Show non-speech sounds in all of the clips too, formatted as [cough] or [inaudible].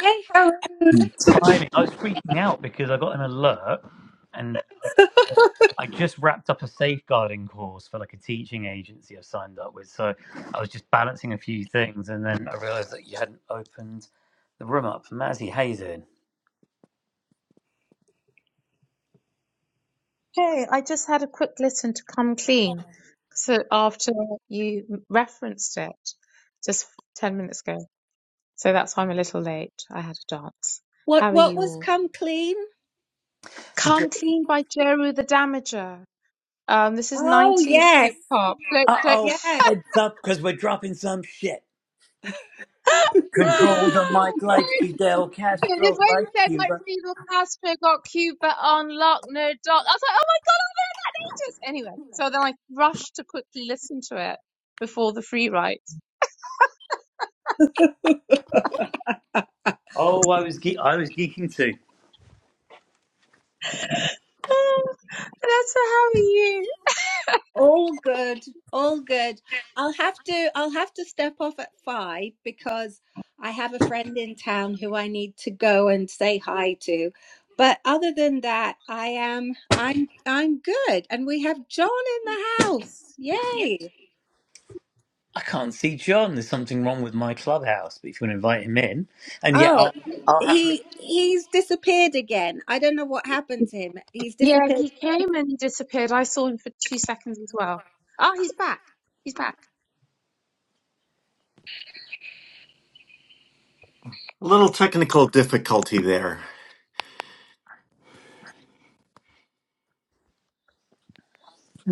Hey, how? timing. I was freaking out because I got an alert and I just wrapped up a safeguarding course for like a teaching agency I've signed up with. So I was just balancing a few things and then I realized that you hadn't opened the room up for Mazzy Hazen. Hey, I just had a quick listen to Come Clean. So after you referenced it just 10 minutes ago. So that's why I'm a little late. I had a dance. What How are what you was all? come clean? Come Uh Clean by Jeru the Damager. Um, this is Oh, 90s hip yes, hop. Flip, flip. oh, yes. heads up because we're dropping some shit. [laughs] Control the mic like Fidel Because Castro, when like you said like Cuba. Fidel Castro got Cuba on lock, no dot, I was like, oh my god, I've heard that in ages. Anyway, so then I rushed to quickly listen to it before the free write. Oh, I was ge- I was geeking too. [laughs] That's how you. All good, all good. I'll have to, I'll have to step off at five because I have a friend in town who I need to go and say hi to. But other than that, I am, I'm, I'm good. And we have John in the house. Yay! I can't see John. There's something wrong with my clubhouse. But if you want to invite him in, and yeah, Oh, I'll, I'll happily he, he's disappeared again. I don't know what happened to him. He's Yeah, disappeared. he came and he disappeared. I saw him for two seconds as well. Oh, he's back. He's back. A little technical difficulty there.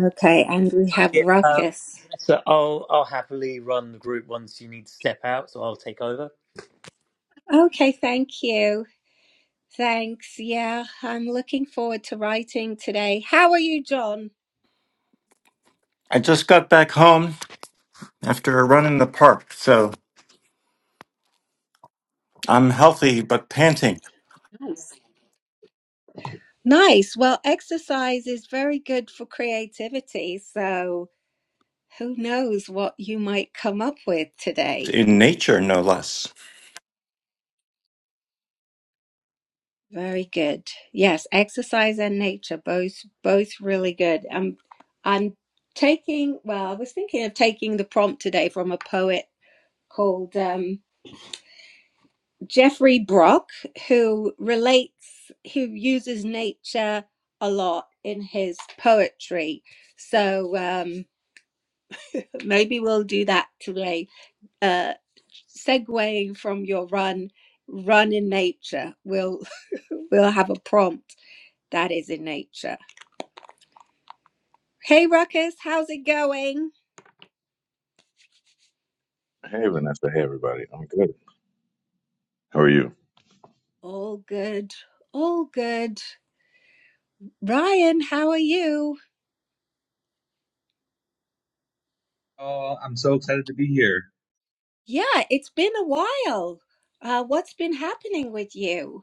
Okay, and we have Yeah, uh, Ruckus. so I'll I'll happily run the group once you need to step out, so I'll take over. Okay, thank you. Thanks. Yeah, I'm looking forward to writing today. How are you, John? I just got back home after a run in the park, so I'm healthy but panting Nice. Nice. Well, exercise is very good for creativity. So who knows what you might come up with today? in nature, no less. Very good. Yes, exercise and nature, both both really good. I'm I'm taking, well, I was thinking of taking the prompt today from a poet called um Jeffrey Brock, who relates, who uses nature a lot in his poetry. So um, maybe we'll do that today. Uh, segueing from your run, run in nature. We'll [laughs] we'll have a prompt that is in nature. Hey Ruckus, how's it going? Hey, Vanessa. Hey, everybody. I'm good. How are you? All good, all good. Ryan, how are you? Oh, I'm so excited to be here. Yeah, it's been a while. Uh, what's been happening with you?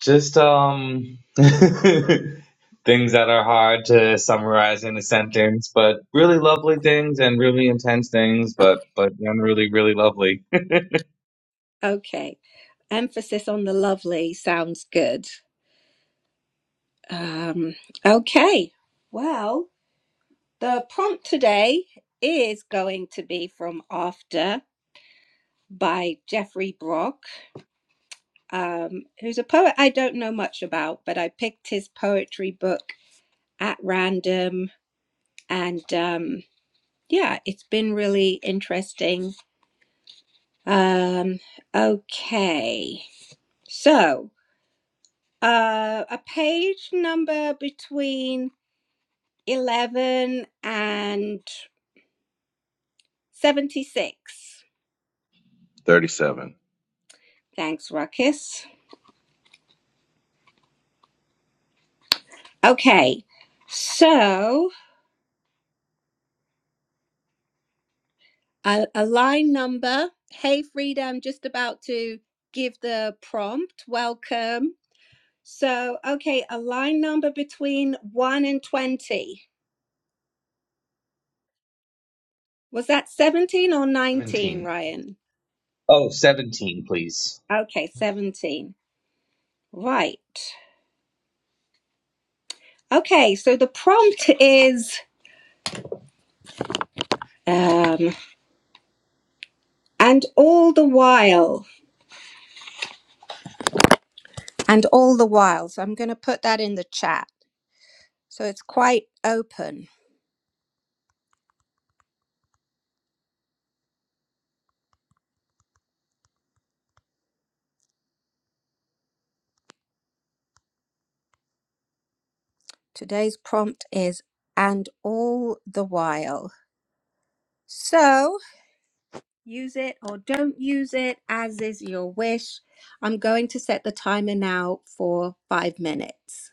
Just um [laughs] things that are hard to summarize in a sentence, but really lovely things and really intense things, but but really really lovely. Okay. Emphasis on the lovely sounds good. Um, okay. Well, the prompt today is going to be from After by Jeffrey Brock, um, who's a poet I don't know much about, but I picked his poetry book at random. And um, yeah, it's been really interesting. Um, okay. So, uh, a page number between 11 and 76. 37. Thanks, Ruckus. Okay, so a, a line number. Hey, Frida, I'm just about to give the prompt. Welcome. So, okay, a line number between 1 and 20. Was that 17 or 19, 17. Ryan? Oh, seventeen, please. Okay, 17. Right. Okay, so the prompt is um, and all the while. And all the while, so I'm going to put that in the chat. So it's quite open. Today's prompt is and all the while. So use it or don't use it as is your wish. I'm going to set the timer now for five minutes.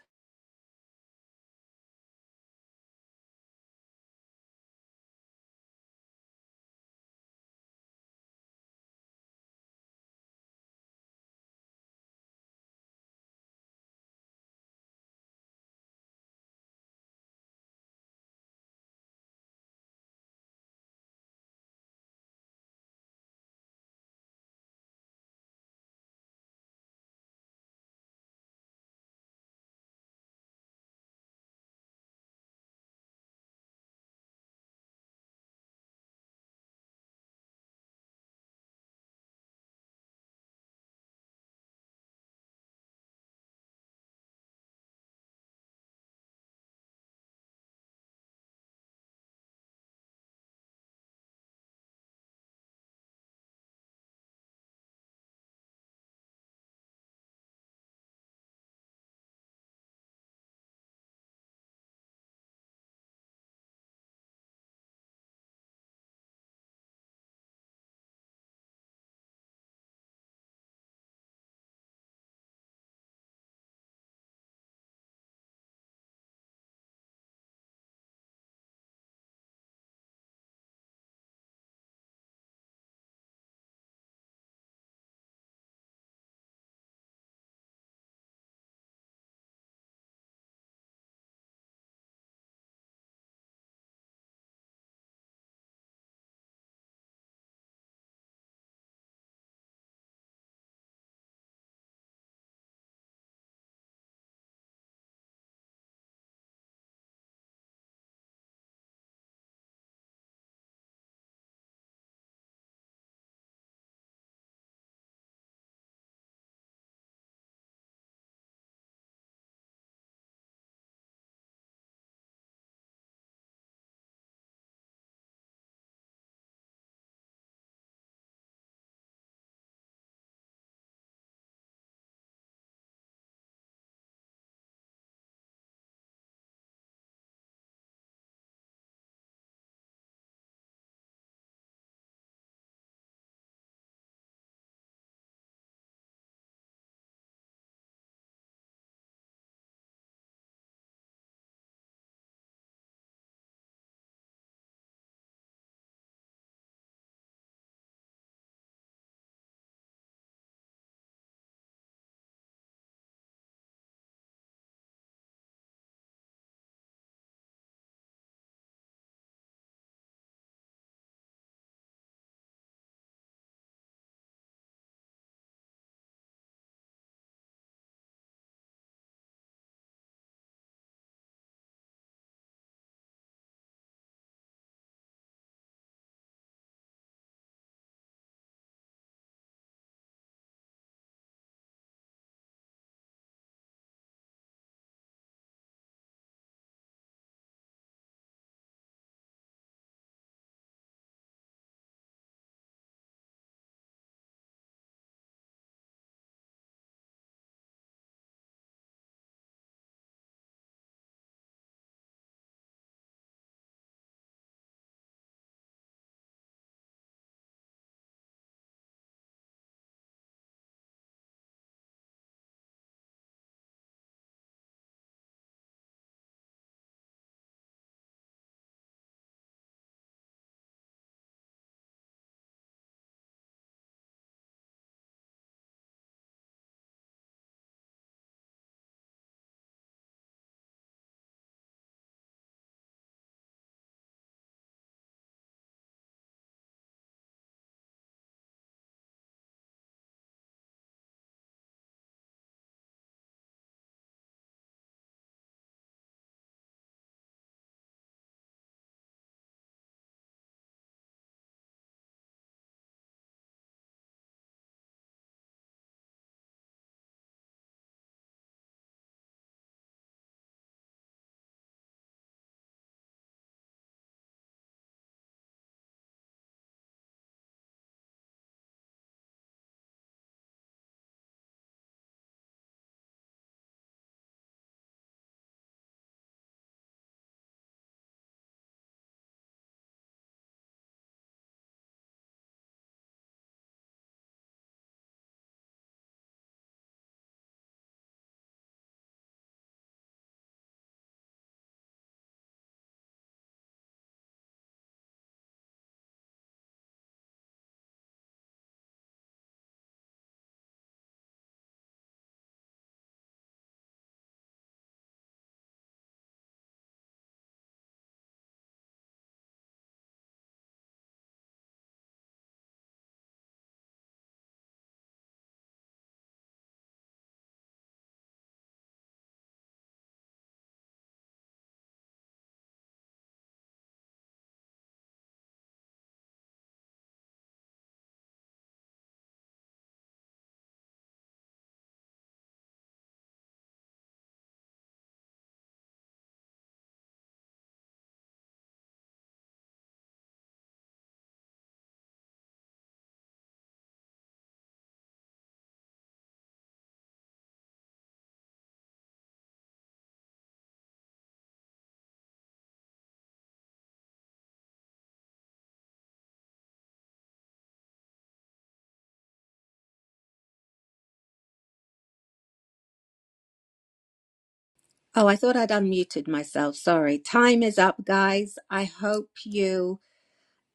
Oh, I thought I'd unmuted myself. Sorry. Time is up, guys. I hope you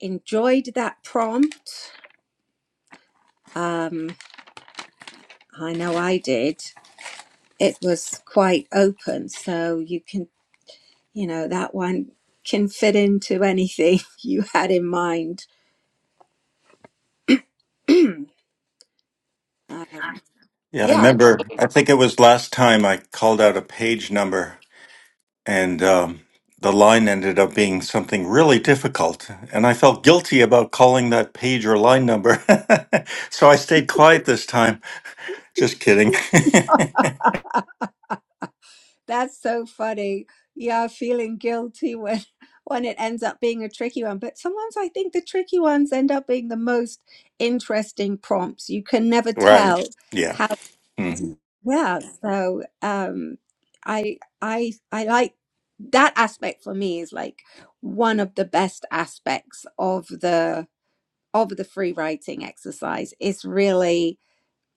enjoyed that prompt. Um, I know I did. It was quite open, so you can You know, that one can fit into anything [laughs] you had in mind. [clears throat] Um, Yeah, I yeah, remember. I think it was last time I called out a page number, and um, the line ended up being something really difficult, and I felt guilty about calling that page or line number, [laughs] so I stayed quiet this time. Just kidding. that's so funny. Yeah, feeling guilty when [laughs] when it ends up being a tricky one. But sometimes I think the tricky ones end up being the most interesting prompts. You can never [laughs] right? tell Yeah. how. Mm-hmm. Yeah, so um, I I I like that aspect for me is like one of the best aspects of the of the free writing exercise is really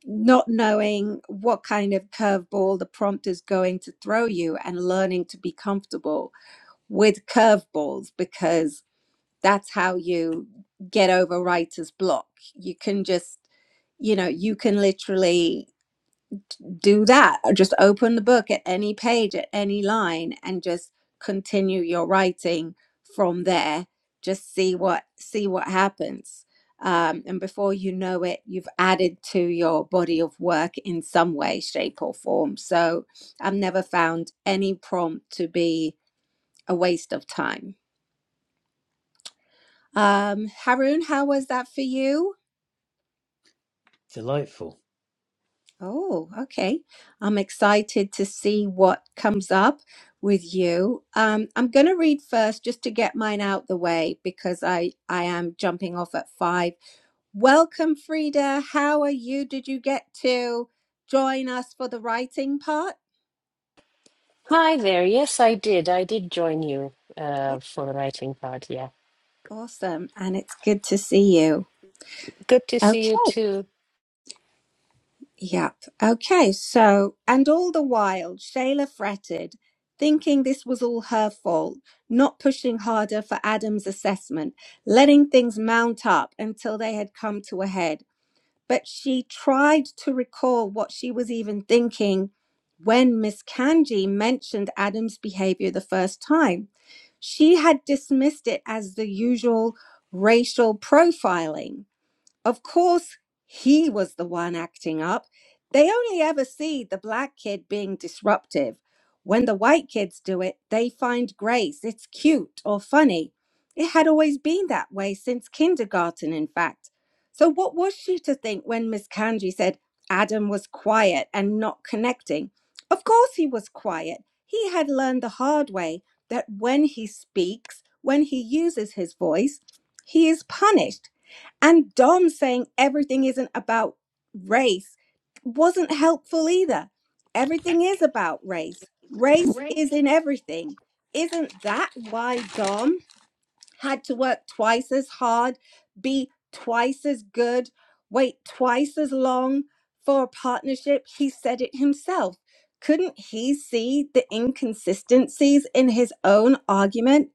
not knowing what kind of curveball the prompt is going to throw you and learning to be comfortable with curveballs because that's how you get over writer's block. You can just, you know, you can literally do that. Just open the book at any page, at any line, and just continue your writing from there. Just see what see what happens. Um, and before you know it, you've added to your body of work in some way, shape, or form. So I've never found any prompt to be a waste of time. Um, Haroon, how was that for you? Delightful. Oh, okay. I'm excited to see what comes up with you. Um, I'm going to read first just to get mine out the way because I I am jumping off at five. Welcome, Frida. How are you? Did you get to join us for the writing part? Hi there. Yes, I did. I did join you uh, for the writing part. Yeah. Awesome, and it's good to see you. Good to Okay. see you too, Yep. Okay. So, and all the while, Shayla fretted, thinking this was all her fault, not pushing harder for Adam's assessment, letting things mount up until they had come to a head. But she tried to recall what she was even thinking when Miss Kanji mentioned Adam's behavior the first time. She had dismissed it as the usual racial profiling of course, he was the one acting up. They only ever see the black kid being disruptive. When the white kids do it, they find grace. It's cute or funny. It had always been that way since kindergarten, in fact. So, what was she to think when Miss Kanji said Adam was quiet and not connecting? Of course, he was quiet. He had learned the hard way that when he speaks, when he uses his voice, he is punished and Dom saying everything isn't about race wasn't helpful either. Everything is about race. Race is in everything. Isn't that why Dom had to work twice as hard, be twice as good, wait twice as long for a partnership? He said it himself. Couldn't he see the inconsistencies in his own argument?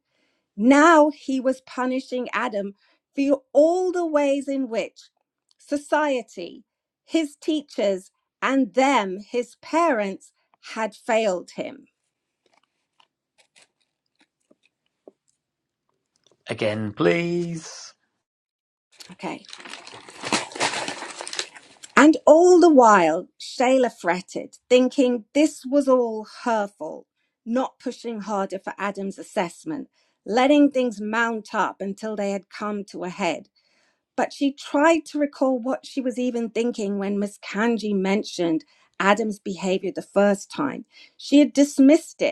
Now he was punishing Adam for all the ways in which society, his teachers, and them, his parents, had failed him. Again, please. Okay. And all the while, Shayla fretted, thinking this was all her fault, not pushing harder for Adam's assessment, letting things mount up until they had come to a head. but she tried to recall what she was even thinking when Miss Kanji mentioned Adam's behavior the first time. She had dismissed it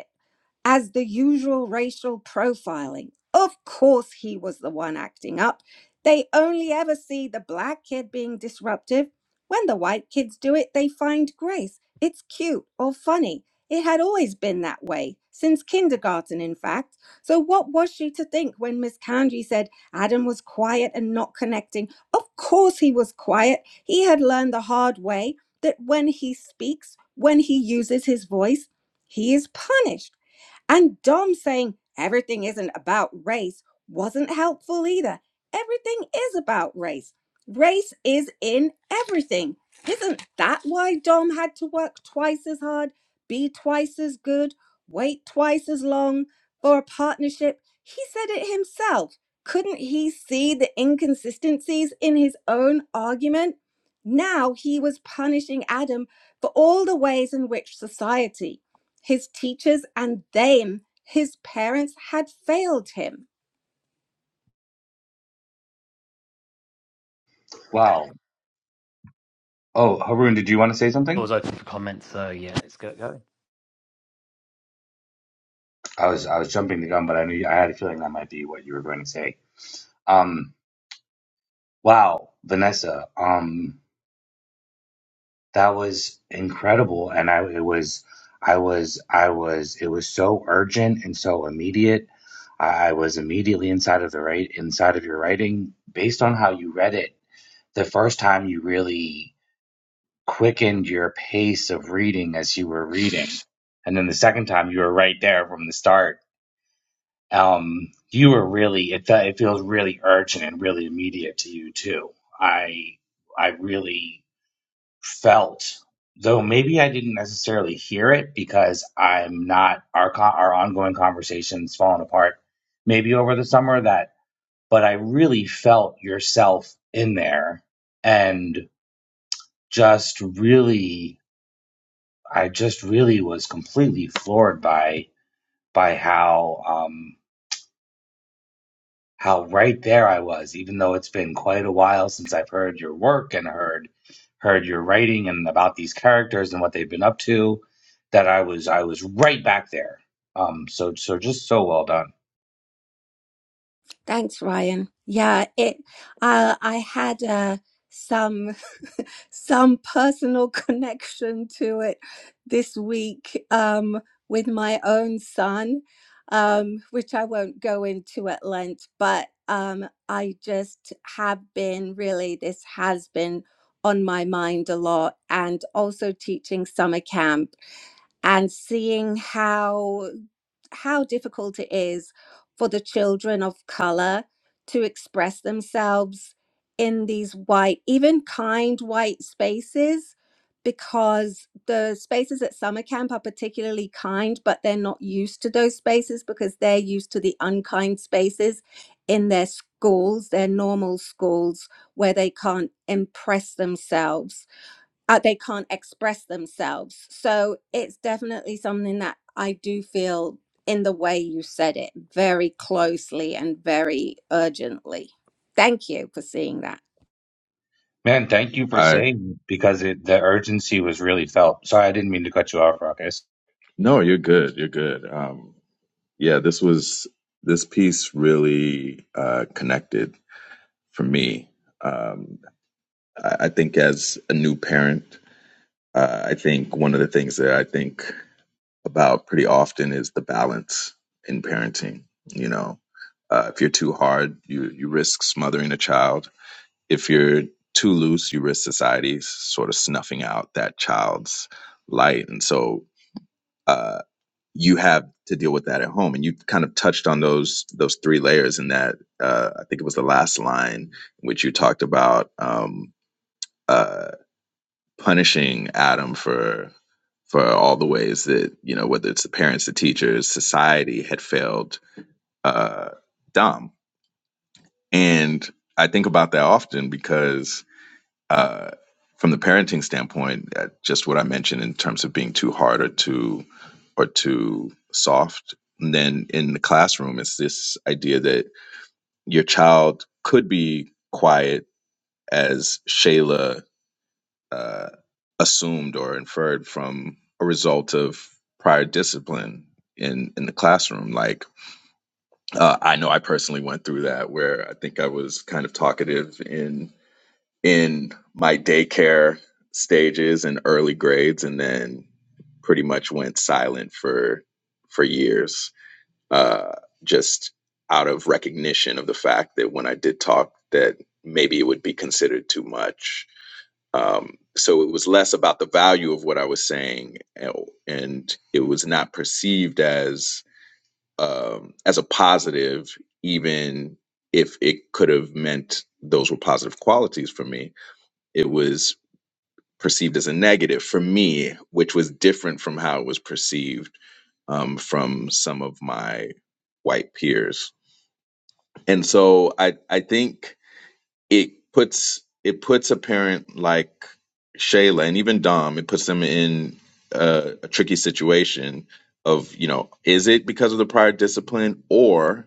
as the usual racial profiling. Of course, he was the one acting up. They only ever see the black kid being disruptive. When the white kids do it, they find grace. It's cute or funny. It had always been that way, since kindergarten, in fact. So, what was she to think when Miss Kanji said Adam was quiet and not connecting? Of course, he was quiet. He had learned the hard way that when he speaks, when he uses his voice, he is punished. And Dom saying everything isn't about race wasn't helpful either. Everything is about race. Race is in everything. Isn't that why Dom had to work twice as hard, be twice as good, wait twice as long for a partnership? He said it himself. Couldn't he see the inconsistencies in his own argument? Now he was punishing Adam for all the ways in which society his teachers and them, his parents, had failed him. Wow. Oh, Haroon, did you want to say something? Doors open for comments, so yeah, let's get going. I was I was jumping the gun, but I knew I had a feeling that might be what you were going to say. Um, wow, Vanessa. Um, that was incredible and i it was i was i was it was so urgent and so immediate i, I was immediately inside of the right inside of your writing based on how you read it the first time you really quickened your pace of reading as you were reading and then the second time you were right there from the start um you were really it felt it feels really urgent and really immediate to you too i i really felt, though maybe I didn't necessarily hear it because I'm not our co- our ongoing conversations falling apart. Maybe over the summer that, but I really felt yourself in there, and just really, I just really was completely floored by by how. um how right there I was, even though it's been quite a while since I've heard your work and heard heard your writing and about these characters and what they've been up to, that I was I was right back there. Um, so so just so well done, Thanks, Ryan. Yeah, it. Uh, I had uh, some some personal [laughs] connection to it this week um, with my own son, um, which I won't go into at length. But um, I just have been really. This has been on my mind a lot, and also teaching summer camp and seeing how how difficult it is for the children of color to express themselves in these white even kind white spaces because the spaces at summer camp are particularly kind but they're not used to those spaces because they're used to the unkind spaces in their schools their normal schools where they can't impress themselves uh, they can't express themselves. So it's definitely something that I do feel in the way you said it very closely and very urgently. Thank you for seeing that. man. Thank you for I saying because it, the urgency was really felt. Sorry, I didn't mean to cut you off, Ruckus. no, you're good. You're good. Um, yeah, this was this piece really uh, connected for me. Um, I, I think as a new parent, uh, I think one of the things that I think about pretty often is the balance in parenting. You know, uh, if you're too hard, you you risk smothering a child if you're too loose, you risk society's sort of snuffing out that child's light. And so uh, you have to deal with that at home. And you kind of touched on those those three layers in that uh, I think it was the last line in which you talked about um, uh, punishing Adam for for all the ways that you know whether it's the parents, the teachers, society had failed uh, Dom. And I think about that often because Uh, from the parenting standpoint, uh, just what I mentioned in terms of being too hard or too or too soft. And then in the classroom, it's this idea that your child could be quiet, as Shayla uh, assumed or inferred from a result of prior discipline in in the classroom. Like uh, I know I personally went through that, where I think I was kind of talkative in in my daycare stages and early grades and then pretty much went silent for for years uh just out of recognition of the fact that when I did talk that maybe it would be considered too much um so it was less about the value of what I was saying and and it was not perceived as um as a positive even if it could have meant those were positive qualities for me it was perceived as a negative for me, which was different from how it was perceived um, from some of my white peers. And so I I think it puts it puts a parent like Shayla and even Dom, it puts them in a, a tricky situation of, you know, is it because of the prior discipline or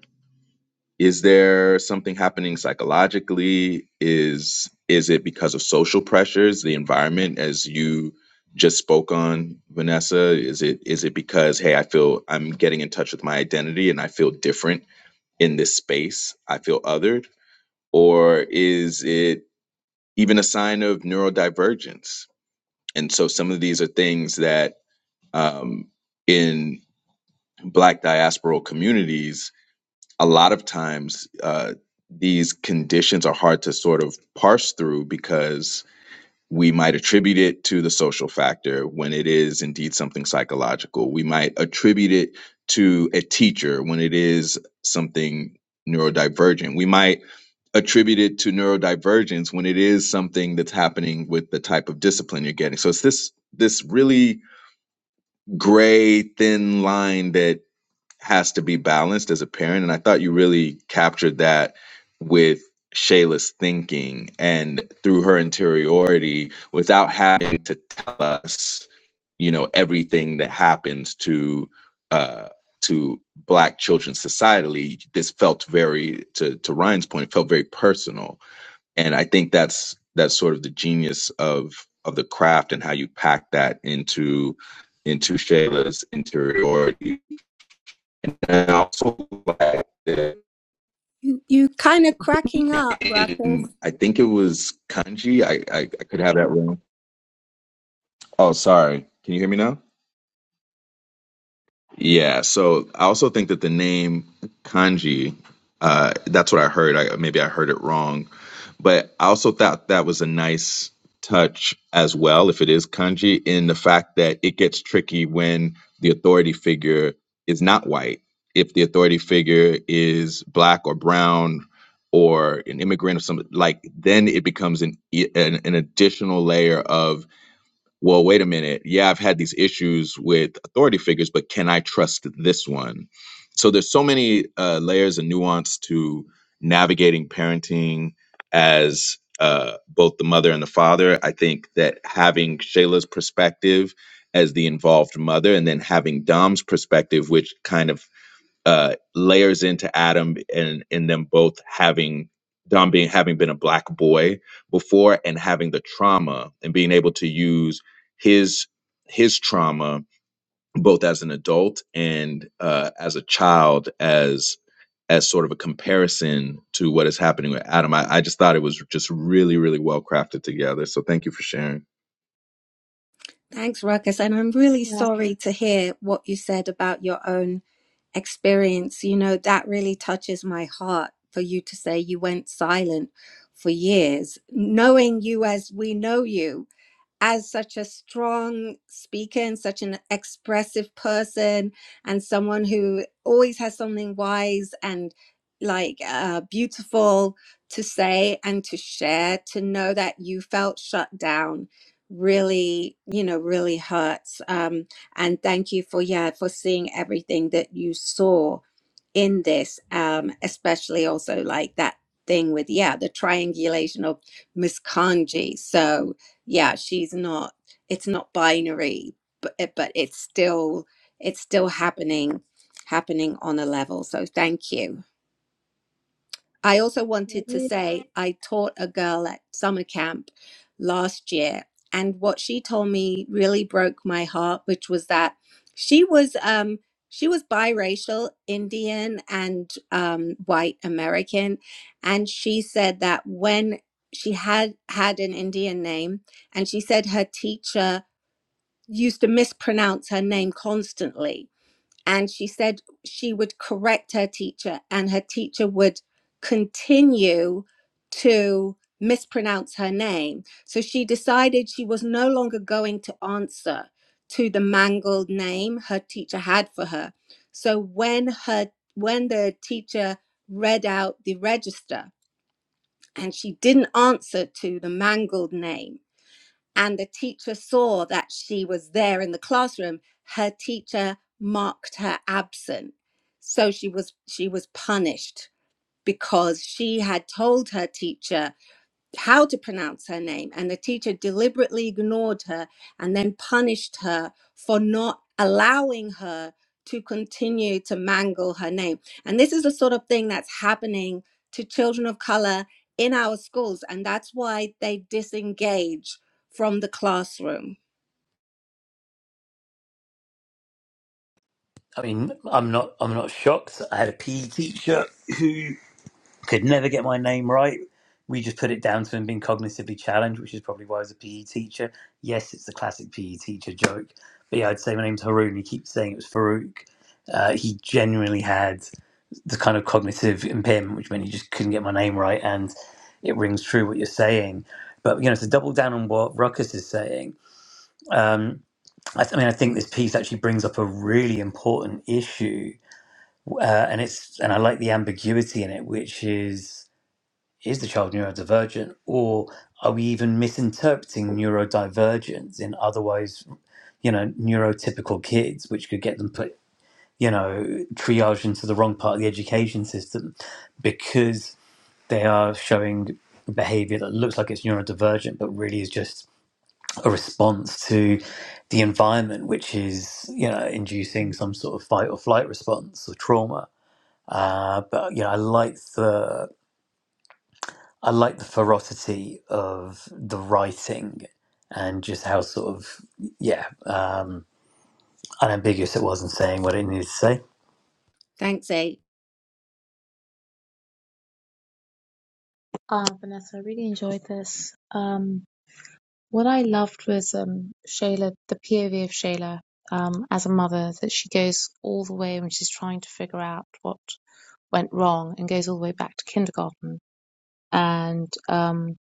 is there something happening psychologically is is it because of social pressures the environment as you just spoke on vanessa is it is it because hey i feel i'm getting in touch with my identity and i feel different in this space i feel othered or is it even a sign of neurodivergence and so some of these are things that um, in black diasporal communities a lot of times uh, these conditions are hard to sort of parse through because we might attribute it to the social factor when it is indeed something psychological. We might attribute it to a teacher when it is something neurodivergent. We might attribute it to neurodivergence when it is something that's happening with the type of discipline you're getting. So it's this this really gray thin line that has to be balanced as a parent. And I thought you really captured that with Shayla's thinking and through her interiority without having to tell us, you know, everything that happens to uh to black children societally, this felt very to to Ryan's point, it felt very personal. And I think that's that's sort of the genius of of the craft and how you pack that into into Shayla's interiority and I also like that You, you kind of cracking up, Ruckus. in, I think it was kanji. I, I, I could have that wrong. Oh, sorry. Can you hear me now? Yeah. So I also think that the name kanji, uh, that's what I heard. I maybe I heard it wrong. But I also thought that was a nice touch as well, if it is kanji, in the fact that it gets tricky when the authority figure is not white. If the authority figure is black or brown or an immigrant or something, like then it becomes an, e- an, an additional layer of well, wait a minute. Yeah, I've had these issues with authority figures, but can I trust this one? So there's so many uh, layers and nuance to navigating parenting as uh, both the mother and the father. I think that having Shayla's perspective as the involved mother and then having Dom's perspective, which kind of uh, layers into Adam and in them both having Dom being having been a black boy before and having the trauma and being able to use his his trauma both as an adult and uh, as a child as as sort of a comparison to what is happening with Adam. I, I just thought it was just really, really well crafted together. So thank you for sharing. Thanks, Ruckus. And I'm really Yeah, sorry to hear what you said about your own experience. You know, that really touches my heart for you to say you went silent for years. Knowing you as we know you, as such a strong speaker and such an expressive person and someone who always has something wise and like uh, beautiful to say and to share to know that you felt shut down really you know really hurts um and thank you for yeah for seeing everything that you saw in this um especially also like that thing with yeah the triangulation of miskanji so yeah she's not it's not binary but it- but it's still it's still happening happening on a level so thank you I also I wanted to really, say I taught a girl at summer camp last year, and what she told me really broke my heart, which was that she was um, she was biracial, Indian and um, white American, and she said that when she had had an Indian name, and she said her teacher used to mispronounce her name constantly and she said she would correct her teacher and her teacher would continue to mispronounce her name so she decided she was no longer going to answer to the mangled name her teacher had for her so when her when the teacher read out the register and she didn't answer to the mangled name and the teacher saw that she was there in the classroom her teacher marked her absent so she was she was punished because she had told her teacher how to pronounce her name. And the teacher deliberately ignored her and then punished her for not allowing her to continue to mangle her name. And this is the sort of thing that's happening to children of color in our schools. And that's why they disengage from the classroom. I mean, I'm not I'm not shocked. I had a PE teacher who could never get my name right. We just put it down to him being cognitively challenged, which is probably why I was a PE teacher. Yes, it's the classic PE teacher joke. But yeah, I'd say my name's Haroon. He keeps saying it was Farouk. Uh, he genuinely had the kind of cognitive impairment, which meant he just couldn't get my name right, and it rings true what you're saying. But you know, to double down on what Ruckus is saying, um, I, th- I mean, I think this piece actually brings up a really important issue, uh, and it's and I like the ambiguity in it, which is is the child neurodivergent, or are we even misinterpreting neurodivergence in otherwise, you know, neurotypical kids, which could get them put you know, triage into the wrong part of the education system because they are showing behavior that looks like it's neurodivergent, but really is just a response to the environment, which is, you know, inducing some sort of fight or flight response or trauma. Uh, but, you know, I like the. I like the ferocity of the writing and just how sort of, yeah, um, unambiguous it was in saying what it needed to say. Thanks, A. uh, Vanessa, I really enjoyed this. Um, what I loved was um, Shayla, the POV of Shayla um, as a mother, that she goes all the way when she's trying to figure out what went wrong and goes all the way back to kindergarten and um,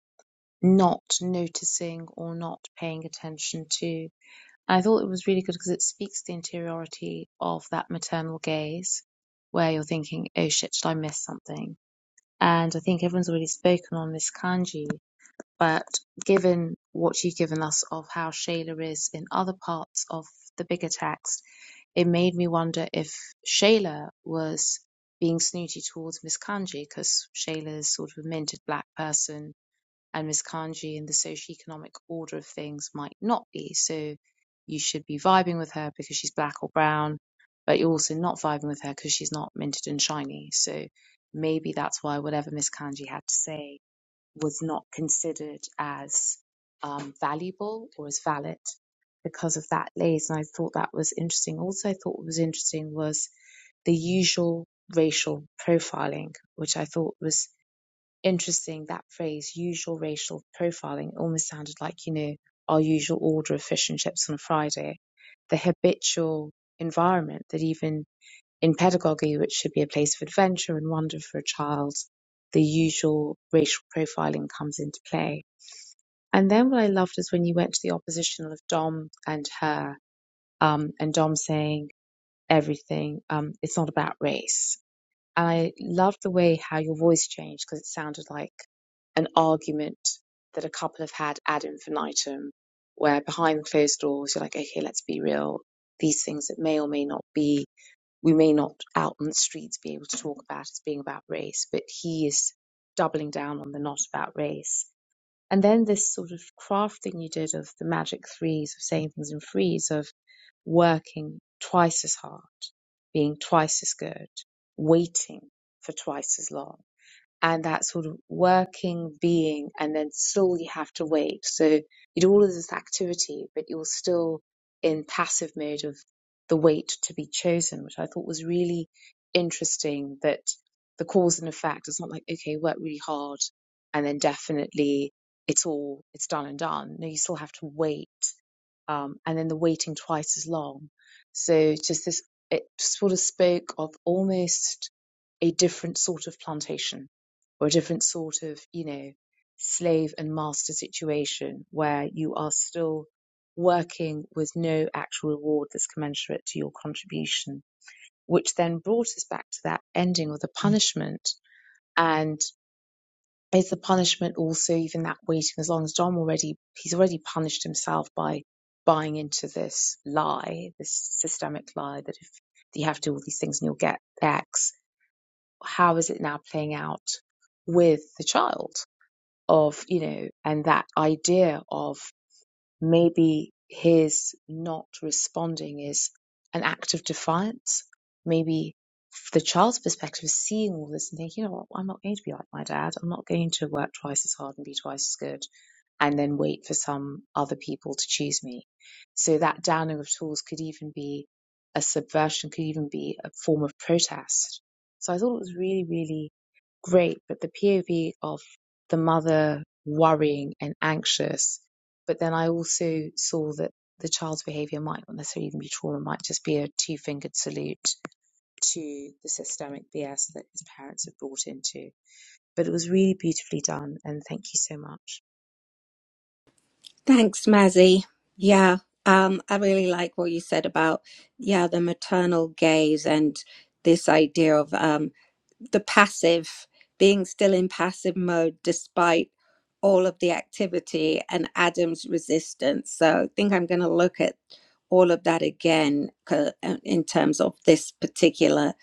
not noticing or not paying attention to. I thought it was really good because it speaks to the interiority of that maternal gaze where you're thinking, oh shit, did I miss something? And I think everyone's already spoken on Miss Kanji, but given what you've given us of how Shayla is in other parts of the bigger text, it made me wonder if Shayla was being snooty towards Miss Kanji because Shayla is sort of a minted black person and miskanji in the socioeconomic order of things might not be. So you should be vibing with her because she's black or brown, but you're also not vibing with her because she's not minted and shiny. So maybe that's why whatever Miss Kanji had to say was not considered as um, valuable or as valid because of that lays. And I thought that was interesting. Also, I thought what was interesting was the usual racial profiling, which I thought was interesting that phrase usual racial profiling almost sounded like you know our usual order of fish and chips on a friday the habitual environment that even in pedagogy which should be a place of adventure and wonder for a child the usual racial profiling comes into play and then what i loved is when you went to the oppositional of dom and her um, and dom saying everything um, it's not about race I love the way how your voice changed because it sounded like an argument that a couple have had ad infinitum, where behind closed doors, you're like, okay, let's be real. These things that may or may not be, we may not out on the streets be able to talk about as being about race, but he is doubling down on the not about race. And then this sort of craft thing you did of the magic threes, of saying things in threes, of working twice as hard, being twice as good, waiting for twice as long and that sort of working being and then still you have to wait so you do all of this activity but you're still in passive mode of the wait to be chosen which i thought was really interesting that the cause and effect is not like okay work really hard and then definitely it's all it's done and done no you still have to wait um, and then the waiting twice as long so just this it sort of spoke of almost a different sort of plantation or a different sort of, you know, slave and master situation where you are still working with no actual reward that's commensurate to your contribution, which then brought us back to that ending of the punishment. And is the punishment also even that waiting as long as Dom already, he's already punished himself by buying into this lie, this systemic lie that if you have to do all these things and you'll get X, how is it now playing out with the child? of, you know, and that idea of maybe his not responding is an act of defiance. Maybe the child's perspective is seeing all this and thinking, you know what, I'm not going to be like my dad. I'm not going to work twice as hard and be twice as good and then wait for some other people to choose me. So that downing of tools could even be a subversion, could even be a form of protest. So I thought it was really, really great, but the POV of the mother worrying and anxious. But then I also saw that the child's behavior might not necessarily even be trauma, it might just be a two fingered salute to the systemic BS that his parents have brought into. But it was really beautifully done, and thank you so much. Thanks, Mazzy. Yeah, um, I really like what you said about yeah the maternal gaze and this idea of um, the passive being still in passive mode despite all of the activity and Adam's resistance. So I think I'm going to look at all of that again co- uh, in terms of this particular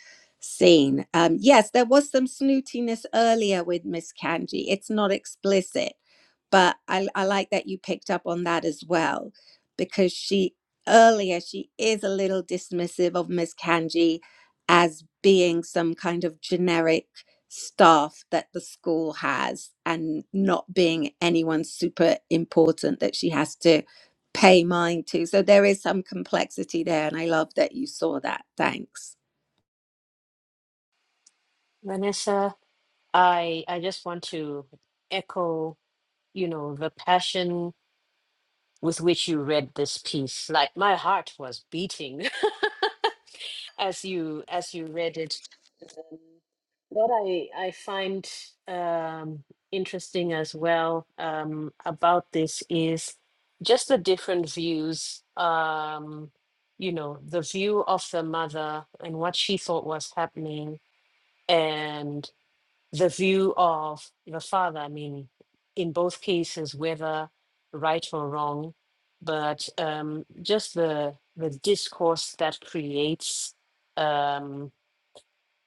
scene. Um, yes, there was some snootiness earlier with Miss Kanji. It's not explicit but I, I like that you picked up on that as well because she earlier she is a little dismissive of miss kanji as being some kind of generic staff that the school has and not being anyone super important that she has to pay mind to so there is some complexity there and i love that you saw that thanks Vanessa. I I just want to echo, you know, the passion with which you read this piece. Like my heart was beating. [laughs] as you as you read it. Um, what I I find um, interesting as well um, about this is just the different views. Um, you know, the view of the mother and what she thought was happening, and the view of the father, I mean, in both cases, whether right or wrong, but um, just the the discourse that creates, um,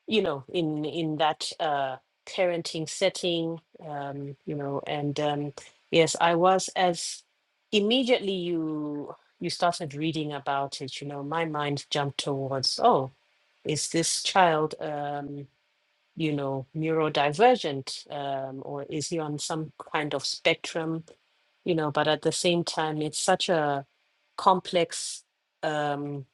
you know, in in that uh, parenting setting, um, you know, and um, yes, I was as immediately you you started reading about it, you know, my mind jumped towards, oh, is this child? Um, you know, neurodivergent, um, or is he on some kind of spectrum, you know, but at the same time, it's such a complex, um,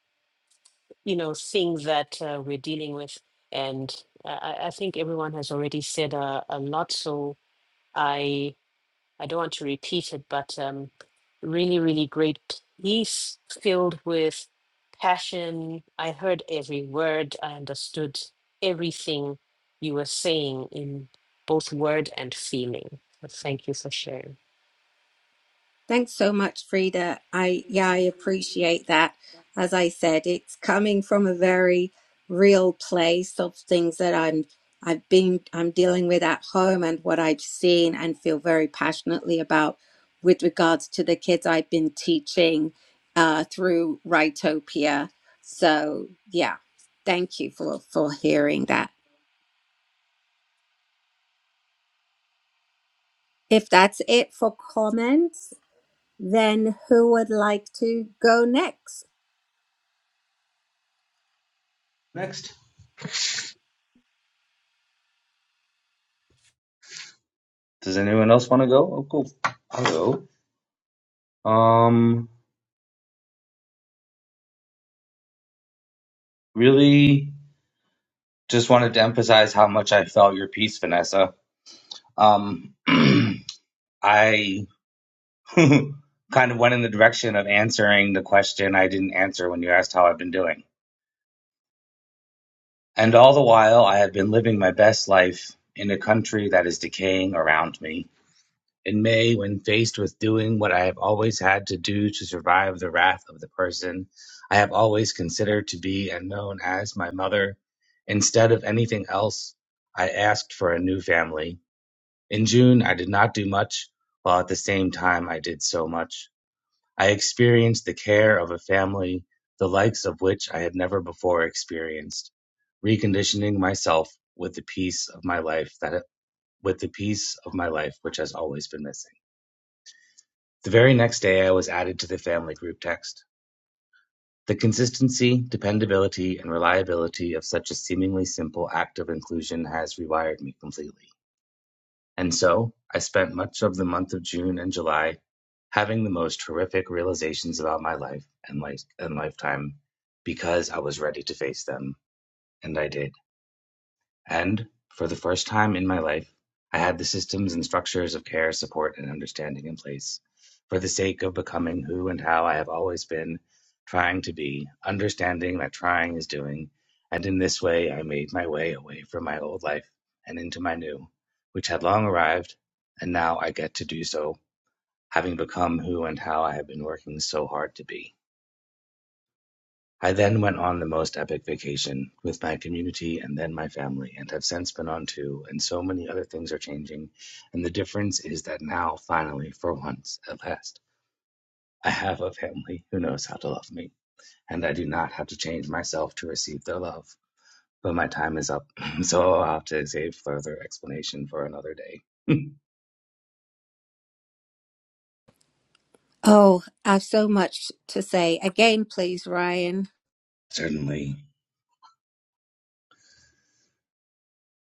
you know, thing that uh, we're dealing with. And I, I I think everyone has already said uh, a lot. So I I don't want to repeat it, but um, really, really great piece filled with passion. I heard every word, I understood everything you were saying in both word and feeling. So Thank you for sharing. Thanks so much, Frida. I yeah, I appreciate that. As I said, it's coming from a very real place of things that I'm I've been I'm dealing with at home and what I've seen and feel very passionately about with regards to the kids I've been teaching uh, through Rightopia. So yeah, thank you for for hearing that. If that's it for comments, then who would like to go next? Next, does anyone else want to go? Oh, cool. I'll go. Um, really, just wanted to emphasize how much I felt your piece, Vanessa. Um, [clears throat] I [laughs] kind of went in the direction of answering the question I didn't answer when you asked how I've been doing. And all the while, I have been living my best life in a country that is decaying around me. In May, when faced with doing what I have always had to do to survive the wrath of the person I have always considered to be and known as my mother, instead of anything else, I asked for a new family. In June, I did not do much, while at the same time, I did so much. I experienced the care of a family the likes of which I had never before experienced, reconditioning myself with the peace of my life that with the peace of my life which has always been missing. The very next day I was added to the family group text. The consistency, dependability, and reliability of such a seemingly simple act of inclusion has rewired me completely. And so, I spent much of the month of June and July having the most horrific realizations about my life and life and lifetime because I was ready to face them. And I did. And, for the first time in my life, I had the systems and structures of care, support, and understanding in place for the sake of becoming who and how I have always been trying to be, understanding that trying is doing. And in this way, I made my way away from my old life and into my new, which had long arrived, and now I get to do so, having become who and how I have been working so hard to be. I then went on the most epic vacation with my community and then my family, and have since been on two, and so many other things are changing. And the difference is that now, finally, for once, at last, I have a family who knows how to love me, and I do not have to change myself to receive their love. But my time is up, [clears throat] [laughs] so I'll have to save further explanation for another day. Oh, I've so much to say. Again, please, Ryan. Certainly.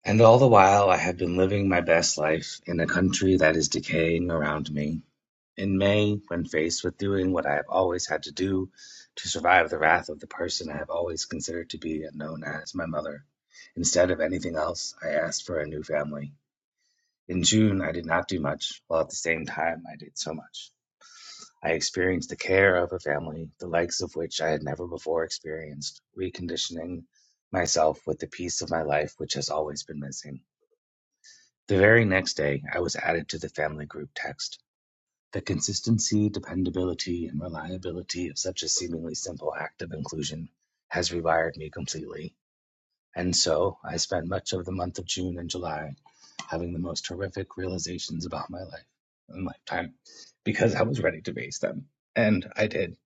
And all the while, I have been living my best life in a country that is decaying around me. In May, when faced with doing what I have always had to do to survive the wrath of the person I have always considered to be and known as my mother, instead of anything else, I asked for a new family. In June, I did not do much, while at the same time, I did so much. I experienced the care of a family, the likes of which I had never before experienced, reconditioning myself with the piece of my life which has always been missing. The very next day, I was added to the family group text. The consistency, dependability, and reliability of such a seemingly simple act of inclusion has rewired me completely. And so I spent much of the month of June and July having the most horrific realizations about my life and lifetime because I was ready to face them. And I did.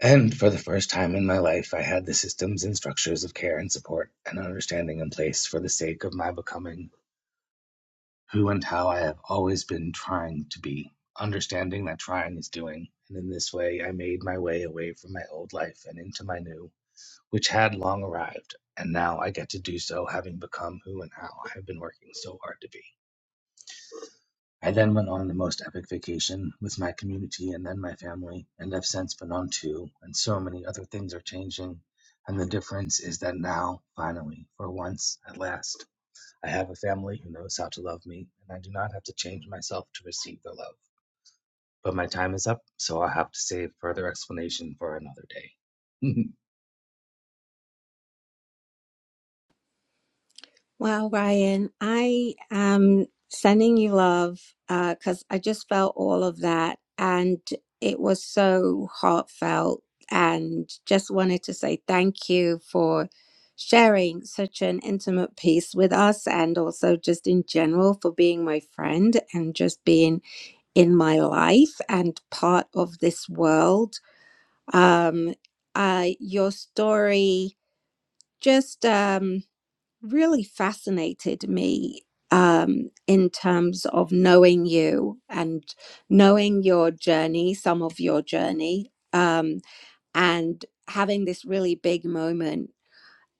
And for the first time in my life, I had the systems and structures of care and support and understanding in place for the sake of my becoming who and how I have always been trying to be, understanding that trying is doing. And in this way, I made my way away from my old life and into my new, which had long arrived. And now I get to do so, having become who and how I have been working so hard to be. I then went on the most epic vacation with my community and then my family, and have since been on two, and so many other things are changing. And the difference is that now, finally, for once, at last, I have a family who knows how to love me, and I do not have to change myself to receive their love. But my time is up, so I'll have to save further explanation for another day. [laughs] Well, Ryan, I am sending you love because I just felt all of that. And it was so heartfelt. And just wanted to say thank you for sharing such an intimate piece with us. And also, just in general, for being my friend and just being in my life and part of this world um, uh, your story just um, really fascinated me um, in terms of knowing you and knowing your journey, some of your journey, um, and having this really big moment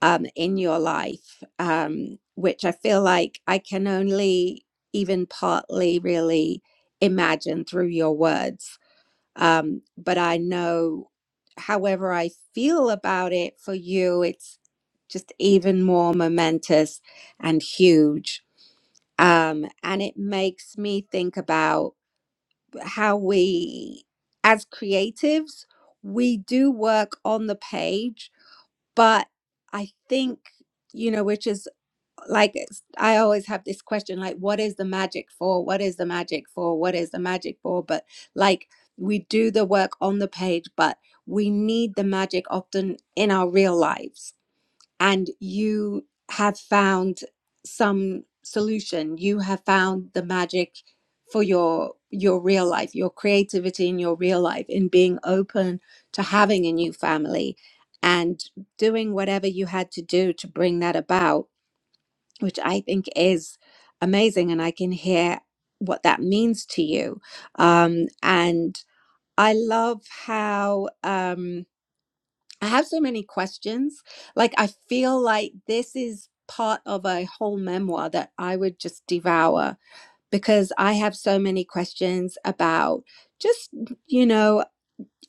um, in your life, um, which I feel like I can only even partly really imagine through your words um, but I know, however I feel about it for you, it's just even more momentous and huge. Um, and it makes me think about how we, as creatives, we do work on the page, but I think, you know, which is like it's- I always have this question like what is the magic for what is the magic for what is the magic for but like we do the work on the page but we need the magic often in our real lives and you have found some solution you have found the magic for your your real life your creativity in your real life in being open to having a new family and doing whatever you had to do to bring that about which I think is amazing. And I can hear what that means to you. Um, and I love how um, I have so many questions. Like, I feel like this is part of a whole memoir that I would just devour because I have so many questions about just, you know,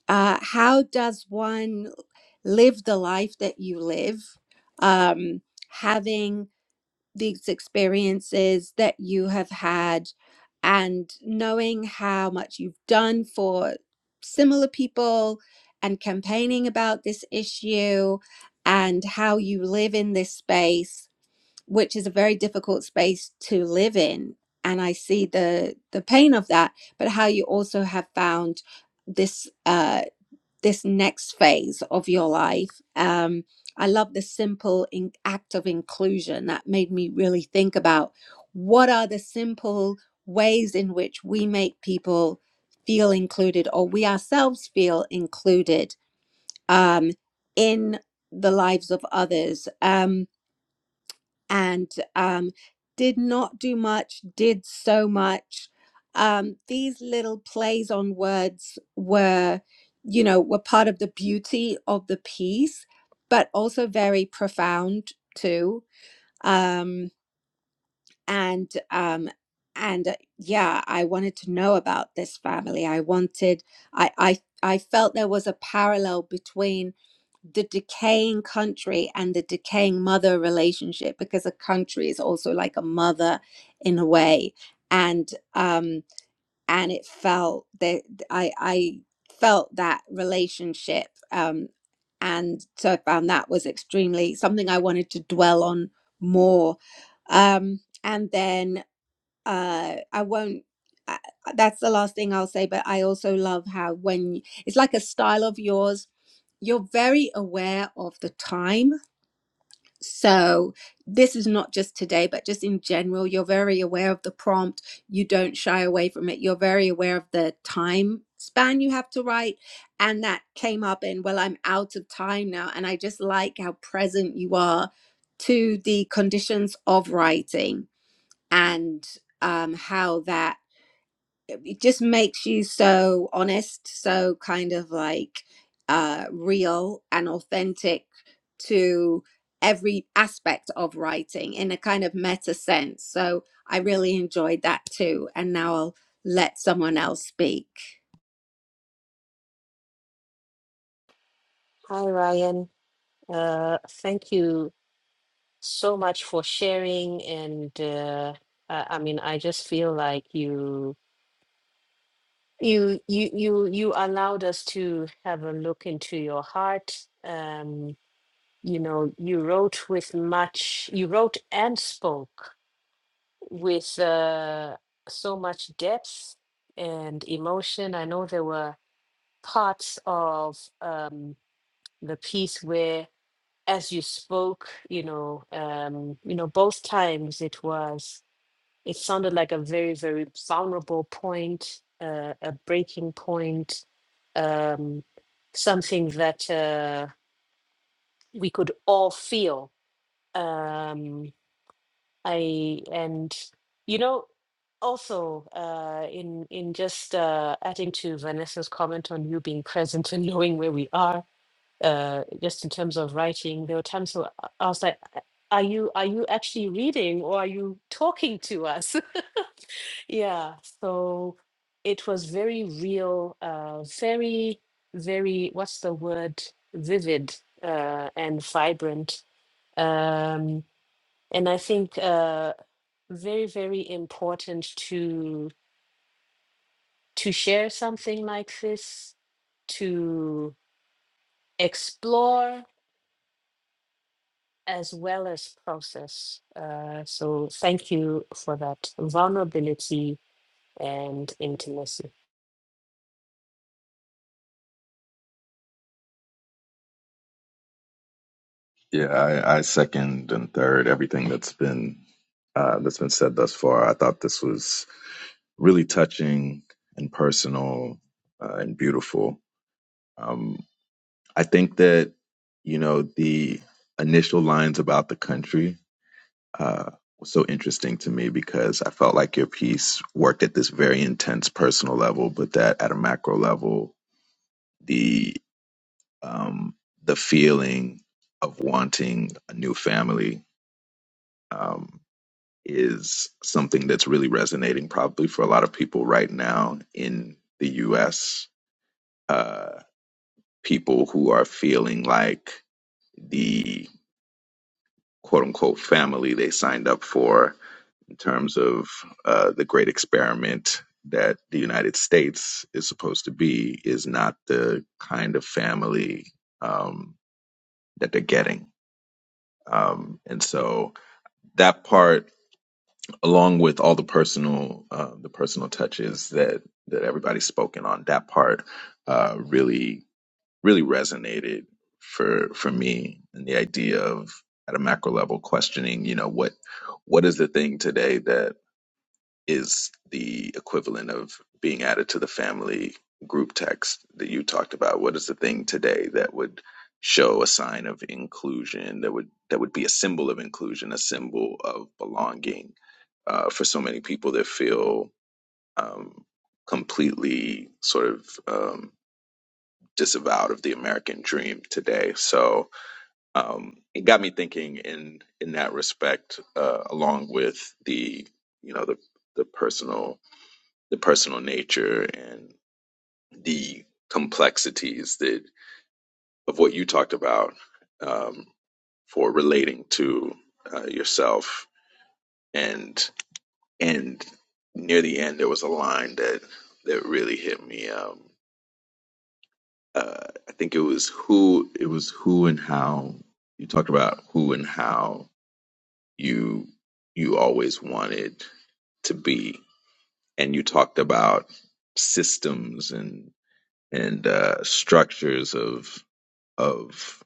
uh, how does one live the life that you live? Um, having these experiences that you have had and knowing how much you've done for similar people and campaigning about this issue and how you live in this space which is a very difficult space to live in and i see the the pain of that but how you also have found this uh this next phase of your life. Um, I love the simple in- act of inclusion that made me really think about what are the simple ways in which we make people feel included or we ourselves feel included um, in the lives of others. Um, and um, did not do much, did so much. Um, these little plays on words were, you know, were part of the beauty of the piece, but also very profound too. Um, and um and uh, yeah i wanted to know about this family i wanted i i i felt there was a parallel between the decaying country and the decaying mother relationship because a country is also like a mother in a way and um and it felt that I I felt that relationship um and so I found that was extremely something I wanted to dwell on more um and then uh I won't uh, that's the last thing I'll say but I also love how when y- it's like a style of yours you're very aware of the time so, this is not just today, but just in general, you're very aware of the prompt. You don't shy away from it. You're very aware of the time span you have to write. And that came up in, well, I'm out of time now. And I just like how present you are to the conditions of writing and um, how that it just makes you so honest, so kind of like uh, real and authentic to every aspect of writing in a kind of meta sense. So I really enjoyed that too. And now I'll let someone else speak. Hi, Ryan. Uh, thank you so much for sharing. And uh, I, I mean, I just feel like you you you you you allowed us to have a look into your heart um you know you wrote with much you wrote and spoke with uh, so much depth and emotion i know there were parts of um, the piece where as you spoke you know um, you know both times it was it sounded like a very very vulnerable point uh, a breaking point um, something that uh, we could all feel um, I and you know also uh, in in just uh, adding to Vanessa's comment on you being present and [laughs] knowing where we are, uh, just in terms of writing, there were times where I I was like, "Uh, "Are you are you actually reading or are you talking to us?" [laughs] yeah, so it was very real, uh, very very what's the word? Vivid uh, and vibrant. Um, and I think uh, very very important to to share something like this to explore as well as process. Uh, so thank you for that vulnerability and intimacy. Yeah, I, I second and third everything that's been uh, that's been said thus far. I thought this was really touching and personal uh, and beautiful. Um, I think that you know the initial lines about the country uh, was so interesting to me because I felt like your piece worked at this very intense personal level, but that at a macro level, the um, the feeling of wanting a new family um, is something that's really resonating probably for a lot of people right now in the U.S uh, people who are feeling like the quote unquote family they signed up for in terms of uh, the great experiment that the United States is supposed to be is not the kind of family um, that they're getting. Um, and so that part, along with all the personal, uh, the personal touches that that everybody's spoken on, that part uh, really really resonated for for me and the idea of at a macro level questioning you know what what is the thing today that is the equivalent of being added to the family group text that you talked about what is the thing today that would show a sign of inclusion that would that would be a symbol of inclusion a symbol of belonging uh, for so many people that feel um, completely sort of um, disavowed of the American dream today. So um, it got me thinking in in that respect, uh, along with the you know the the personal the personal nature and the complexities that of what you talked about um, for relating to uh, yourself and and near the end there was a line that that really hit me Um, uh, I think it was who it was who and how you talked about who and how you you always wanted to be, and you talked about systems and and uh, structures of of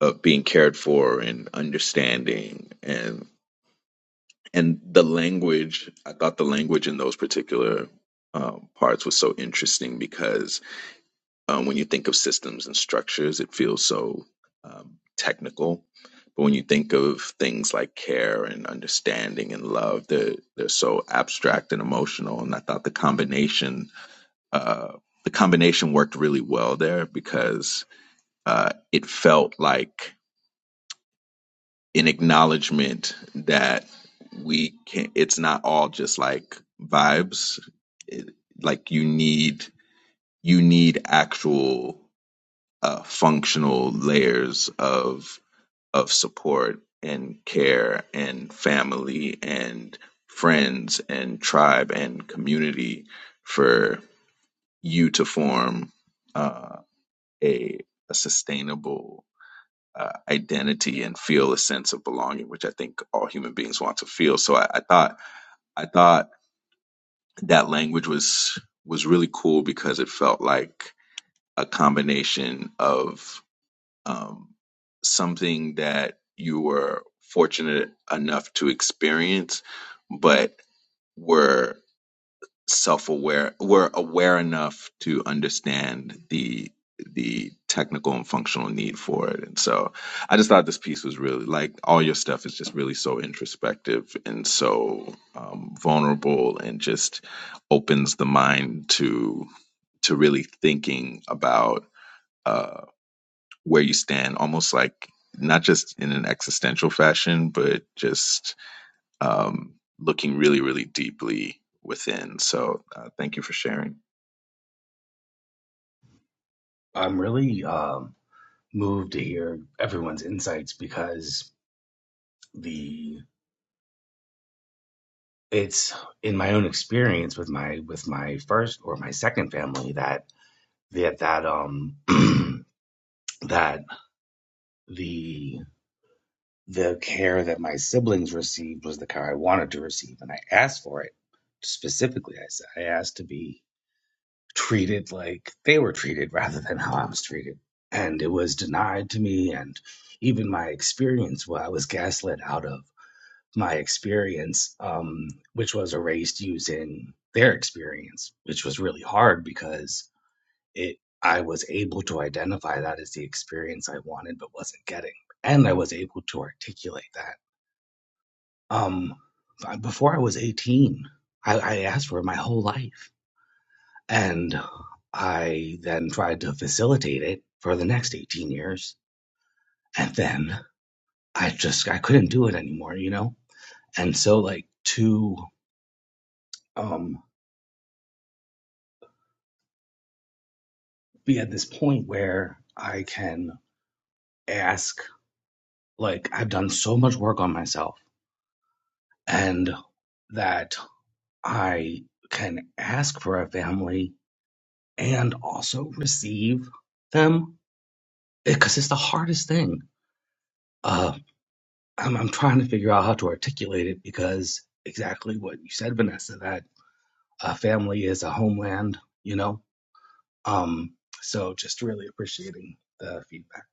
of being cared for and understanding and and the language. I thought the language in those particular uh, parts was so interesting because Um, when you think of systems and structures, it feels so um, technical. But when you think of things like care and understanding and love, they're, they're so abstract and emotional. And I thought the combination, uh, the combination worked really well there because uh, it felt like an acknowledgement that we can It's not all just like vibes. It, like you need you need actual uh, functional layers of of support and care and family and friends and tribe and community for you to form uh, a a sustainable uh, identity and feel a sense of belonging, which I think all human beings want to feel. So I, I thought I thought that language was was really cool because it felt like a combination of um, something that you were fortunate enough to experience, but were self-aware, were aware enough to understand the the technical and functional need for it. And so I just thought this piece was really like all your stuff is just really so introspective and so um, vulnerable and just opens the mind to to really thinking about uh, where you stand, almost like not just in an existential fashion, but just um, looking really, really deeply within. So uh, thank you for sharing. I'm really um, moved to hear everyone's insights because the it's in my own experience with my with my first or my second family that that that um [clears throat] that the the care that my siblings received was the care I wanted to receive, and I asked for it specifically. I said I asked to be treated like they were treated rather than how I was treated, and it was denied to me. And even my experience, what I was gaslit out of my experience, um, which was erased using their experience, which was really hard because it I was able to identify that as the experience I wanted but wasn't getting, and I was able to articulate that um, before I was 18, I, I asked for it my whole life. And I then tried to facilitate it for the next 18 years. And then I just, I couldn't do it anymore, you know? And so like to, um, be at this point where I can ask, like, I've done so much work on myself and that I can ask for a family and also receive them because it's the hardest thing. Uh, I'm, I'm trying to figure out how to articulate it because exactly what you said, Vanessa, that a family is a homeland, you know? Um, so just really appreciating the feedback.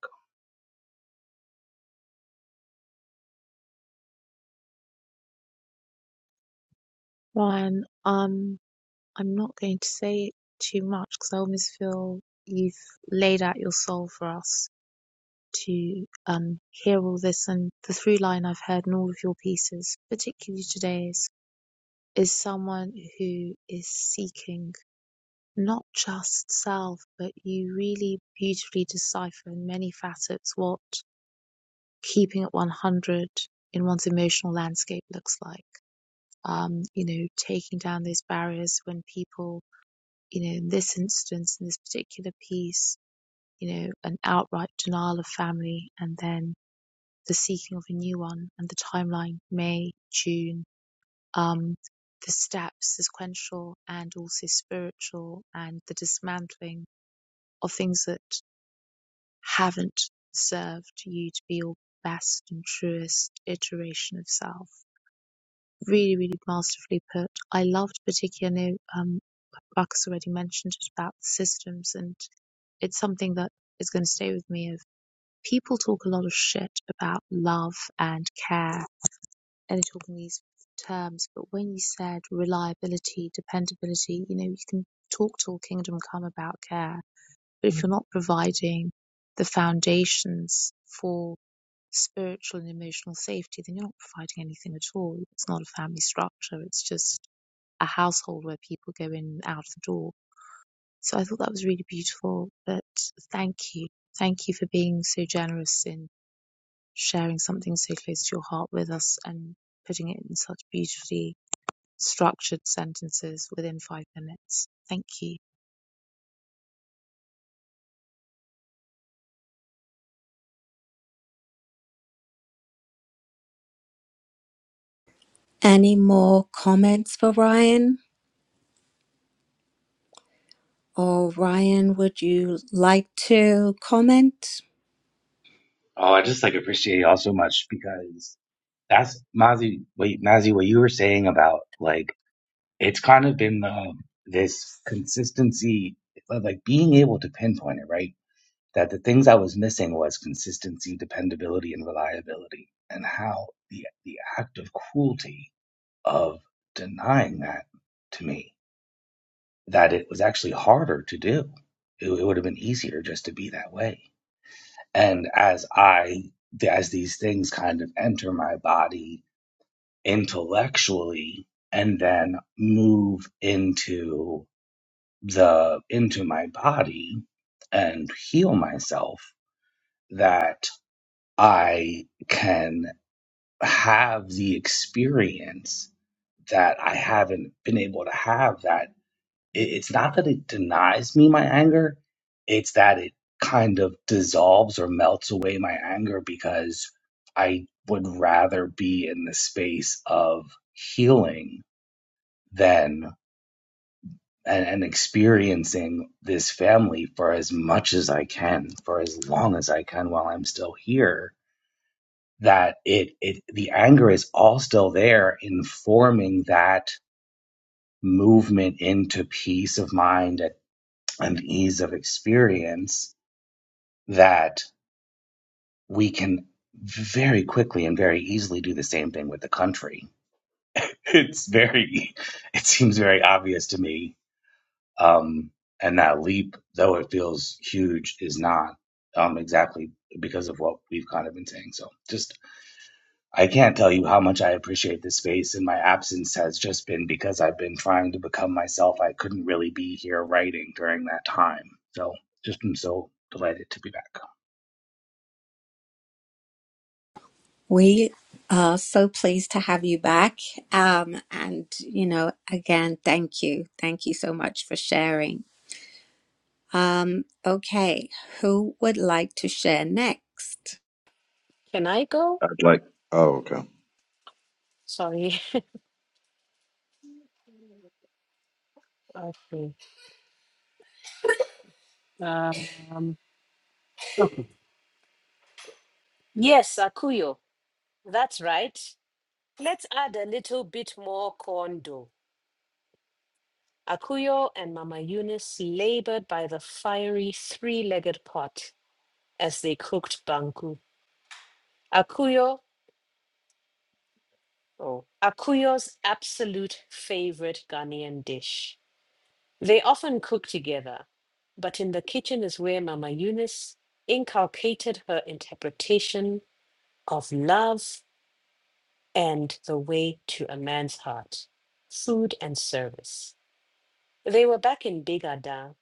Ryan, um, I'm not going to say too much because I almost feel you've laid out your soul for us. to um, hear all this. And the through line I've heard in all of your pieces, particularly today's, is someone who is seeking not just self, but you really beautifully decipher in many facets what keeping at 100 in one's emotional landscape looks like. Um, you know, taking down those barriers when people, you know, in this instance, in this particular piece, you know, an outright denial of family and then the seeking of a new one and the timeline May, June, um, the steps, the sequential and also spiritual, and the dismantling of things that haven't served you to be your best and truest iteration of self. Really, really masterfully put. I loved particularly, um, Ruckus already mentioned it about the systems, and it's something that is going to stay with me of people talk a lot of shit about love and care any talking these terms, but when you said reliability, dependability, you know, you can talk till kingdom come about care, but if you're not providing the foundations for spiritual and emotional safety, then you're not providing anything at all. It's not a family structure, it's just a household where people go in and out the door. So I thought that was really beautiful, but thank you. Thank you for being so generous in sharing something so close to your heart with us and putting it in such beautifully structured sentences within five minutes. Thank you. Any more comments for Ryan? Or Ryan, would you like to comment? Oh, I just like appreciate y'all so much because that's Mazi. Wait, Mazi, what you were saying about like it's kind of been the this consistency of like being able to pinpoint it, right? that the things I was missing was consistency, dependability, and reliability, and how the the act of cruelty of denying that to me that it was actually harder to do. It, it would have been easier just to be that way. And as I as these things kind of enter my body intellectually and then move into the into my body and heal myself that. I can have the experience that I haven't been able to have that it's not that it denies me my anger, it's that it kind of dissolves or melts away my anger because I would rather be in the space of healing than and, and experiencing this family for as much as I can, for as long as I can while I'm still here that it it the anger is all still there informing that movement into peace of mind and ease of experience that we can very quickly and very easily do the same thing with the country [laughs] it's very it seems very obvious to me um and that leap though it feels huge is not um exactly because of what we've kind of been saying so just I can't tell you how much I appreciate this space, and my absence has just been because I've been trying to become myself. I couldn't really be here writing during that time. So, just am so delighted to be back. We are so pleased to have you back. Um, and, you know, again, thank you. Thank you so much for sharing. Um, okay, who would like to share next? Can I go? I'd like, oh, okay. Sorry. [laughs] Okay. Um, Okay. yes, Akuyo. That's right. Let's add a little bit more kondo Akuyo and Mama Eunice labored by the fiery three legged pot as they cooked banku, Akuyo, oh, Akuyo's absolute favorite Ghanaian dish. They often cook together, but in the kitchen is where Mama Eunice inculcated her interpretation of love and the way to a man's heart, food and service. They were back in Big Ada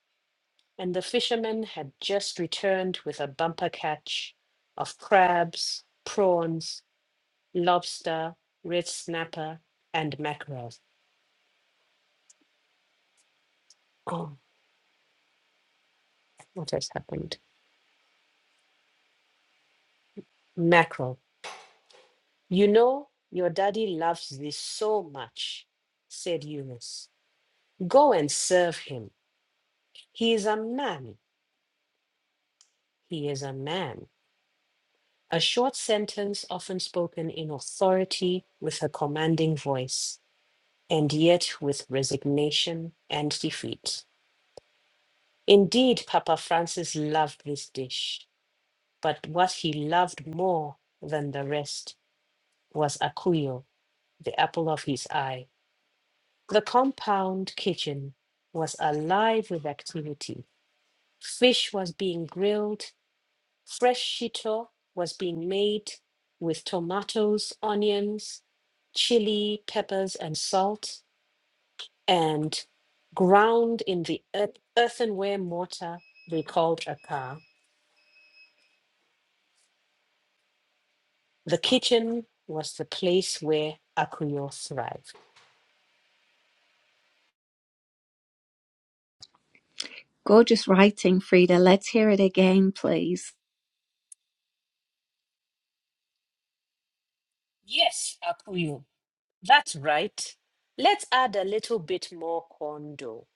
and the fisherman had just returned with a bumper catch of crabs, prawns, lobster, red snapper, and mackerel. Oh, what has happened? Mackerel. You know, your daddy loves this so much, said Eunice. Go and serve him. He is a man. He is a man. A short sentence often spoken in authority with a commanding voice. and yet with resignation and defeat. Indeed, Papa Francis loved this dish, but what he loved more than the rest was Akuyo, the apple of his eye. The compound kitchen was alive with activity. Fish was being grilled, fresh shito was being made with tomatoes, onions, chili, peppers, and salt and ground in the earth, earthenware mortar they called Akar. The kitchen was the place where Akuyo thrived. Gorgeous writing, Frida. Let's hear it again, please. Yes, Akuyo, that's right. Let's add a little bit more corn dough.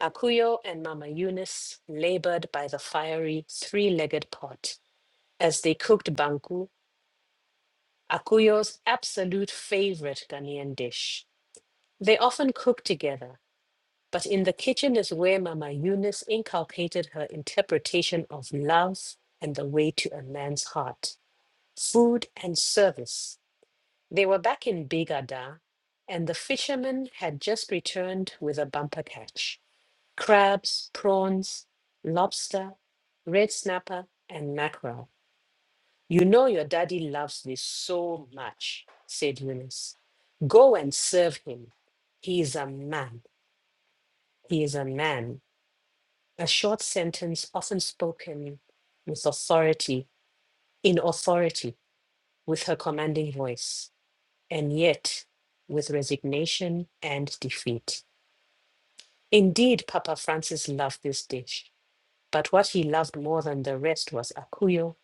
Akuyo and Mama Eunice labored by the fiery three legged pot as they cooked banku, Akuyo's absolute favorite Ghanaian dish. They often cooked together But in the kitchen is where Mama Eunice inculcated her interpretation of love and the way to a man's heart, food and service. They were back in Bigada, and the fisherman had just returned with a bumper catch crabs, prawns, lobster, red snapper, and mackerel. You know your daddy loves this so much, said Eunice. Go and serve him. He is a man. He is a man. A short sentence often spoken with authority, in authority, with her commanding voice, and yet with resignation and defeat. Indeed, Papa Francis loved this dish, but what he loved more than the rest was Akuyo,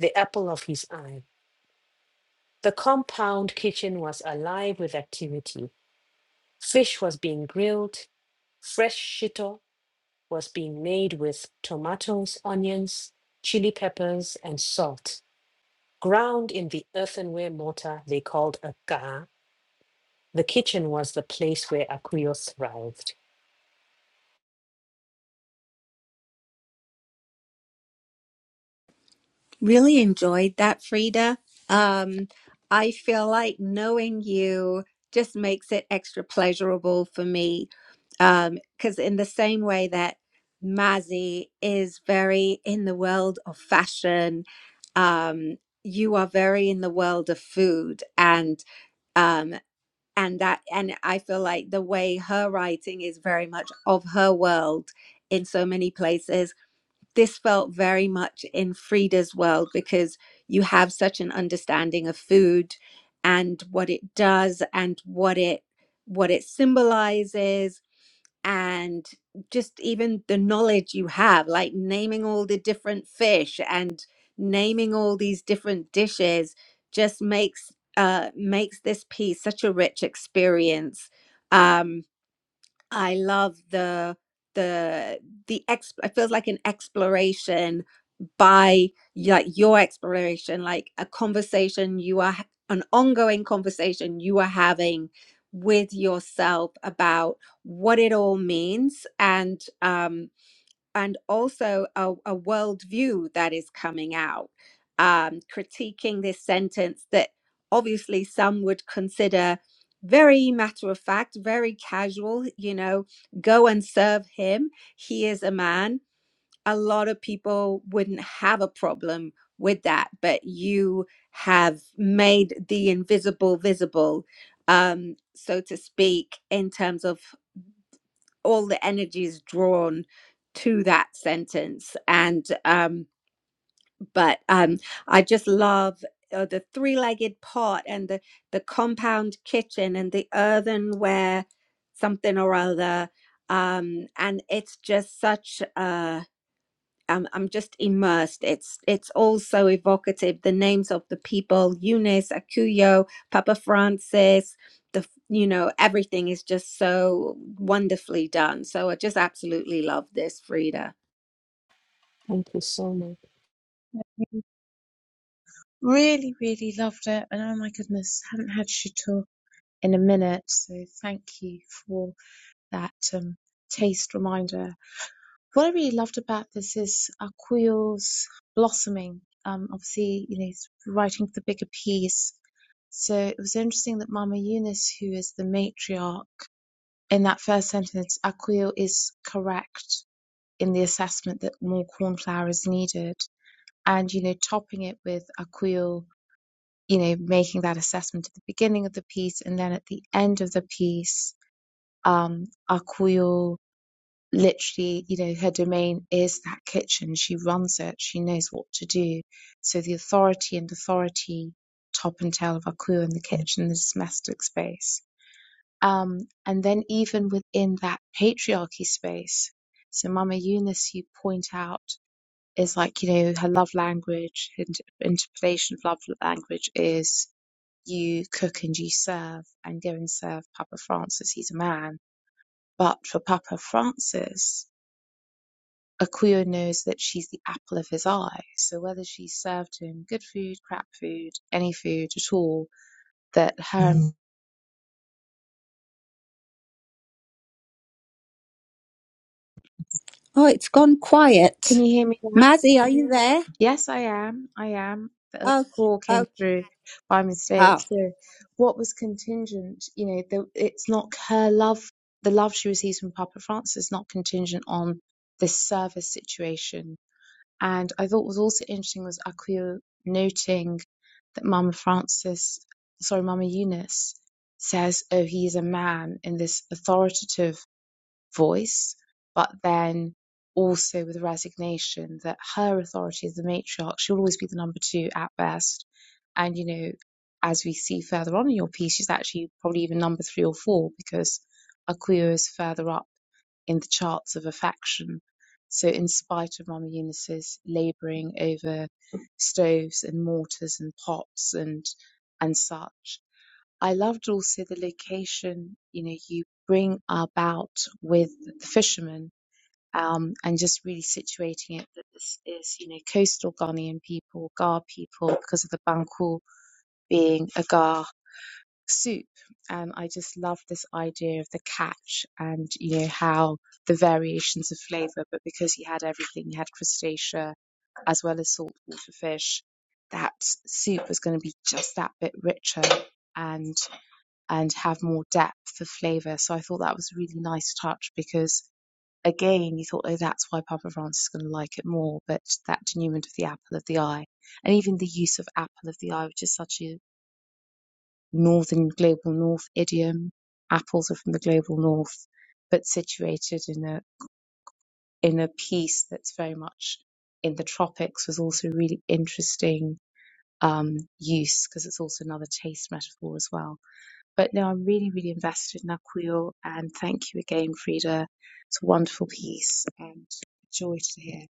the apple of his eye. The compound kitchen was alive with activity. Fish was being grilled, fresh shito was being made with tomatoes, onions, chili peppers, and salt Ground in the earthenware mortar they called a ka, the kitchen was the place where Akuyo thrived. Really enjoyed that, Frida. Um, I feel like knowing you just makes it extra pleasurable for me. Um, because in the same way that Mazzy is very in the world of fashion, um, you are very in the world of food and um and that and I feel like the way her writing is very much of her world in so many places this felt very much in Frida's world because you have such an understanding of food and what it does and what it what it symbolizes and just even the knowledge you have like naming all the different fish and naming all these different dishes just makes uh makes this piece such a rich experience um i love the the the exp- it feels like an exploration by like your exploration like a conversation you are ha- an ongoing conversation you are having with yourself about what it all means and um and also a, a worldview that is coming out um critiquing this sentence that obviously some would consider very matter of fact very casual you know go and serve him he is a man a lot of people wouldn't have a problem with that, but you have made the invisible visible, um, so to speak, in terms of all the energies drawn to that sentence. And um, but um, I just love uh, the three-legged pot and the the compound kitchen and the earthenware something or other. Um, and it's just such a I'm I'm just immersed. It's it's all so evocative. The names of the people, Eunice, Akuyo, Papa Francis, the you know everything is just so wonderfully done. So I just absolutely love this, Frida. Thank you so much. Really, really loved it. And oh my goodness, haven't had Chateau in a minute. So thank you for that um, taste reminder. What I really loved about this is Aquil's blossoming. Um, obviously, you know, he's writing the bigger piece. So it was interesting that Mama Eunice, who is the matriarch, in that first sentence, Aquil is correct in the assessment that more cornflower is needed and you know topping it with a quill you know making that assessment at the beginning of the piece and then at the end of the piece um a quill literally you know her domain is that kitchen she runs it she knows what to do so the authority and authority top and tail of a quill in the kitchen the domestic space um and then even within that patriarchy space so mama eunice you point out is like, you know, her love language, her interpretation of love language is you cook and you serve and go and serve Papa Francis. He's a man. But for Papa Francis, Akuyo knows that she's the apple of his eye. So whether she served him good food, crap food, any food at all, that her. Mhm. Oh, it's gone Can quiet. you hear me now? Mazzy, are you there? Yes, I am. I am. A Oh, call came Okay. through by mistake. oh. So, what was contingent, you know, the, it's not her love, the love she receives from Papa Francis is not contingent on this service situation. And I thought what was also interesting was Akuyo noting that Mama Francis, sorry, Mama Eunice says, oh, he is a man in this authoritative voice, but then also with resignation that her authority as the matriarch, she'll always be the number two at best. And, you know, as we see further on in your piece, she's actually probably even number three or four because Akuyo is further up in the charts of affection. So, in spite of Mama Eunice's labouring over stoves and mortars and pots and and such, I loved also the location, you know, you bring about with the fishermen, um, and just really situating it that this is, you know, coastal Ghanaian people, Gar people, because of the Banku being a Gar soup. And I just love this idea of the catch and, you know, how the variations of flavor, but because you had everything, you had crustacea as well as saltwater fish, that soup was going to be just that bit richer and and have more depth of flavor. So I thought that was a really nice touch because again, you thought, oh, that's why Papa Francis is going to like it more. But that denouement of the apple of the eye, and even the use of apple of the eye, which is such a northern global north idiom. Apples are from the global north, but situated in a in a piece that's very much in the tropics was also really interesting um, use because it's also another taste metaphor as well. But no, I'm really, really invested in that quill. And thank you again, Frida. It's a wonderful piece and a joy to hear.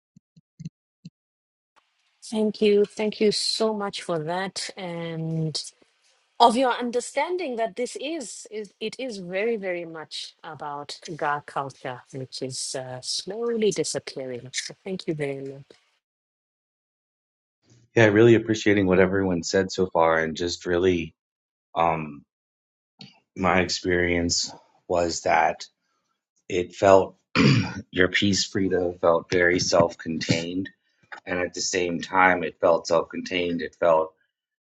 Thank you. Thank you so much for that and of your understanding that this is, is it is very, very much about Ga culture, which is uh, slowly disappearing. So thank you very much. Yeah, really appreciating what everyone said so far, and just really, um, my experience was that it felt [clears throat] your piece, Frida, felt very self-contained, and at the same time, it felt self-contained. It felt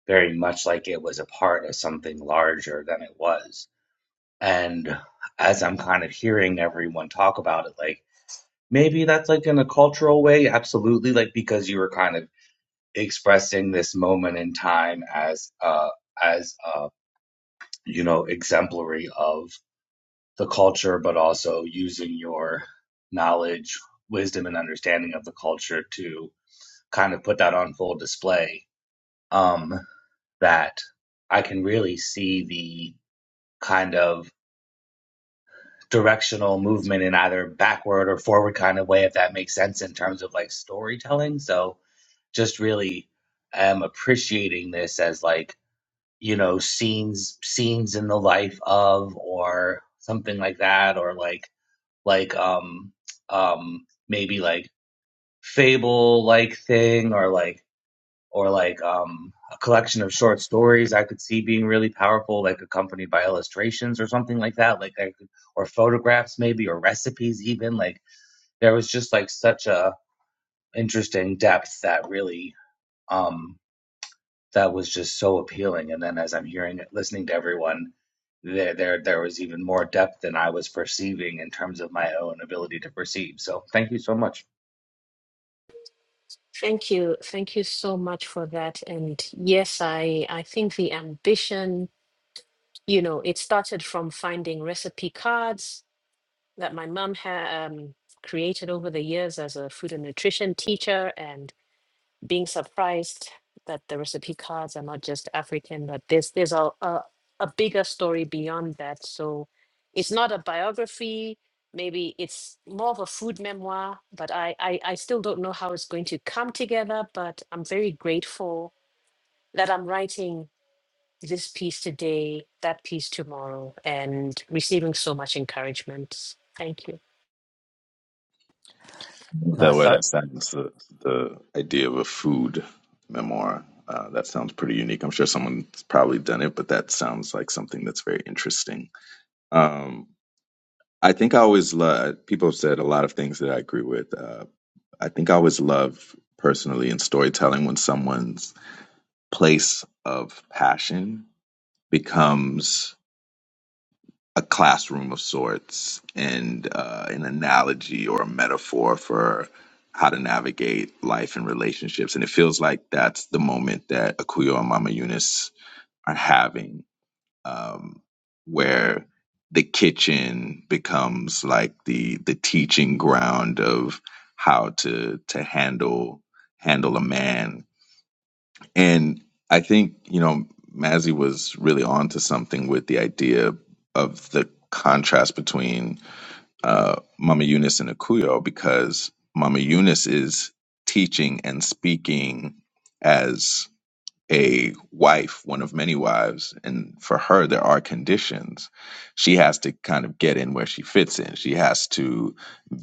very much like it was a part of something larger than it was. And as I'm kind of hearing everyone talk about it, like maybe that's like in a cultural way, absolutely, like because you were kind of expressing this moment in time as uh as uh you know exemplary of the culture, but also using your knowledge, wisdom, and understanding of the culture to kind of put that on full display. Um, that I can really see the kind of directional movement in either backward or forward kind of way, if that makes sense in terms of like storytelling. So just really am appreciating this as like, you know, scenes scenes in the life of or something like that, or like like um um maybe like fable like thing or like or like um, a collection of short stories I could see being really powerful, like accompanied by illustrations or something like that, like I could, or photographs maybe or recipes even. Like there was just like such a interesting depth that really um, that was just so appealing. And then as I'm hearing it, listening to everyone, there there there was even more depth than I was perceiving in terms of my own ability to perceive. So thank you so much. Thank you. Thank you so much for that. And yes, I I think the ambition, you know, it started from finding recipe cards that my mom had um, created over the years as a food and nutrition teacher, and being surprised that the recipe cards are not just African, but there's there's a a, a bigger story beyond that. So it's not a biography. Maybe it's more of a food memoir, but I, I, I still don't know how it's going to come together. But I'm very grateful that I'm writing this piece today, that piece tomorrow, and receiving so much encouragement. Thank you. That Nice. way, that sounds the, the idea of a food memoir. Uh, that sounds pretty unique. I'm sure someone's probably done it, but that sounds like something that's very interesting. Um, I think I always love, people have said a lot of things that I agree with. Uh, I think I always love personally in storytelling when someone place of passion becomes a classroom of sorts and uh, an analogy or a metaphor for how to navigate life and relationships. And it feels like that's the moment that Akuyo and Mama Eunice are having, um, where the kitchen becomes like the the teaching ground of how to to handle handle a man And I think, you know, Mazzy was really onto something with the idea of the contrast between uh, Mama Eunice and Akuyo because Mama Eunice is teaching and speaking as a wife, one of many wives, and for her there are conditions. She has to kind of get in where she fits in. She has to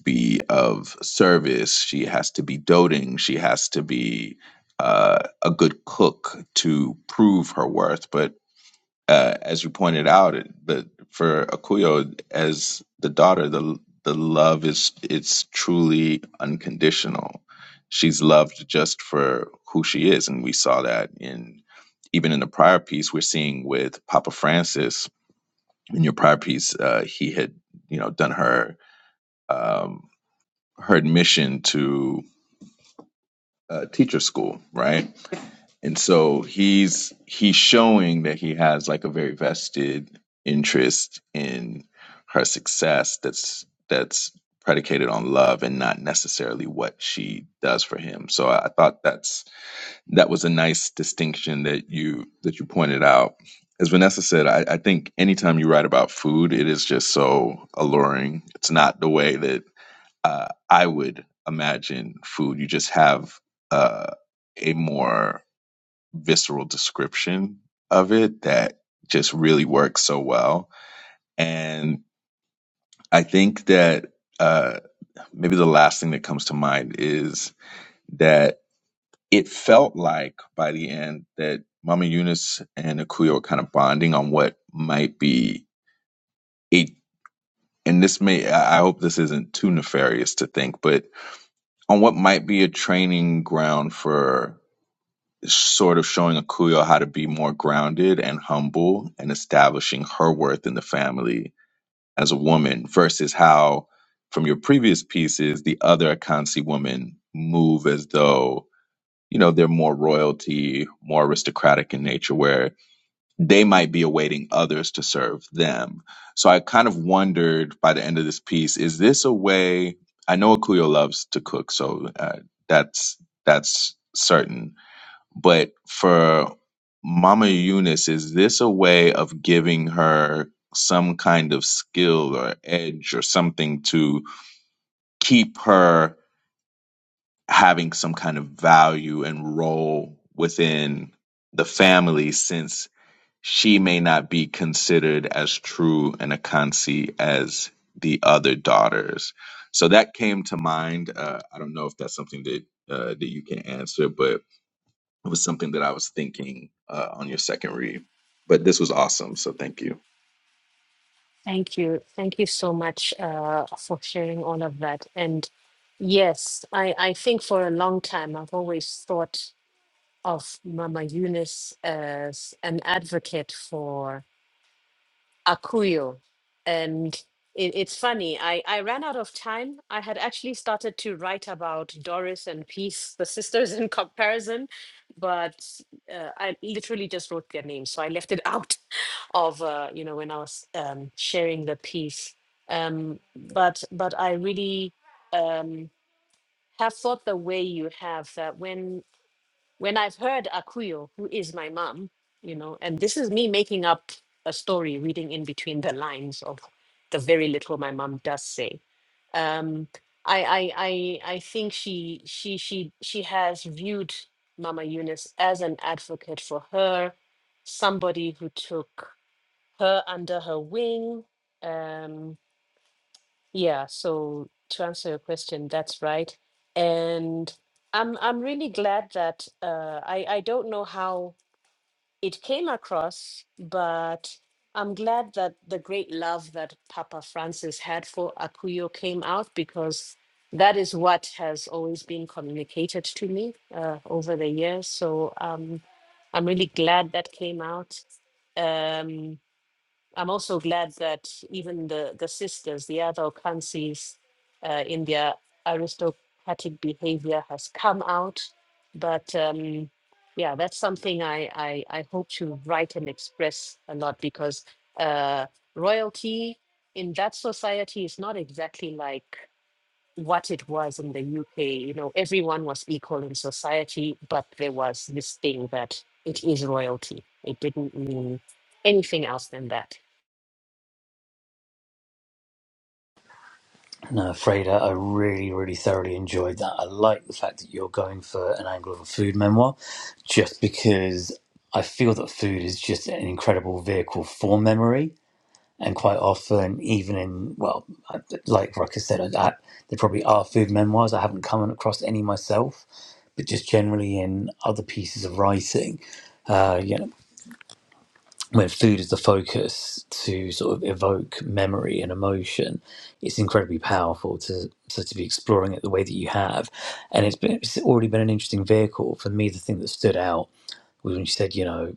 be of service. She has to be doting. She has to be uh, a good cook to prove her worth. But uh, as you pointed out, it- the for Akuyo as the daughter, the the love is it's truly unconditional. She's loved just for who she is, and we saw that in even in the prior piece we're seeing with Papa Francis. In your prior piece, uh, he had you know done her um, her admission to uh, teacher school, right? And so he's he's showing that he has like a very vested interest in her success that's that's predicated on love and not necessarily what she does for him. So I, I thought that's that was a nice distinction that you that you pointed out. As Vanessa said, I, I think anytime you write about food, it is just so alluring. It's not the way that uh, I would imagine food. You just have uh, a more visceral description of it that just really works so well. And I think that uh, maybe the last thing that comes to mind is that it felt like by the end that Mama Eunice and Akuyo are kind of bonding on what might be a, and this may, I I hope this isn't too nefarious to think, but on what might be a training ground for sort of showing Akuyo how to be more grounded and humble and establishing her worth in the family as a woman versus how from your previous pieces the other Akansi women move as though you know they're more royalty, more aristocratic in nature where they might be awaiting others to serve them. So I kind of wondered by the end of this piece is this a way I know Akuyo loves to cook so uh, that's that's certain but for Mama Eunice, is this a way of giving her some kind of skill or edge or something to keep her having some kind of value and role within the family since she may not be considered as true and a Akansi as the other daughters? So that came to mind. Uh, I don't know if that's something that uh, that you can answer, but it was something that I was thinking uh, on your second read. But this was awesome, so thank you. Thank you. Thank you so much uh, for sharing all of that. And yes, I, I think for a long time I've always thought of Mama Eunice as an advocate for. Akuyo. And it, it's funny, I, I ran out of time. I had actually started to write about Doris and Peace, the sisters [laughs] in comparison, but uh, I literally just wrote their names. So I left it out [laughs] of, uh, you know, when I was um, sharing the piece. Um, but, but I really um, have thought the way you have that when when I've heard Akuyo, who is my mom, you know, and this is me making up a story, reading in between the lines of the very little my mom does say. Um, I, I, I, I think she, she, she, she has viewed Mama Eunice as an advocate for her, somebody who took her under her wing. Um, yeah, so to answer your question, that's right. And I'm I'm really glad that uh, I I don't know how it came across, but I'm glad that the great love that Papa Francis had for Akuyo came out because that is what has always been communicated to me uh, over the years. So um, I'm really glad that came out. Um, I'm also glad that even the, the sisters, the other Okansis, uh, in their aristocratic behavior has come out. But um, yeah, that's something I, I, I hope to write and express a lot because uh, royalty in that society is not exactly like what it was in the UK. You know, everyone was equal in society, but there was this thing that it is royalty. It didn't mean anything else than that. No, Freda, I really, really thoroughly enjoyed that. I like the fact that you're going for an angle of a food memoir, just because I feel that food is just an incredible vehicle for memory. And quite often, even in, well, I- like Ruckus said, I, I, there probably are food memoirs. I haven't come across any myself, but just generally in other pieces of writing when food is the focus to sort of evoke memory and emotion, it's incredibly powerful to so to be exploring it the way that you have, and it's been it's already been an interesting vehicle for me. The thing that stood out was when you said, you know,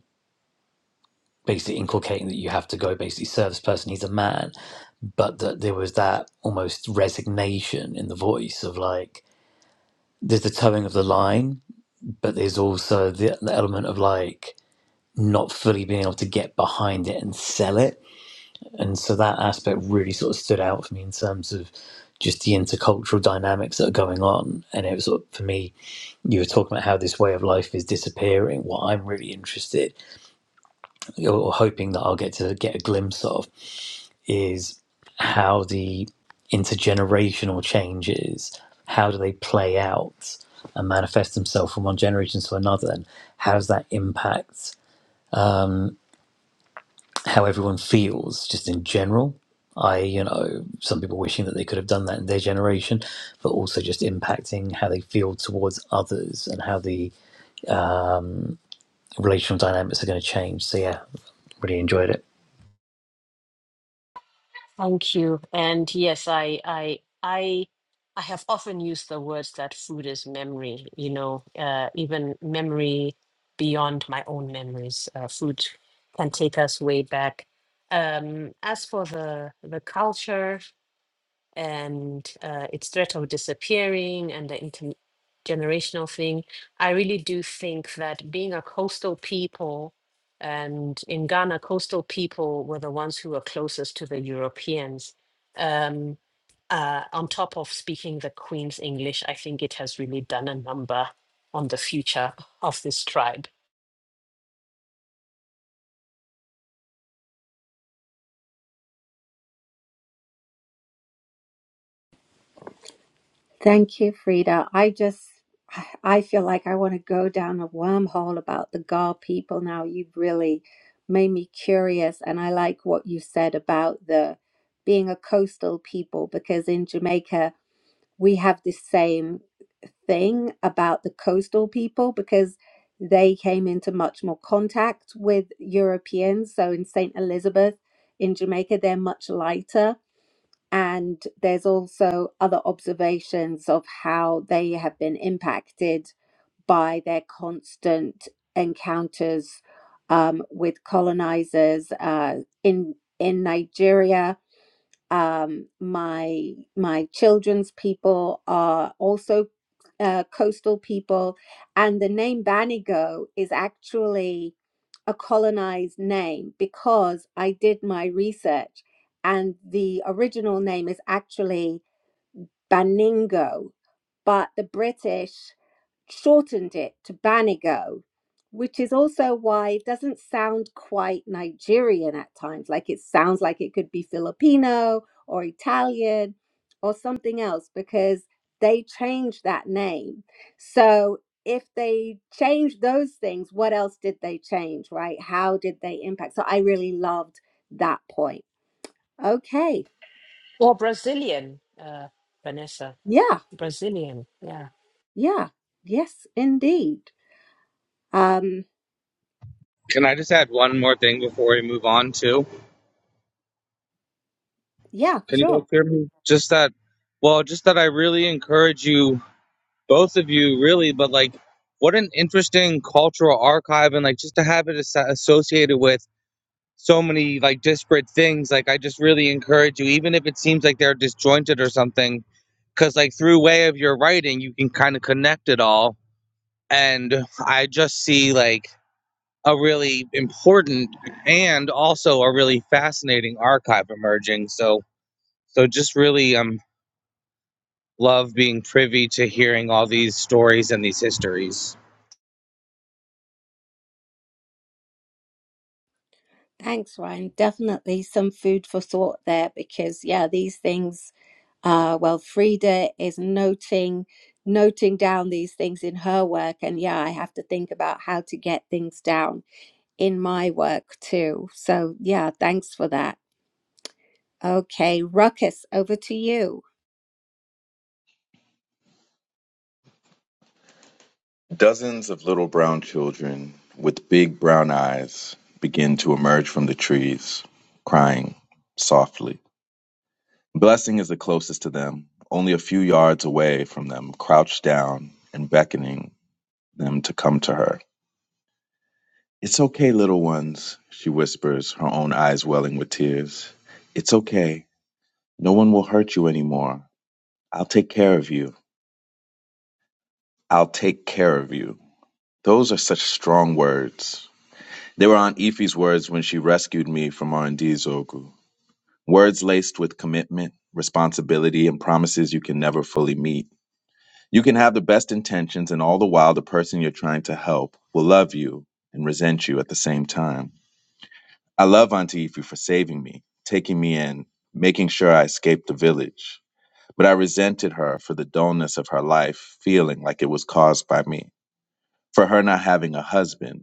basically inculcating that you have to go basically serve this person. He's a man, but that there was that almost resignation in the voice of like there's the towing of the line, but there's also the, the element of like not fully being able to get behind it and sell it and so that aspect really sort of stood out for me in terms of just the intercultural dynamics that are going on and it was sort of, for me you were talking about how this way of life is disappearing what i'm really interested or hoping that i'll get to get a glimpse of is how the intergenerational changes how do they play out and manifest themselves from one generation to another and how does that impact how everyone feels just in general. I, you know, some people wishing that they could have done that in their generation, but also just impacting how they feel towards others and how the um, relational dynamics are going to change. So, yeah, really enjoyed it. Thank you. And yes, I I I I have often used the words that food is memory, you know, uh, even memory beyond my own memories. Uh, food can take us way back. Um, as for the the culture, and uh, its threat of disappearing and the intergenerational thing. I really do think that being a coastal people, and in Ghana, coastal people were the ones who were closest to the Europeans. Um, uh, on top of speaking the Queen's English, I think it has really done a number on the future of this tribe. Thank you, Frida. I just, I I feel like I want to go down a wormhole about the Gar people now. You've really made me curious, and I like what you said about the being a coastal people because in Jamaica we have the same thing about the coastal people because they came into much more contact with Europeans. So in St. Elizabeth in Jamaica, they're much lighter and there's also other observations of how they have been impacted by their constant encounters um, with colonizers uh, in in Nigeria um, my my children's people are also uh, coastal people, and the name Banigo is actually a colonized name because I did my research, and the original name is actually Baningo, but the British shortened it to Banigo, which is also why it doesn't sound quite Nigerian at times. Like it sounds like it could be Filipino or Italian or something else because they changed that name. So if they changed those things, what else did they change, right? How did they impact? So I really loved that point. Okay. Or Brazilian, uh, Vanessa, Yeah. Brazilian, yeah. Yeah. Yes, indeed. Um, Can I just add one more thing before we move on too? yeah, Can you sure. guys hear me? Just that Well, just that I really encourage you both, but like, what an interesting cultural archive, and like just to have it as- associated with so many like disparate things. Like, I just really encourage you, even if it seems like they're disjointed or something, because like through way of your writing, you can kind of connect it all. And I just see like a really important and also a really fascinating archive emerging. So, so just really um love being privy to hearing all these stories and these histories. Thanks, Ryan. Definitely some food for thought there because, yeah, these things. Uh, well, Frida is noting noting down these things in her work, and yeah, I have to think about how to get things down in my work too. So, yeah, thanks for that. Okay, Ruckus, over to you. Dozens of little brown children with big brown eyes begin to emerge from the trees, crying softly. Blessing is the closest to them, only a few yards away from them, crouched down and beckoning them to come to her. It's okay, little ones, she whispers, her own eyes welling with tears. It's okay. No one will hurt you anymore. I'll take care of you. I'll take care of you. Those are such strong words. They were Aunt Ife's words when she rescued me from R&D Zogu. Words laced with commitment, responsibility, and promises you can never fully meet. You can have the best intentions, and all the while, the person you're trying to help will love you and resent you at the same time. I love Aunt Ife for saving me, taking me in, making sure I escaped the village. But I resented her for the dullness of her life, feeling like it was caused by me. For her not having a husband,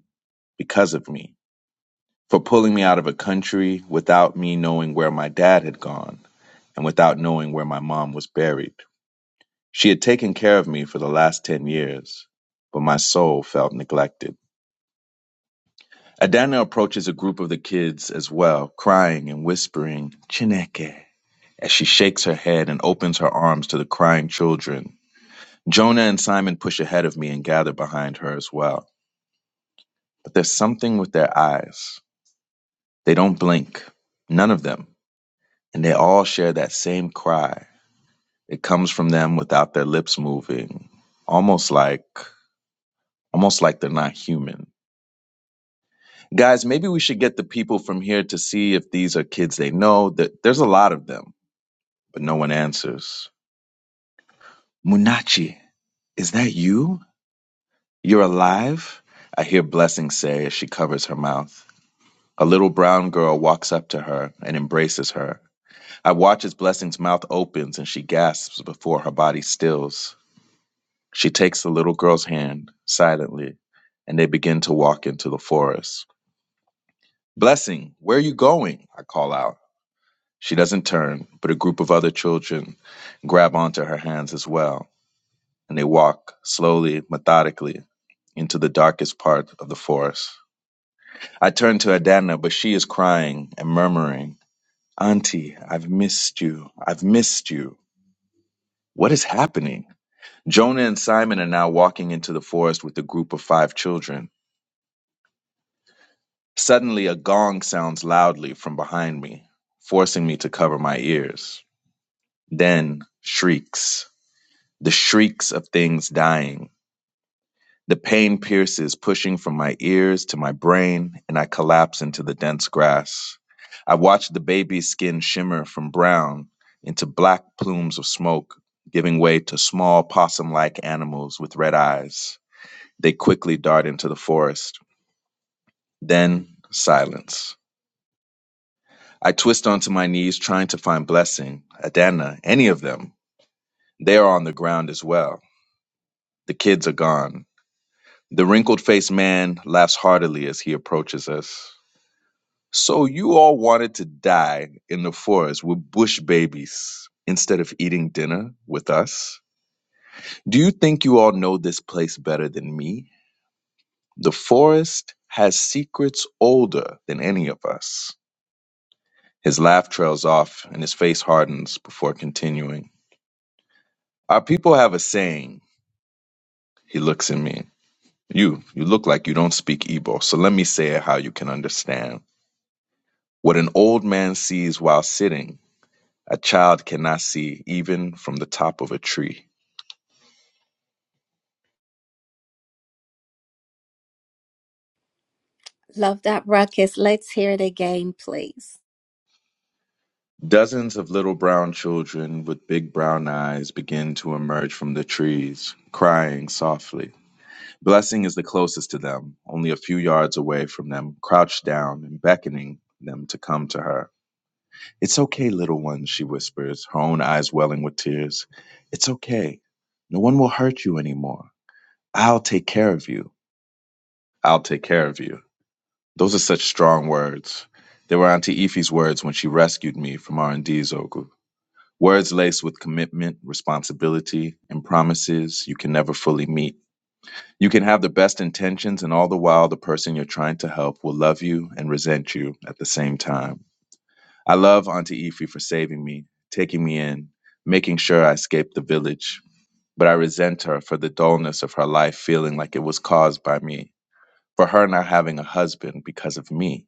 because of me, for pulling me out of a country without me knowing where my dad had gone and without knowing where my mom was buried. She had taken care of me for the last 10 years, but my soul felt neglected. Adana approaches a group of the kids as well, crying and whispering, Chineke, as she shakes her head and opens her arms to the crying children. Jonah and Simon push ahead of me and gather behind her as well. But there's something with their eyes. They don't blink, none of them. and they all share that same cry. It comes from them without their lips moving, almost like almost like they're not human. Guys, maybe we should get the people from here to see if these are kids they know. That there's a lot of them, but no one answers. Munachi, is that you? You're alive? I hear Blessing say as she covers her mouth. A little brown girl walks up to her and embraces her. I watch as Blessing's mouth opens and she gasps before her body stills. She takes the little girl's hand silently, and they begin to walk into the forest. Blessing, where are you going? I call out. She doesn't turn, but a group of other children grab onto her hands as well, and they walk slowly, methodically, into the darkest part of the forest. I turn to Adana, but she is crying and murmuring, Auntie, I've missed you. I've missed you. What is happening? Jonah and Simon are now walking into the forest with a group of five children. Suddenly, a gong sounds loudly from behind me, forcing me to cover my ears. Then, shrieks. The shrieks of things dying. The pain pierces, pushing from my ears to my brain, and I collapse into the dense grass. I watch the baby's skin shimmer from brown into black plumes of smoke, giving way to small possum like animals with red eyes. They quickly dart into the forest. Then, silence. I twist onto my knees trying to find blessing, Adana, any of them. They are on the ground as well. The kids are gone. The wrinkled faced man laughs heartily as he approaches us. So you all wanted to die in the forest with bush babies instead of eating dinner with us? Do you think you all know this place better than me? The forest has secrets older than any of us. His laugh trails off and his face hardens before continuing. Our people have a saying. He looks at me. You, you look like you don't speak Igbo, so let me say it how you can understand. What an old man sees while sitting, a child cannot see even from the top of a tree. Love that, Ruckus. Let's hear it again, please. Dozens of little brown children with big brown eyes begin to emerge from the trees, crying softly. Blessing is the closest to them, only a few yards away from them, crouched down and beckoning them to come to her. It's okay, little one, she whispers, her own eyes welling with tears. It's okay. No one will hurt you anymore. I'll take care of you. I'll take care of you. Those are such strong words. They were Auntie Ife's words when she rescued me from R&D Zogu. Words laced with commitment, responsibility, and promises you can never fully meet. You can have the best intentions, and all the while, the person you're trying to help will love you and resent you at the same time. I love Auntie Ify for saving me, taking me in, making sure I escaped the village, but I resent her for the dullness of her life feeling like it was caused by me, for her not having a husband because of me,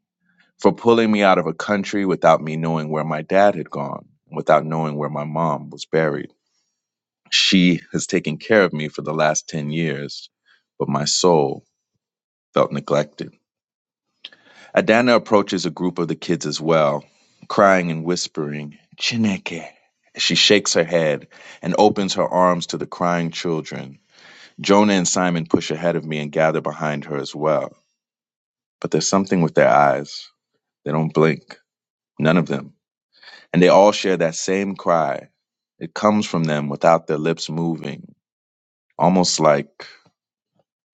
for pulling me out of a country without me knowing where my dad had gone, without knowing where my mom was buried. She has taken care of me for the last 10 years, but my soul felt neglected. Adana approaches a group of the kids as well, crying and whispering, Chineke. She shakes her head and opens her arms to the crying children. Jonah and Simon push ahead of me and gather behind her as well. But there's something with their eyes. They don't blink, none of them. And they all share that same cry. It comes from them without their lips moving, almost like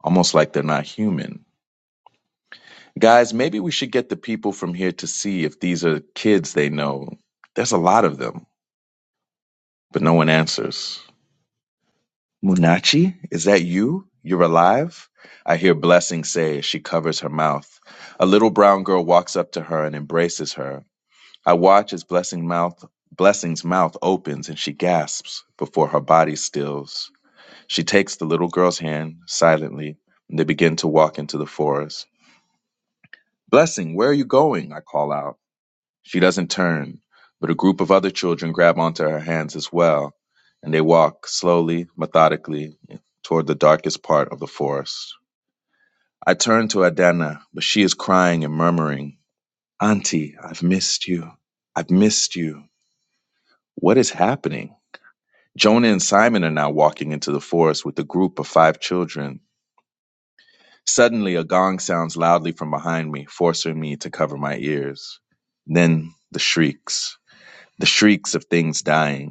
almost like they're not human. Guys, maybe we should get the people from here to see if these are kids they know. There's a lot of them. But no one answers. Munachi, is that you? You're alive? I hear Blessing say as she covers her mouth. A little brown girl walks up to her and embraces her. I watch as Blessing mouth, Blessing's mouth opens and she gasps before her body stills. She takes the little girl's hand silently and they begin to walk into the forest. Blessing, where are you going? I call out. She doesn't turn, but a group of other children grab onto her hands as well, and they walk slowly, methodically, toward the darkest part of the forest. I turn to Adana, but she is crying and murmuring, Auntie, I've missed you. I've missed you. What is happening? Jonah and Simon are now walking into the forest with a group of five children. Suddenly, a gong sounds loudly from behind me, forcing me to cover my ears. Then the shrieks, the shrieks of things dying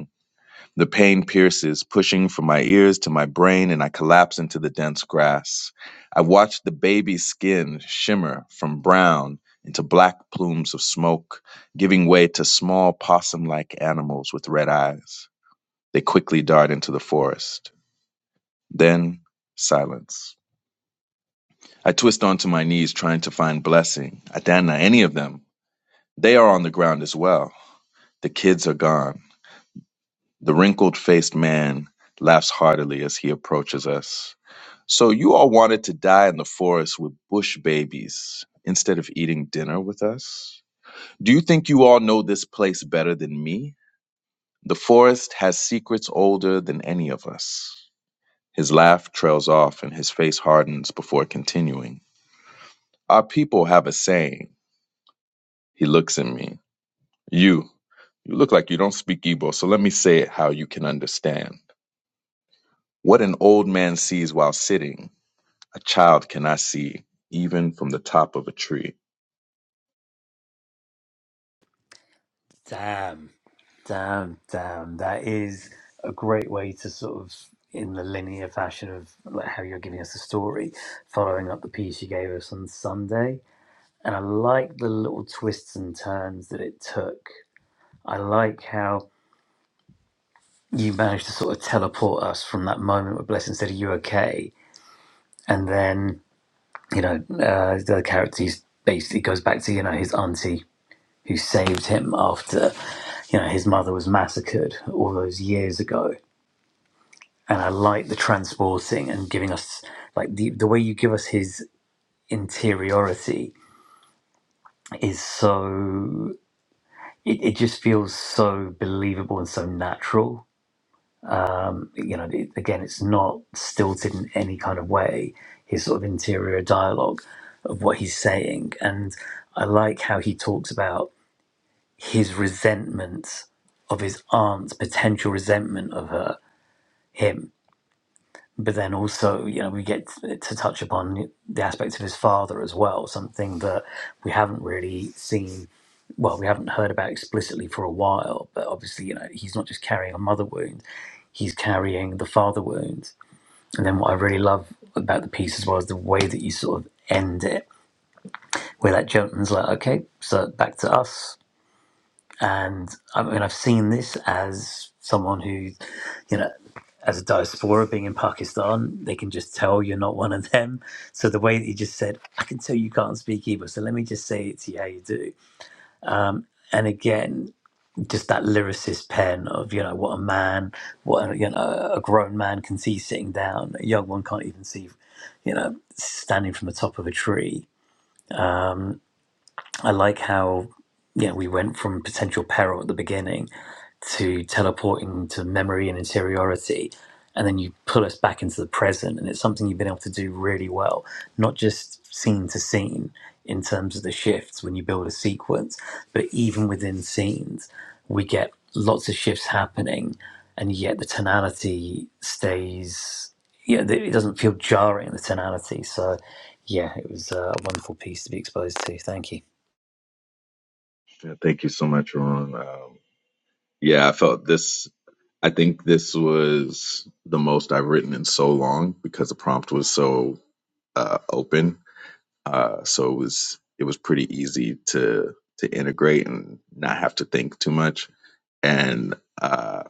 The pain pierces, pushing from my ears to my brain, and I collapse into the dense grass. I watch the baby's skin shimmer from brown into black plumes of smoke, giving way to small possum like animals with red eyes. They quickly dart into the forest. Then, silence. I twist onto my knees, trying to find blessing. Adana, any of them. They are on the ground as well. The kids are gone. The wrinkled faced man laughs heartily as he approaches us. So you all wanted to die in the forest with bush babies instead of eating dinner with us? Do you think you all know this place better than me? The forest has secrets older than any of us. His laugh trails off and his face hardens before continuing. Our people have a saying. He looks at me. You, you look like you don't speak Igbo, so let me say it how you can understand. What an old man sees while sitting, a child cannot see, even from the top of a tree. Damn, damn, damn. That is a great way to sort of, in the linear fashion of like how you're giving us a story, following up the piece you gave us on Sunday. And I like the little twists and turns that it took. I like how you managed to sort of teleport us from that moment where Blessing said, Are you okay? And then, you know, uh, the character he's basically goes back to, you know, his auntie who saved him after, you know, his mother was massacred all those years ago. And I like the transporting and giving us, like, the, the way you give us his interiority is so, it, it just feels so believable and so natural um, you know, again, it's not stilted in any kind of way. His sort of interior dialogue of what he's saying, and I like how he talks about his resentment of his aunt's potential resentment of her, him. But then also, you know, we get to touch upon the aspects of his father as well, something that we haven't really seen, well, we haven't heard about explicitly for a while. But obviously, you know, he's not just carrying a mother wound, he's carrying the father wound And then what I really love about the piece as well is the way that you sort of end it, where that gentleman's like, okay, so back to us. And I mean, I've seen this as someone who, you know, as a diaspora being in Pakistan, they can just tell you're not one of them. So the way that he just said, I can tell you can't speak Hebrew, so let me just say it to you how you do. Um, and again, just that lyricist pen of you know what a man, what a, you know a grown man can see sitting down, a young one can't even see, you know, standing from the top of a tree. I like how yeah we went from potential peril at the beginning to teleporting to memory and interiority and then you pull us back into the present and it's something you've been able to do really well not just scene to scene in terms of the shifts when you build a sequence but even within scenes we get lots of shifts happening and yet the tonality stays yeah it doesn't feel jarring the tonality so yeah it was uh, a wonderful piece to be exposed to thank you Yeah, thank you so much, Ron. Um, yeah, I felt this. I think this was the most I've written in so long because the prompt was so uh, open. Uh, so it was it was pretty easy to to integrate and not have to think too much. And uh,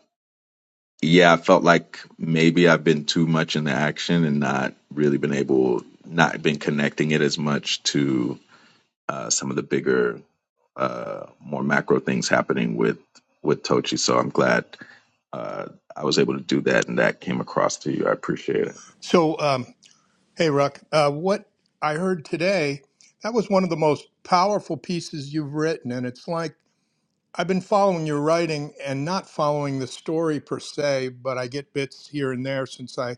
yeah, I felt like maybe I've been too much in the action and not really been able, not been connecting it as much to uh, some of the bigger, uh, more macro things happening with with Tochi. So I'm glad uh, I was able to do that, and that came across to you. I appreciate it. So, um, hey, Ruck, uh, what I heard today, that was one of the most powerful pieces you've written. And it's like I've been following your writing and not following the story per se, but I get bits here and there since I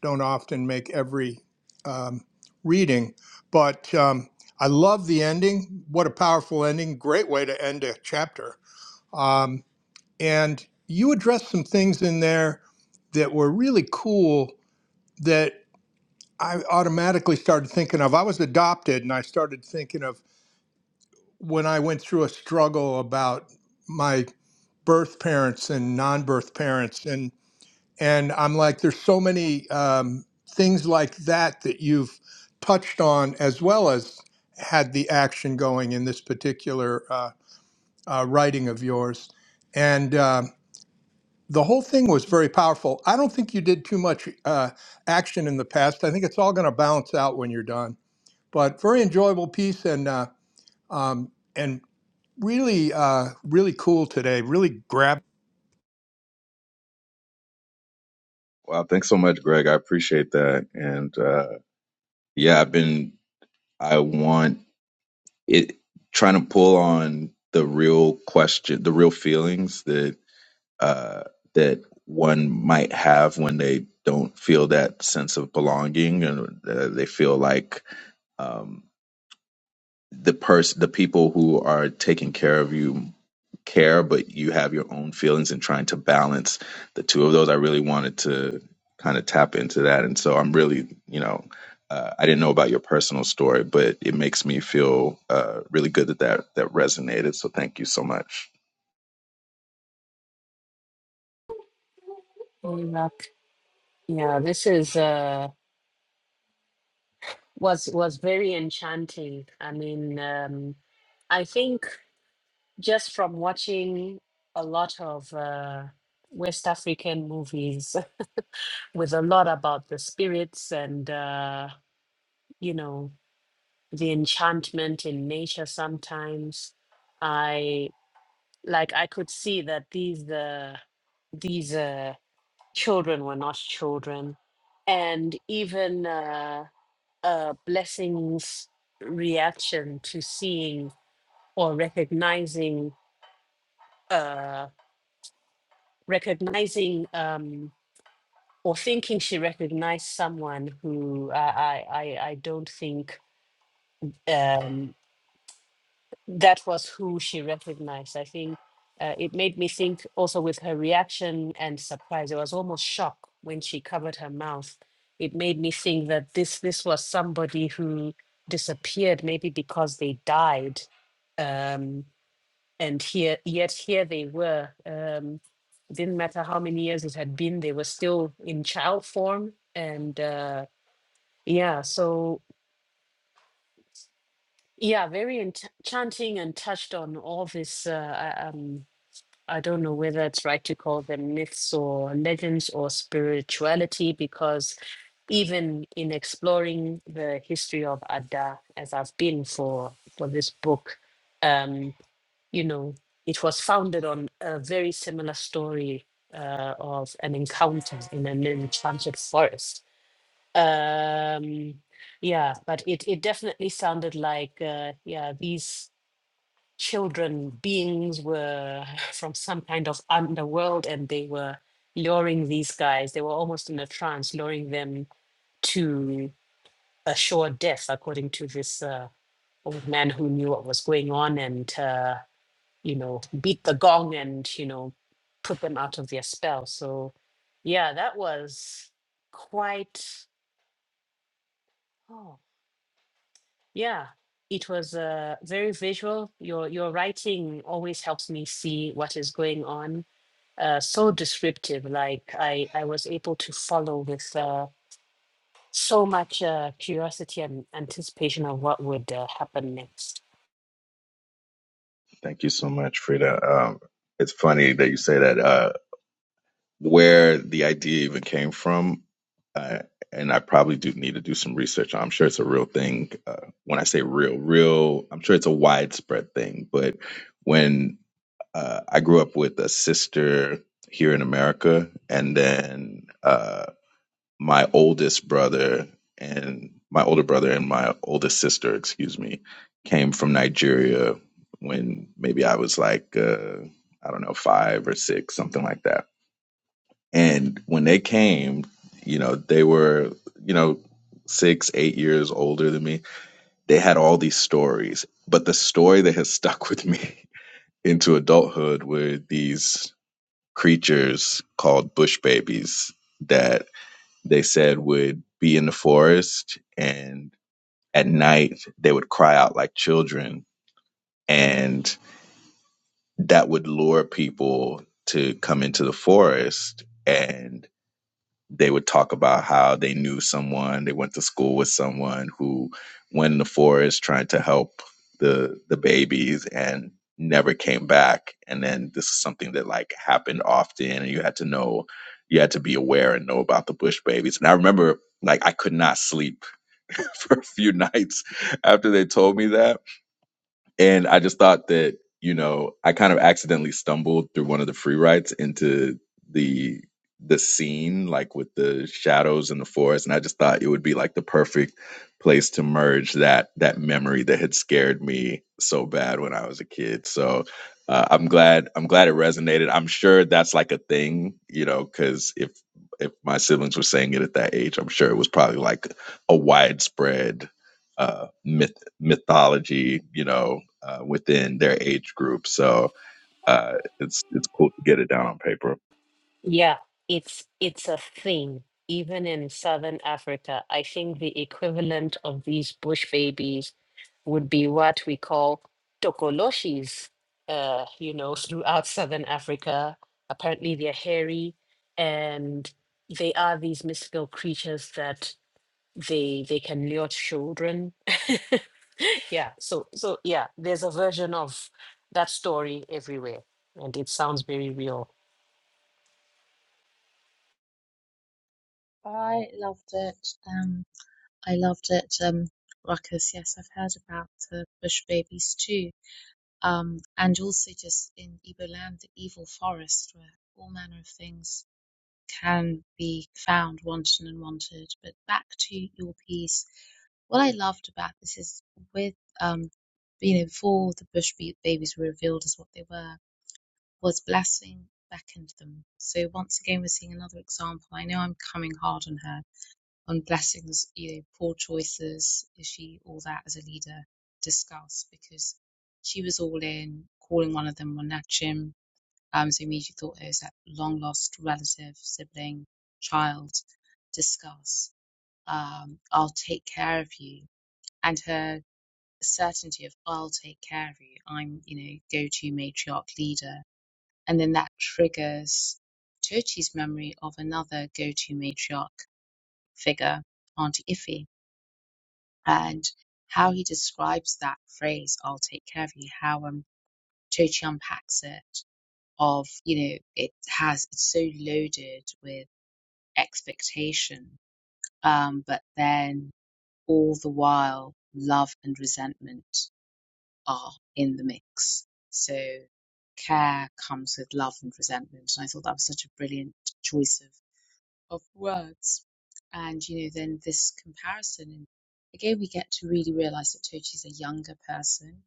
don't often make every um, reading. But um, I love the ending. What a powerful ending. Great way to end a chapter. Um, and you addressed some things in there that were really cool that. I automatically started thinking of I was adopted and I started thinking of when I went through a struggle about my birth parents and non-birth parents and and I'm like there's so many um, things like that that you've touched on as well as had the action going in this particular uh, uh, writing of yours and um, the whole thing was very powerful. I don't think you did too much uh, action in the past. I think it's all going to balance out when you're done. but very enjoyable piece and uh, um, and really uh, really cool today. Really grabbed. Wow, thanks so much, Greg. I appreciate that. And uh, yeah, I've been, I want it, trying to pull on the real question, the real feelings that, uh, that one might have when they don't feel that sense of belonging and uh, they feel like, um, the person the people who are taking care of you care but you have your own feelings and trying to balance the two of those i really wanted to kind of tap into that and so i'm really you know uh, i didn't know about your personal story but it makes me feel uh, really good that, that that resonated so thank you so much Going back. Yeah, this is. uh, was was very enchanting. I mean, um, I think just from watching a lot of uh, West African movies [laughs] with a lot about the spirits and uh, you know the enchantment in nature. Sometimes I like I could see that these uh, these uh, children were not children, and even. Uh, uh, blessings reaction to seeing or recognizing uh, recognizing um, or thinking she recognized someone who I I, I, I don't think um, that was who she recognized. I think uh, it made me think also with her reaction and surprise. It was almost shock when she covered her mouth. It made me think that this this was somebody who disappeared, maybe because they died, um, and here yet here they were. Um, didn't matter how many years it had been, they were still in child form, and uh, yeah, so yeah, very ench- enchanting and touched on all this. Uh, uh, um, I don't know whether it's right to call them myths or legends or spirituality, because even in exploring the history of Adda, as I've been for for this book, um, you know, it was founded on a very similar story uh, of an encounter in an enchanted forest. Um, yeah, but it it definitely sounded like uh, yeah these children beings were [laughs] from some kind of underworld and they were luring these guys they were almost in a trance luring them to a sure death according to this uh, old man who knew what was going on and uh, you know beat the gong and you know put them out of their spell so yeah that was quite oh yeah it was uh, very visual your your writing always helps me see what is going on uh, so descriptive. Like I, I was able to follow with uh, so much uh, curiosity and anticipation of what would uh, happen next. thank you so much frida um, it's funny that you say that Uh, where the idea even came from. Uh, and I probably do need to do some research. I'm sure it's a real thing. Uh, when I say real, real, I'm sure it's a widespread thing. But when uh, I grew up with a sister here in America, and then uh, my oldest brother and my older brother and my oldest sister, excuse me, came from Nigeria when maybe I was like, uh, I don't know, five or six, something like that and when they came, you know, they were, you know, six, eight years older than me. They had all these stories. But the story that has [laughs] stuck with me [laughs] into adulthood were these creatures called bush babies that they said would be in the forest and at night they would cry out like children and that would lure people to come into the forest and they would talk about how they knew someone, they went to school with someone who went in the forest trying to help the the babies and never came back. And then this is something that like happened often and you had to know you had to be aware and know about the bush babies. And I remember like I could not sleep [laughs] for a few nights after they told me that and I just thought that, you know, I kind of accidentally stumbled through one of the free rides into the the scene, like with the shadows in the forest. And I just thought it would be like the perfect place to merge that that memory that had scared me so bad when I was a kid. So uh, I'm glad I'm glad it resonated. I'm sure that's like a thing, you know, because if if my siblings were saying it at that age, I'm sure it was probably like a widespread uh, myth mythology, you know, uh, within their age group. So uh, it's it's cool to get it down on paper. Yeah, it's it's a thing. Even in Southern Africa, I think the equivalent of these bush babies would be what we call tokoloshis. Uh, you know, [laughs] throughout Southern Africa, apparently they're hairy and they are these mystical creatures that they they can lure children [laughs] yeah so so yeah there's a version of that story everywhere and it sounds very real I loved it. Um, I loved it. Um, Ruckus, yes, I've heard about the bush babies too. Um, and also just in Igbo land, the evil forest where all manner of things can be found wanton and wanted. But back to your piece, what I loved about this is with um you know before the Bush ba- babies were revealed as what they were was blessing beckoned them. So once again we're seeing another example. I know I'm coming hard on her on blessings, you know, poor choices. Is she all that as a leader? Discuss because she was all in calling one of them Monachim um, so immediately thought it was that long lost relative, sibling, child. Discuss. Um, I'll take care of you, and her certainty of I'll take care of you. I'm, you know, go-to matriarch leader, and then that triggers Tochi's memory of another go-to matriarch figure, Aunt Iffy, and how he describes that phrase "I'll take care of you." How um, Tochi unpacks it of you know it has it's so loaded with expectation um but then all the while love and resentment are in the mix so care comes with love and resentment and i thought that was such a brilliant choice of, of words and you know then this comparison and again we get to really realize that tochi's a younger person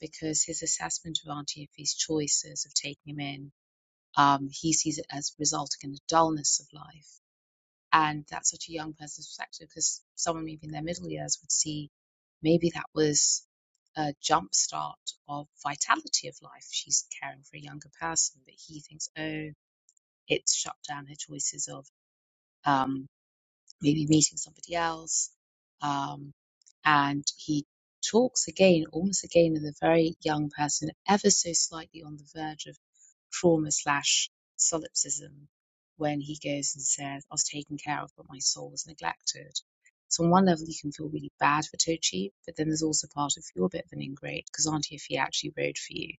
because his assessment of auntie Effie's choices of taking him in um, he sees it as resulting in the dullness of life. And that's such a young person's perspective because someone maybe in their middle years would see maybe that was a jump start of vitality of life. She's caring for a younger person, but he thinks, oh, it's shut down her choices of um, maybe meeting somebody else. Um, and he talks again, almost again, of the very young person, ever so slightly on the verge of trauma slash solipsism, when he goes and says, I was taken care of, but my soul was neglected. So, on one level, you can feel really bad for Tochi, but then there's also part of you're a bit of an ingrate because Auntie Effie actually rode for you,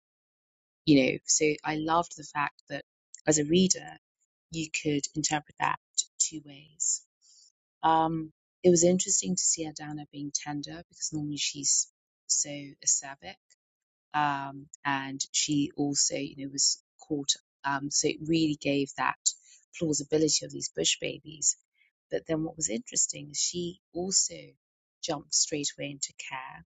you know. So, I loved the fact that as a reader, you could interpret that two ways um, it was interesting to see Adana being tender because normally she's so acerbic. Um, and she also, you know, was caught. Um, so it really gave that plausibility of these bush babies. But then what was interesting is she also jumped straight away into care.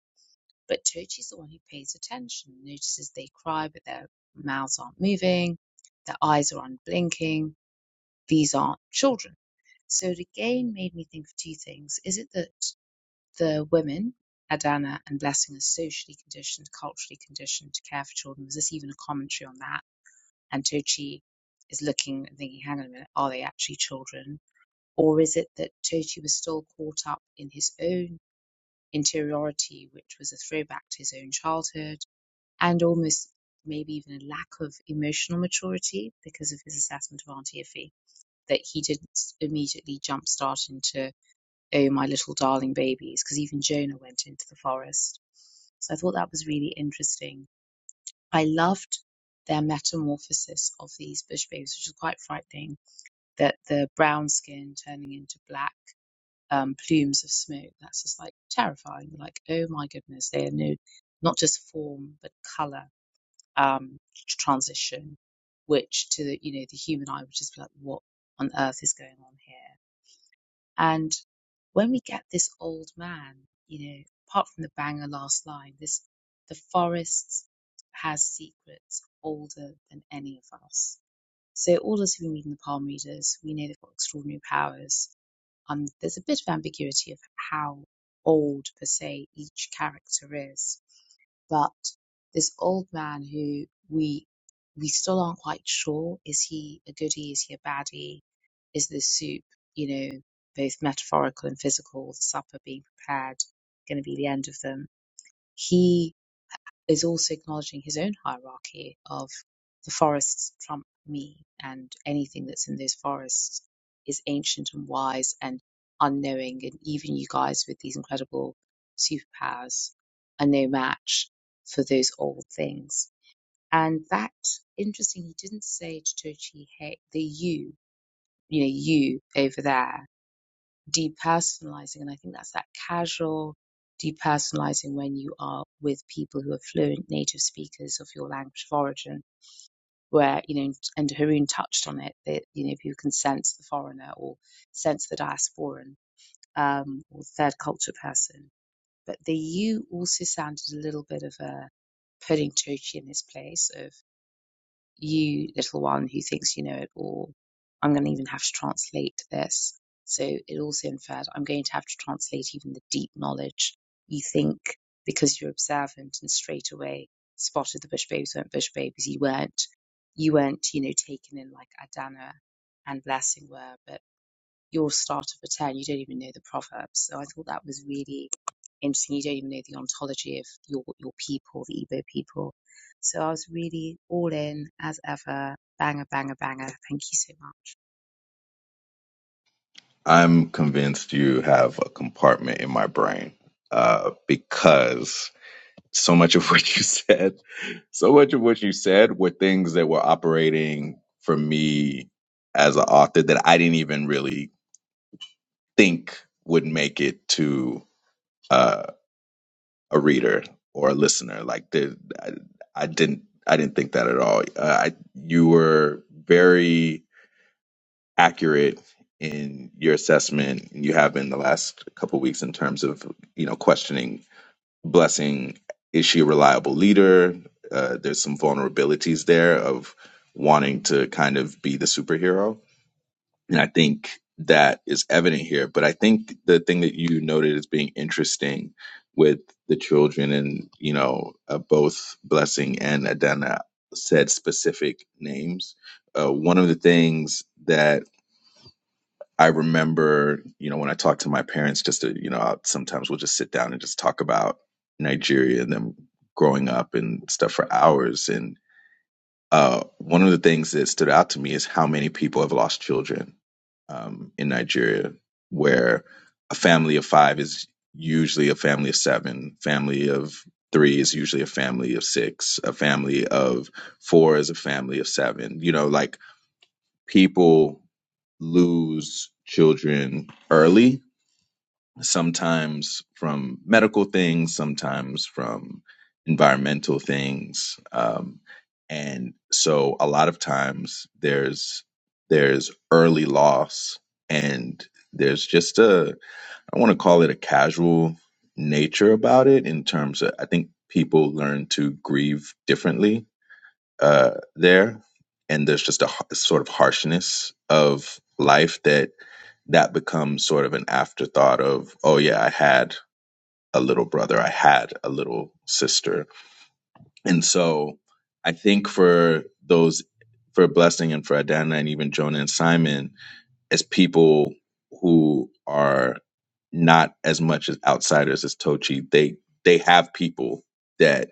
But Tochi's the one who pays attention, notices they cry, but their mouths aren't moving, their eyes are unblinking. These aren't children so it again made me think of two things. Is it that the women, Adana and Blessing, are socially conditioned, culturally conditioned to care for children? Was this even a commentary on that? And Tochi is looking and thinking, hang on a minute, are they actually children? Or is it that Tochi was still caught up in his own interiority, which was a throwback to his own childhood, and almost maybe even a lack of emotional maturity because of his assessment of Auntie Iffy? That he didn't immediately jumpstart into oh my little darling babies because even jonah went into the forest so i thought that was really interesting i loved their metamorphosis of these bush babies which is quite frightening that the brown skin turning into black um, plumes of smoke that's just like terrifying like oh my goodness they are no not just form but color um, transition which to the you know the human eye would just be like what on earth is going on here and when we get this old man, you know, apart from the banger last line, this the forest has secrets older than any of us. So all those who've been reading the palm readers, we know they've got extraordinary powers. Um, there's a bit of ambiguity of how old per se each character is, but this old man who we we still aren't quite sure is he a goodie, is he a baddie, is this soup, you know, both metaphorical and physical, the supper being prepared, going to be the end of them. He is also acknowledging his own hierarchy of the forests trump me, and anything that's in those forests is ancient and wise and unknowing. And even you guys with these incredible superpowers are no match for those old things. And that, interesting, he didn't say to Tochi, hey, the you, you know, you over there depersonalizing. And I think that's that casual depersonalizing when you are with people who are fluent native speakers of your language of origin, where, you know, and Haroon touched on it, that, you know, people can sense the foreigner or sense the diasporan um, or third culture person. But the you also sounded a little bit of a putting Turkey in this place of you little one who thinks you know it all i'm going to even have to translate this so it also inferred i'm going to have to translate even the deep knowledge you think because you're observant and straight away spotted the bush babies weren't bush babies you weren't you weren't you know taken in like adana and blessing were but your start of a 10, you don't even know the proverbs. So I thought that was really interesting. You don't even know the ontology of your, your people, the Igbo people. So I was really all in as ever. Banger, banger, banger. Thank you so much. I'm convinced you have a compartment in my brain uh, because so much of [laughs] what you said, so much of what you said were things that were operating for me as an author that I didn't even really think would make it to. uh, a reader or a listener. Like the, I, I didn't I didn't think that at all. Uh, I, you were very accurate in your assessment. and You have been the last couple of weeks in terms of you know questioning blessing. Is she a reliable leader? Uh, there's some vulnerabilities there of wanting to kind of be the superhero and I think that is evident here. But I think the thing that you noted as being interesting with the children and, you know, uh, both Blessing and Adana said specific names. Uh, one of the things that I remember, you know, when I talk to my parents, just to, you know, I'll, sometimes we'll just sit down and just talk about Nigeria and them growing up and stuff for hours. and. Uh, one of the things that stood out to me is how many people have lost children um, in Nigeria, where a family of five is usually a family of seven, family of three is usually a family of six, a family of four is a family of seven. You know, like people lose children early sometimes from medical things, sometimes from environmental things. Um, and so a lot of times there's there's early loss and there's just a I want to call it a casual nature about it in terms of I think people learn to grieve differently uh, there and there's just a har- sort of harshness of life that that becomes sort of an afterthought of, oh yeah, I had a little brother, I had a little sister. And so I think for those, for Blessing and for Adana and even Jonah and Simon, as people who are not as much as outsiders as Tochi, they, they have people that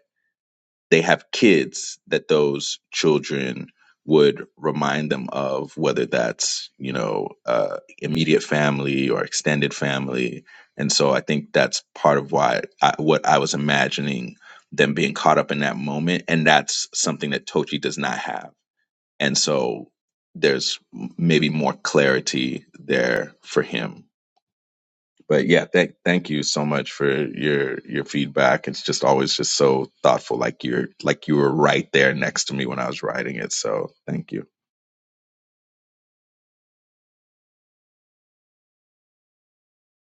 they have kids that those children would remind them of, whether that's, you know, uh, immediate family or extended family. And so I think that's part of why I, what I was imagining them being caught up in that moment. And that's something that Tochi does not have. And so there's maybe more clarity there for him but yeah, thank thank you so much for your your feedback. It's just always just so thoughtful. Like you're like you were right there next to me when I was writing it. So thank you.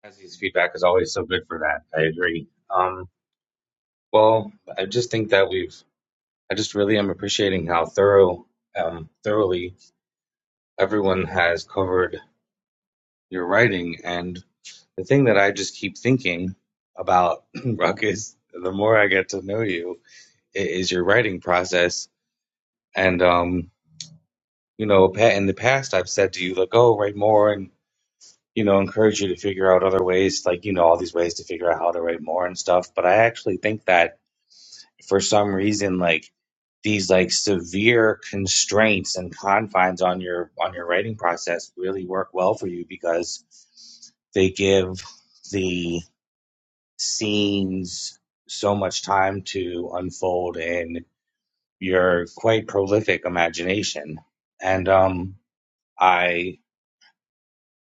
His feedback is always so good for that. I agree. Um, well, I just think that we've. I just really am appreciating how thorough, um, thoroughly everyone has covered your writing. And the thing that I just keep thinking about, [clears throat] Ruck, is the more I get to know you, is your writing process. And um, you know, in the past, I've said to you like, "Oh, write more," and you know, encourage you to figure out other ways, like you know, all these ways to figure out how to write more and stuff. But I actually think that for some reason like these like severe constraints and confines on your on your writing process really work well for you because they give the scenes so much time to unfold in your quite prolific imagination and um i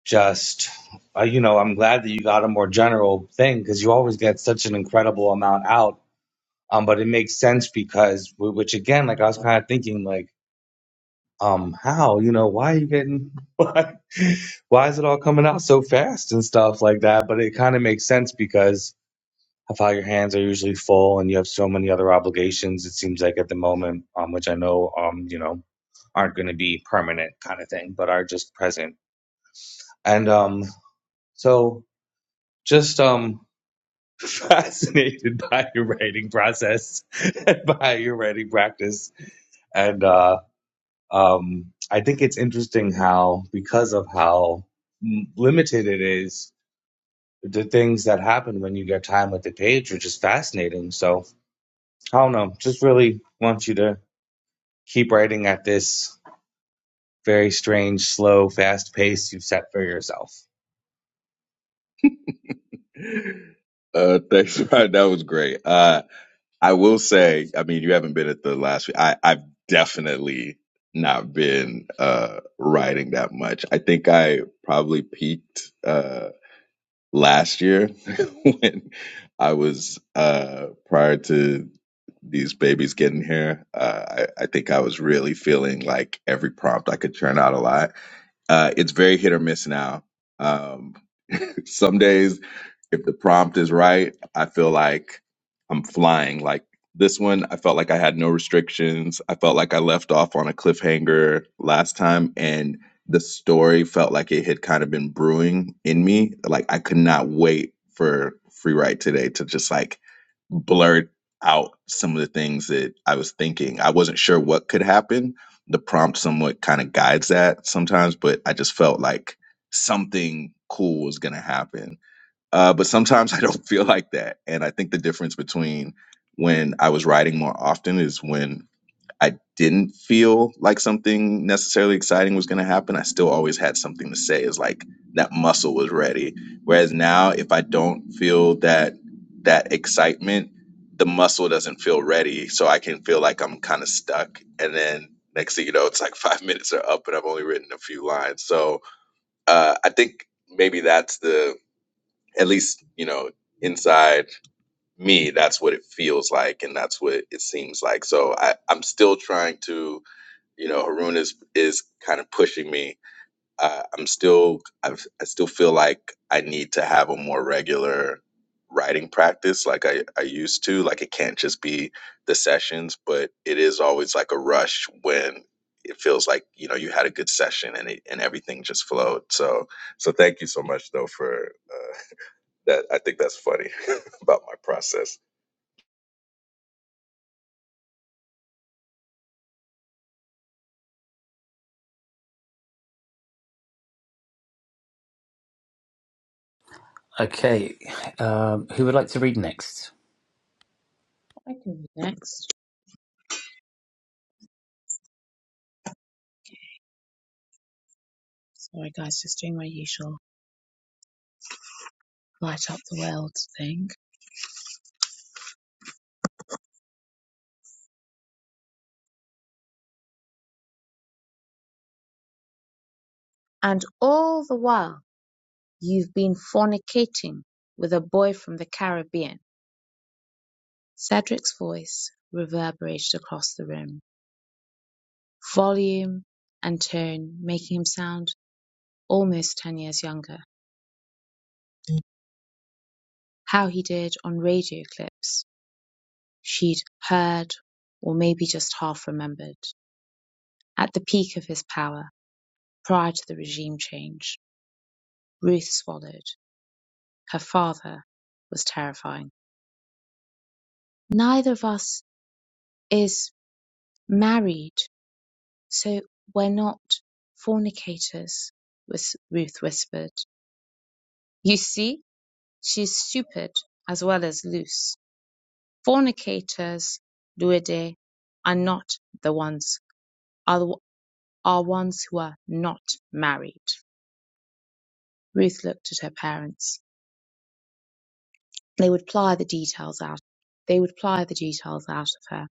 just uh, you know i'm glad that you got a more general thing because you always get such an incredible amount out Um, but it makes sense because, which again, like I was kind of thinking, like, um, how, you know, why are you getting, [laughs] why, why is it all coming out so fast and stuff like that? But it kind of makes sense because of how your hands are usually full and you have so many other obligations, it seems like at the moment, um, which I know, um, you know, aren't going to be permanent kind of thing, but are just present. And, um, so just, um, fascinated by your writing process [laughs] and by your writing practice. And uh, um, I think it's interesting how, because of how m- limited it is, the things that happen when you get time with the page are just fascinating. So I don't know, just really want you to keep writing at this very strange, slow, fast pace you've set for yourself. Uh, thanks, [laughs] Ryan. That was great. Uh, I will say, I mean, you haven't been at the last week. I I've definitely not been uh writing that much. I think I probably peaked. Uh, last year [laughs] when I was uh prior to these babies getting here. Uh, I, I think I was really feeling like every prompt I could churn out a lot. Uh, it's very hit or miss now. Um, [laughs] some days if the prompt is right, I feel like I'm flying. Like this one, I felt like I had no restrictions. I felt like I left off on a cliffhanger last time, and the story felt like it had kind of been brewing in me. Like I could not wait for free write today to just like blurt out some of the things that I was thinking. I wasn't sure what could happen. The prompt somewhat kind of guides that sometimes, but I just felt like something cool was going to happen. Uh, but sometimes [laughs] I don't feel like that. And I think the difference between when I was writing more often is when I didn't feel like something necessarily exciting was going to happen. I still always had something to say, is like that muscle was ready. Whereas now, if I don't feel that that excitement, the muscle doesn't feel ready. So I can feel like I'm kind of stuck. And then next thing you know, it's like [laughs] five minutes are up and I've only written a few lines. So uh, I think maybe that's the at least you know inside me that's what it feels like and that's what it seems like so I, i'm still trying to you know harun is is kind of pushing me uh, i'm still I've, i still feel like i need to have a more regular writing practice like I, I used to like it can't just be the sessions but it is always like a rush when it feels like you know you had a good session and it, and everything just flowed so so thank you so much though for uh, that I think that's funny [laughs] about my process. okay um, who would like to read next I can be next. Sorry, guys, just doing my usual light up the world thing. And all the while, you've been fornicating with a boy from the Caribbean. Cedric's voice reverberated across the room volume and tone, making him sound almost 10 years younger. How he did on radio clips she'd heard or maybe just half remembered. At the peak of his power, prior to the regime change, Ruth swallowed. Her father was terrifying. Neither of us is married, so we're not fornicators, Ruth whispered. You see, she's stupid as well as loose. Fornicators (duode) are not the ones, are the, are ones who are not married. Ruth looked at her parents. They would ply the details out. They would ply the details out of her.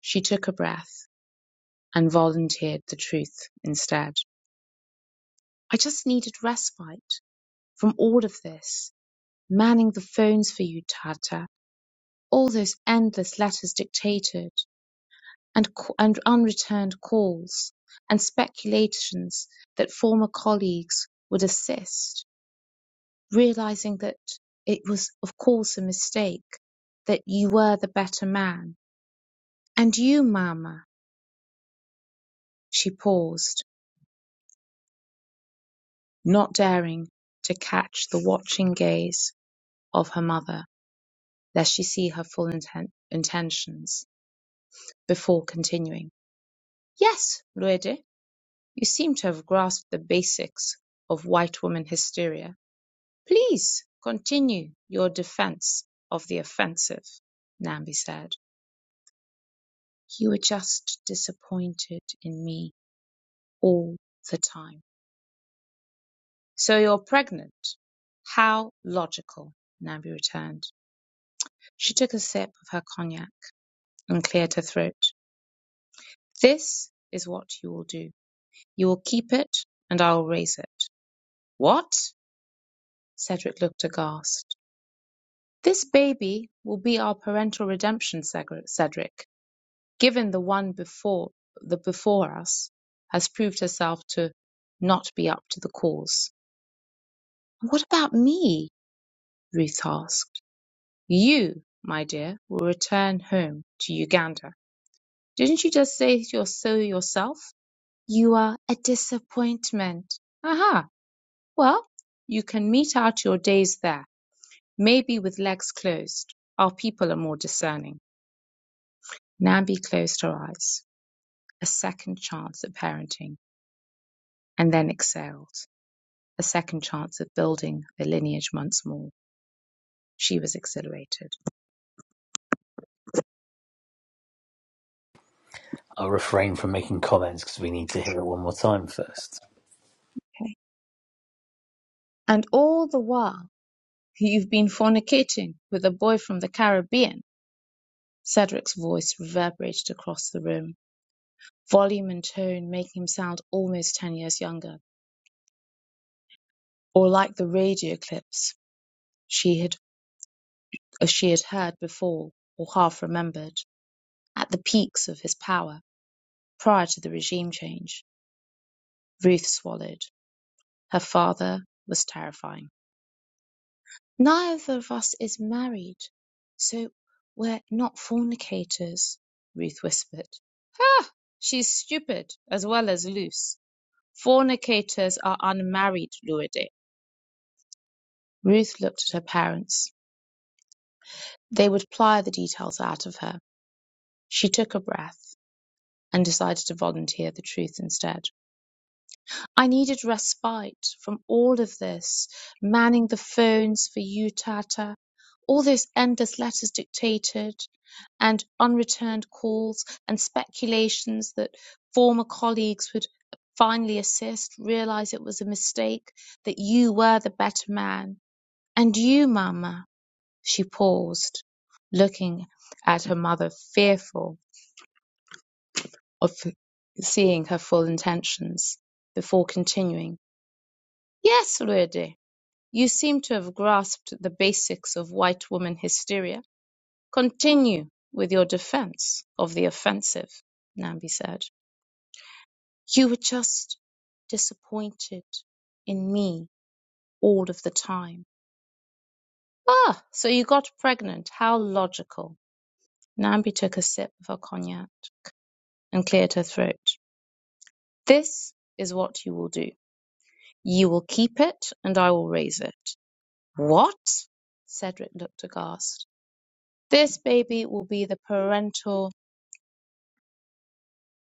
She took a breath and volunteered the truth instead. I just needed respite from all of this. Manning the phones for you, Tata. All those endless letters dictated. and and unreturned calls, and speculations that former colleagues would assist, realizing that it was, of course, a mistake, that you were the better man. And you, mamma, she paused, not daring to catch the watching gaze of her mother, lest she see her full inten- intentions, before continuing. Yes, Luede, you seem to have grasped the basics of white woman hysteria "Please continue your defense of the offensive," Nambi said. "You were just disappointed in me all the time." "So you're pregnant? How logical," Nambi returned. She took a sip of her cognac and cleared her throat. "This is what you will do. You will keep it and I will raise it." "What?" Cedric looked aghast. "This baby will be our parental redemption, Cedric. given the one before the before us has proved herself to not be up to the cause. What about me? Ruth asked. You, my dear, will return home to Uganda. Didn't you just say you're so yourself? You are a disappointment. Aha. Well, you can meet out your days there, maybe with legs closed. Our people are more discerning. Nambi closed her eyes. A second chance at parenting, and then exhaled. a second chance of building a lineage once more. She was exhilarated. I'll refrain from making comments because we need to hear it one more time first. And all the while, you've been fornicating with a boy from the Caribbean. Cedric's voice reverberated across the room, volume and tone making him sound almost ten years younger, or like the radio clips she had, uh, she had heard before or half remembered, at the peaks of his power prior to the regime change. Ruth swallowed. Her father was terrifying. Neither of us is married, so we're not fornicators, Ruth whispered. Ha! She's stupid as well as loose. Fornicators are unmarried, Luede. Ruth looked at her parents. They would ply the details out of her. She took a breath and decided to volunteer the truth instead. I needed respite from all of this, manning the phones for you, Tata, all those endless letters dictated, and unreturned calls and speculations that former colleagues would finally assist, realize it was a mistake, that you were the better man. And you, Mama, she paused, looking at her mother, fearful of seeing her full intentions, before continuing, Yes, Rudy. You seem to have grasped the basics of white woman hysteria. Continue with your defense of the offensive, Nambi said. You were just disappointed in me all of the time. Ah, so you got pregnant. How logical. Nambi took a sip of her cognac and cleared her throat. This is what you will do. You will keep it and I will raise it. What? Cedric looked aghast. This baby will be the parental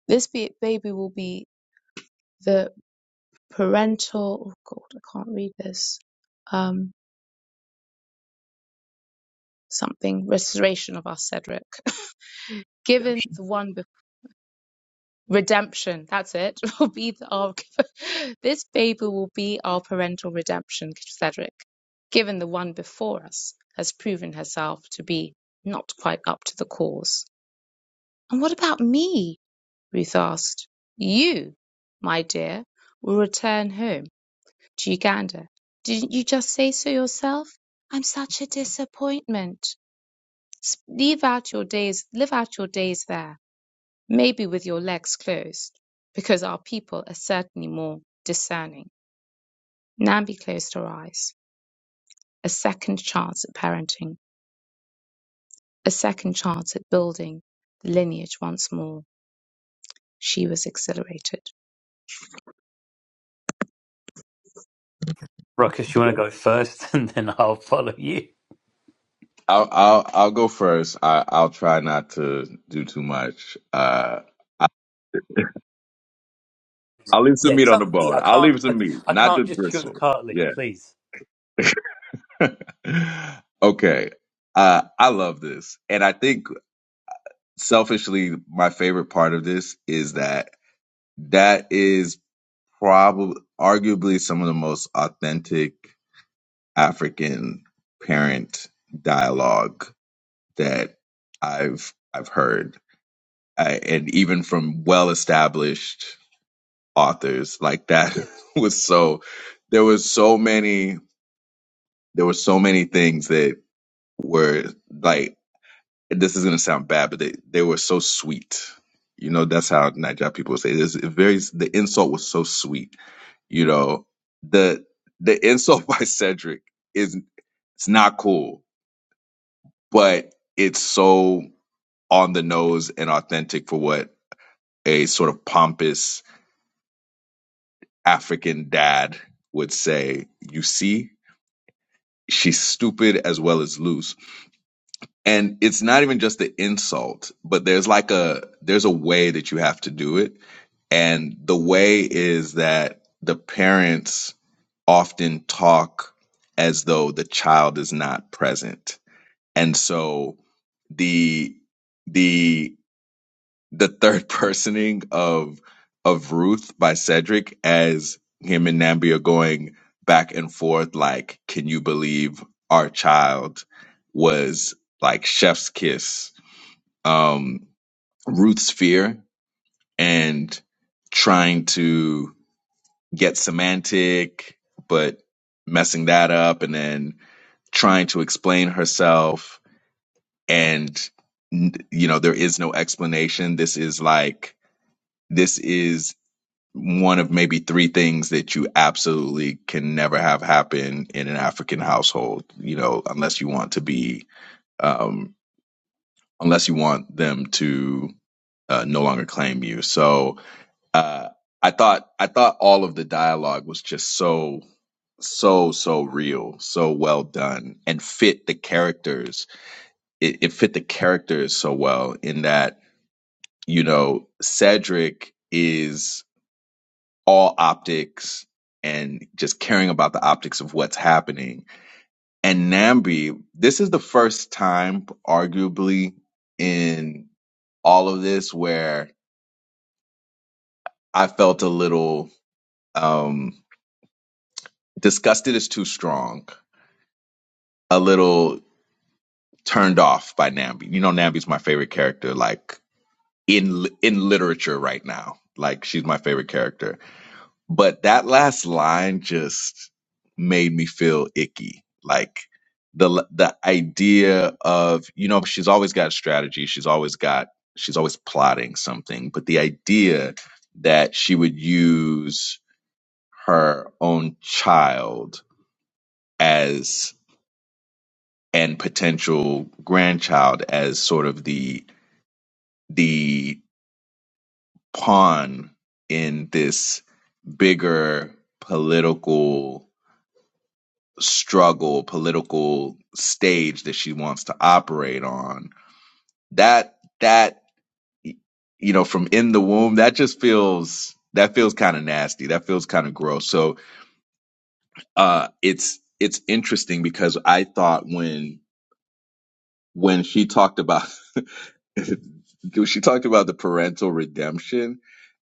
this be, baby will be the parental oh god, I can't read this. Um something restoration of our Cedric. [laughs] Given Redemption. the one bef- redemption, that's it. [laughs] Will be the, our [laughs] this baby will be our parental redemption, Cedric. Given the one before us has proven herself to be not quite up to the cause. And what about me? Ruth asked. "You, my dear, will return home to Uganda. Didn't you just say so yourself? I'm such a disappointment. S- Leave out your days, live out your days there, maybe with your legs closed, because our people are certainly more discerning." Nambi closed her eyes. A second chance at parenting, a second chance at building the lineage once more. She was exhilarated. Ruckus, you want to go first, [laughs] and then I'll follow you. I'll I'll I'll go first. I I'll try not to do too much. Uh, I, I'll leave some Yeah, meat on the tell me. bone. I I'll can't. leave I, some meat, I not can't just just chew on the bristle. cartilage, Yeah. please. [laughs] okay. Uh, I love this, and I think selfishly, my favorite part of this is that that is probably arguably some of the most authentic African parent dialogue that I've I've heard, I, and even from well-established authors like that [laughs] was so. There was so many. There were so many things that were like. This is gonna sound bad, but they, they were so sweet. You know, that's how Nigerian people say this. It very the insult was so sweet. You know, the the [laughs] insult by Cedric is it's not cool, but it's so on the nose and authentic for what a sort of pompous African dad would say, You see, she's stupid as well as loose. And it's not even just the insult, but there's like a there's a way that you have to do it. And the way is that the parents often talk as though the child is not present. And so the the the third [laughs] personing of of Ruth by Cedric as him and Nambi are going back and forth like, can you believe our child was like chef's kiss? Um Ruth's fear and trying to get semantic, but messing that up and then trying to explain herself and n- you know there is no explanation this is like this is one of maybe three things that you absolutely can never have happen in an African household, you know, unless you want to be, um, unless you want them to uh, no longer claim you. So uh, I thought, I thought all of the dialogue was just so, so, so real, so well done, and fit the characters. It, it fit the characters so well in that, you know, Cedric is all optics and just caring about the optics of what's happening. And Nambi, this is the first time, arguably, in all of this where I felt a little um, disgusted is too strong, a little turned off by Nambi. You know, Nambi's my favorite character, like in in literature right now. Like she's my favorite character But that last line just made me feel icky. Like the the idea of, you know, she's always got a strategy, she's always got she's always plotting something, but the idea that she would use her own child as and potential grandchild as sort of the the pawn in this bigger political struggle political stage that she wants to operate on that that you know from in the womb that just feels that feels kind of nasty that feels kind of gross so uh it's it's interesting because i thought when when she talked about [laughs] she talked about the parental redemption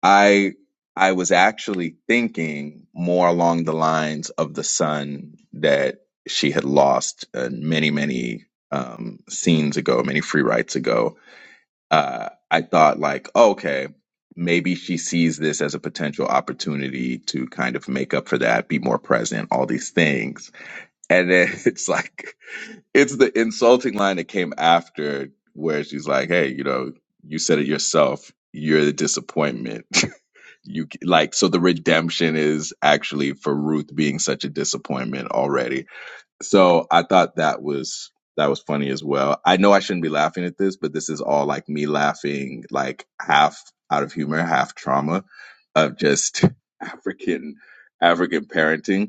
I I was actually thinking more along the lines of the son that she had lost uh, many many um, scenes ago, many free rights ago. Uh, I thought like, oh, okay, maybe she sees this as a potential opportunity to kind of make up for that, be more present, all these things. And then [laughs] it's like, it's the insulting line that came after where she's like, hey, you know, you said it yourself. You're the disappointment. [laughs] you like so the redemption is actually for Ruth being such a disappointment already. So I thought that was that was funny as well. I know I shouldn't be laughing at this, but this is all like me laughing like half out of humor, half trauma of just [laughs] African African parenting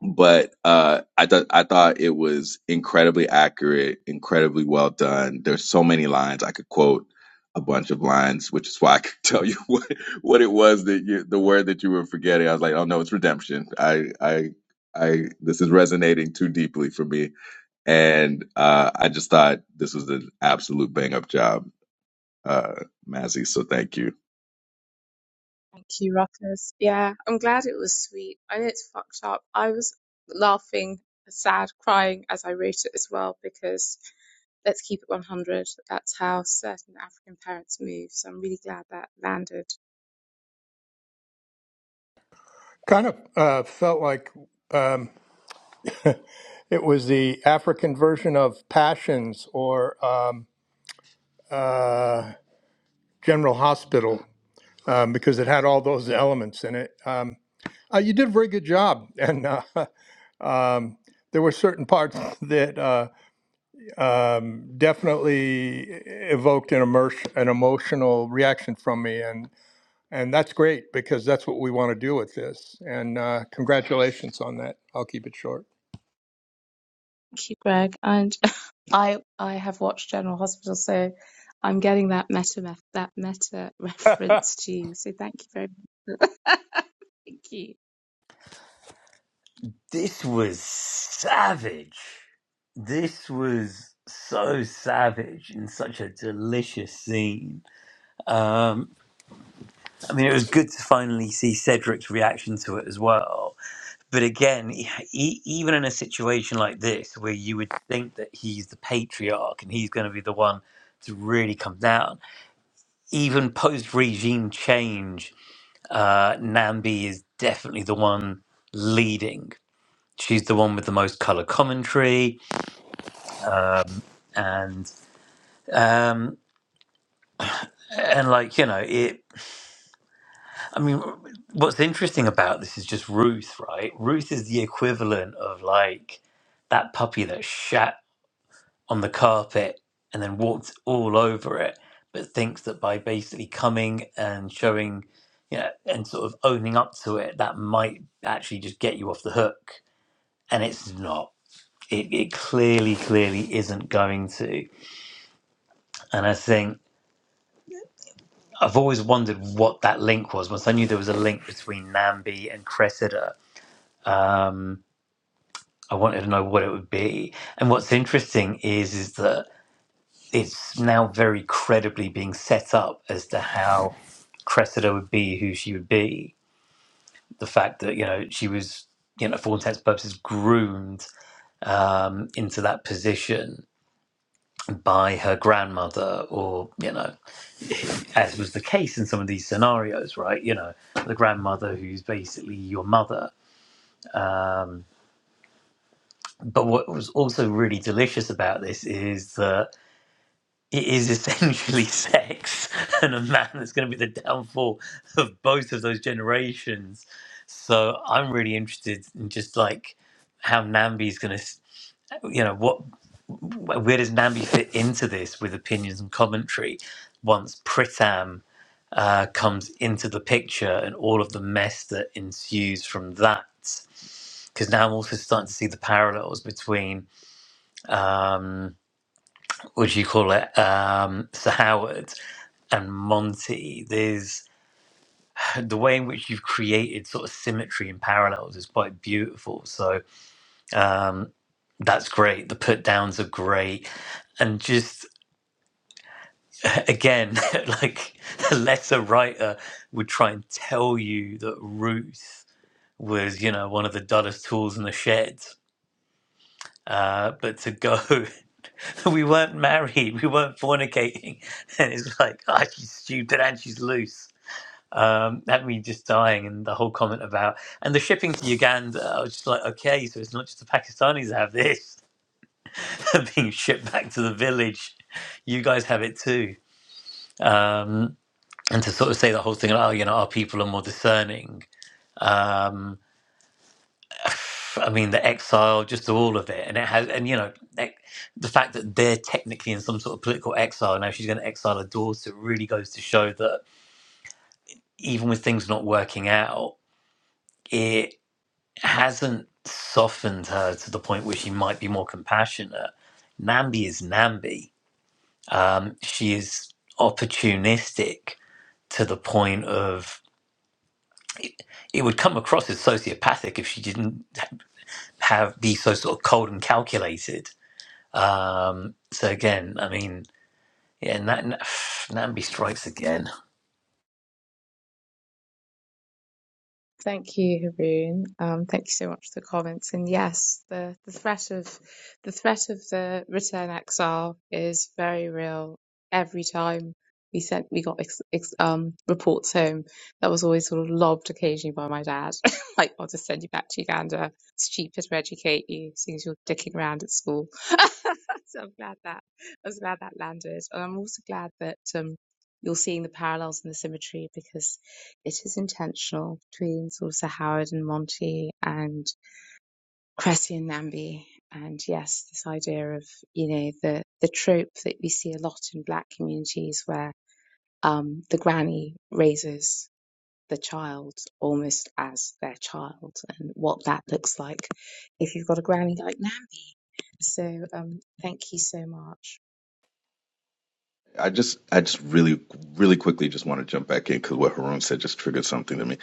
but uh, I thought I thought it was incredibly accurate, incredibly well done. There's so many lines I could quote a bunch of lines, which is why I could tell you [laughs] what what it was that you the word that you were forgetting. I was like, oh no, it's redemption. I I I this is resonating too deeply for me, and uh, I just thought this was an absolute bang up job, uh, Mazzy. So thank you. Thank you, Ruckus. Yeah, I'm glad it was sweet. I know it's fucked up. I was laughing, sad, crying as I wrote it as well because let's keep it 100. That's how certain African parents move. So I'm really glad that landed. Kind of uh, felt like um, it was the African version of Passions or um, General Hospital um, because it had all those elements in it. Um, uh, you did a very good job, and uh, [laughs] um, there were certain parts [laughs] that uh, um, definitely evoked an, immerse, an emotional reaction from me, and. And that's great because that's what we want to do with this. And uh, congratulations on that. I'll keep it short. Thank you, Greg. And [laughs] I I have watched General Hospital, so I'm getting that meta meth- that meta [laughs] [laughs] I, reference to you. So thank you very much. [laughs] thank you. This was savage. This was so savage and such a delicious scene. Um, I mean, it was good to finally see Cedric's reaction to it as well. But again, e- e- even in a situation like this, where you would think that he's the patriarch and he's going to be the one to really come down, even post regime change, uh, Nambi is definitely the one leading. She's the one with the most color commentary, and um, and like you know, it. I mean, what's interesting about this is just Ruth, right? Ruth is the equivalent of like that puppy that shat on the carpet and then walked all over it, but thinks that by basically coming and showing, you know, and sort of owning up to it, that might actually just get you off the hook. And it's not. It, it clearly, clearly isn't going to. And I think I've always wondered what that link was. Once I knew there was a link between Nambi and Cressida, um, I wanted to know what it would be. And what's interesting is, is that it's now very credibly being set up as to how Cressida would be who she would be. The fact that you know she was, you know, for all intents and purposes, groomed um, into that position by her grandmother, or you know, as was the case in some of these scenarios, right? You know, the grandmother who's basically your mother. Um, but what was also really delicious about this is that it is essentially [laughs] sex and a man that's going to be the downfall of both of those generations. So I'm really interested in just like how Nambi's going to, you know, what where does Nambi fit into this with opinions and commentary once Pritam uh, comes into the picture and all of the mess that ensues from that. Because now I'm also starting to see the parallels between um, what do you call it, um, Sir Howard and Monty, there's [laughs] the way in which you've created sort of symmetry and parallels is quite beautiful. So um, that's great. The put downs are great. And just again, [laughs] like the letter writer would try and tell you that Ruth was, you know, one of the dullest tools in the shed. Uh, but to go, [laughs] we weren't married, we weren't fornicating. [laughs] And it's like, ah, she's stupid and she's loose um, that me just dying and the whole comment about and the shipping to Uganda. I was just like, okay, so it's not just the Pakistanis that have this [laughs] being shipped back to the village. You guys have it too. Um, and to sort of say the whole thing, oh, you know, our people are more discerning. Um, [sighs] I mean, the exile, just all of it, and it has, and you know, like, the fact that they're technically in some sort of political exile now. She's going to exile her daughter. Really goes to show that even with things not working out. it. hasn't softened her to the point where she might be more compassionate. Nambi is Nambi. Um, she is opportunistic to the point of it would come across as sociopathic if she didn't have be so sort of cold and calculated. Um, so again, I mean, yeah, Na- Na- Nambi strikes again. Thank you, Haroon. Um, thank you so much for the comments. And yes, the, the threat of the threat of the return exile is very real. Every time we sent, we got ex, ex, um, reports home. That was always sort of lobbed occasionally by my dad, [laughs] like, "I'll just send you back to Uganda. It's cheaper to educate you, seeing as you're dicking around at school." [laughs] so I'm glad that I was glad that landed, and I'm also glad that um, you're seeing the parallels and the symmetry because. It is intentional between sort of Sir Howard and Monty and Cressy and Namby. And yes, this idea of, you know, the, the trope that we see a lot in black communities where um, the granny raises the child almost as their child and what that looks like if you've got a granny like Namby. So um, thank you so much, I just I just really really quickly just want to jump back in because what Haroon said just triggered something to me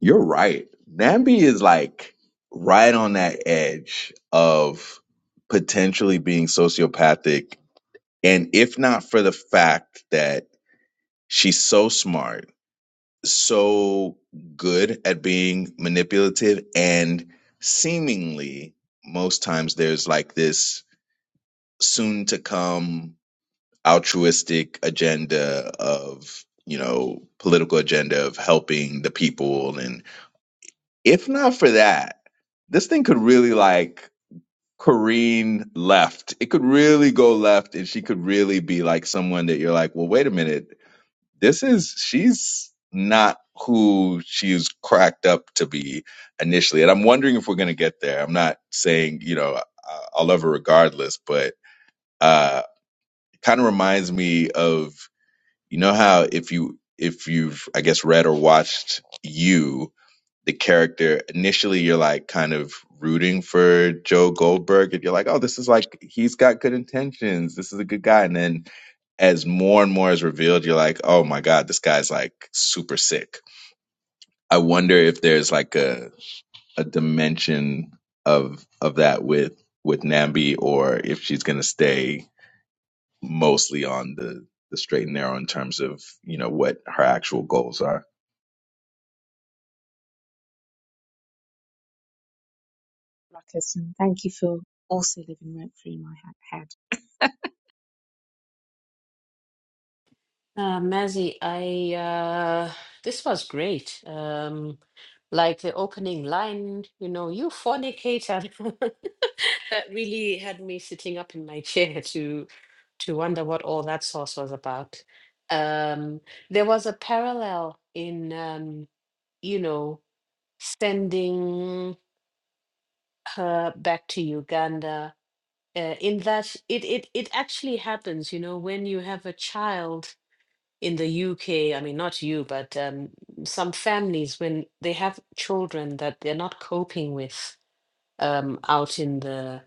You're right. Nambi is like right on that edge of potentially being sociopathic. And if not for the fact that she's so smart, so good at being manipulative, and seemingly most times there's like this soon to come altruistic agenda of, you know, political agenda of helping the people and. if not for that, this thing could really like careen left. It could really go left, and she could really be like someone that you're like, well, wait a minute, this is she's not who she's cracked up to be initially. And I'm wondering if we're gonna get there. I'm not saying you know I- I'll love her regardless, but uh, it kind of reminds me of you know how if you if you've I guess read or watched you the character initially you're like kind of rooting for Joe Goldberg and you're like, oh, this is like he's got good intentions. This is a good guy. And then as more and more is revealed, you're like, oh my God, this guy's like super sick. I wonder if there's like a a dimension of of that with with Nambi or if she's gonna stay mostly on the the straight and narrow in terms of, you know, what her actual goals are. Ruckus, and thank you for also living rent free in my head. uh Mazzy, i uh this was great um like the opening line you know you fornicator [laughs] that really had me sitting up in my chair to to wonder what all that sauce was about um there was a parallel in um you know sending her back to Uganda. Uh, in that, it, it it actually happens, you know, when you have a child in the UK. I mean, not you, but um, some families when they have children that they're not coping with um, out in the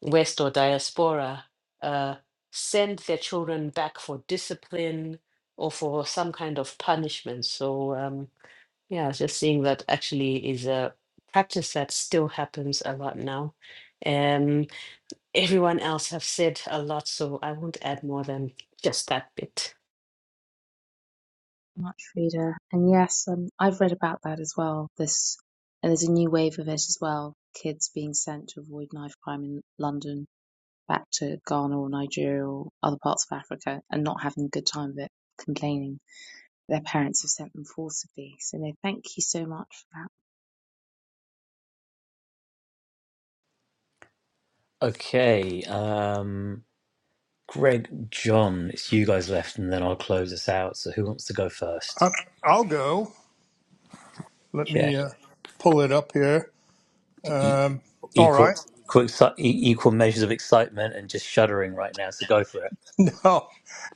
West or diaspora, uh, send their children back for discipline or for some kind of punishment. So um, yeah, just seeing that actually is a practice that still happens a lot now. Um, Everyone else have said a lot, so I won't add more than just that bit. much, Frida. And yes, um, I've read about that as well. This and there's a new wave of it as well. Kids being sent to avoid knife crime in London back to Ghana or Nigeria or other parts of Africa and not having a good time of it, complaining their parents have sent them forcibly. So no, thank you so much for that. Okay, um, Greg, John, it's you guys left, and then I'll close us out. So who wants to go first? I'll go. Let Okay. me uh, pull it up here. Um, all equal right. equal, exci- e- equal measures of excitement and just shuddering right now. So go for it. [laughs] No,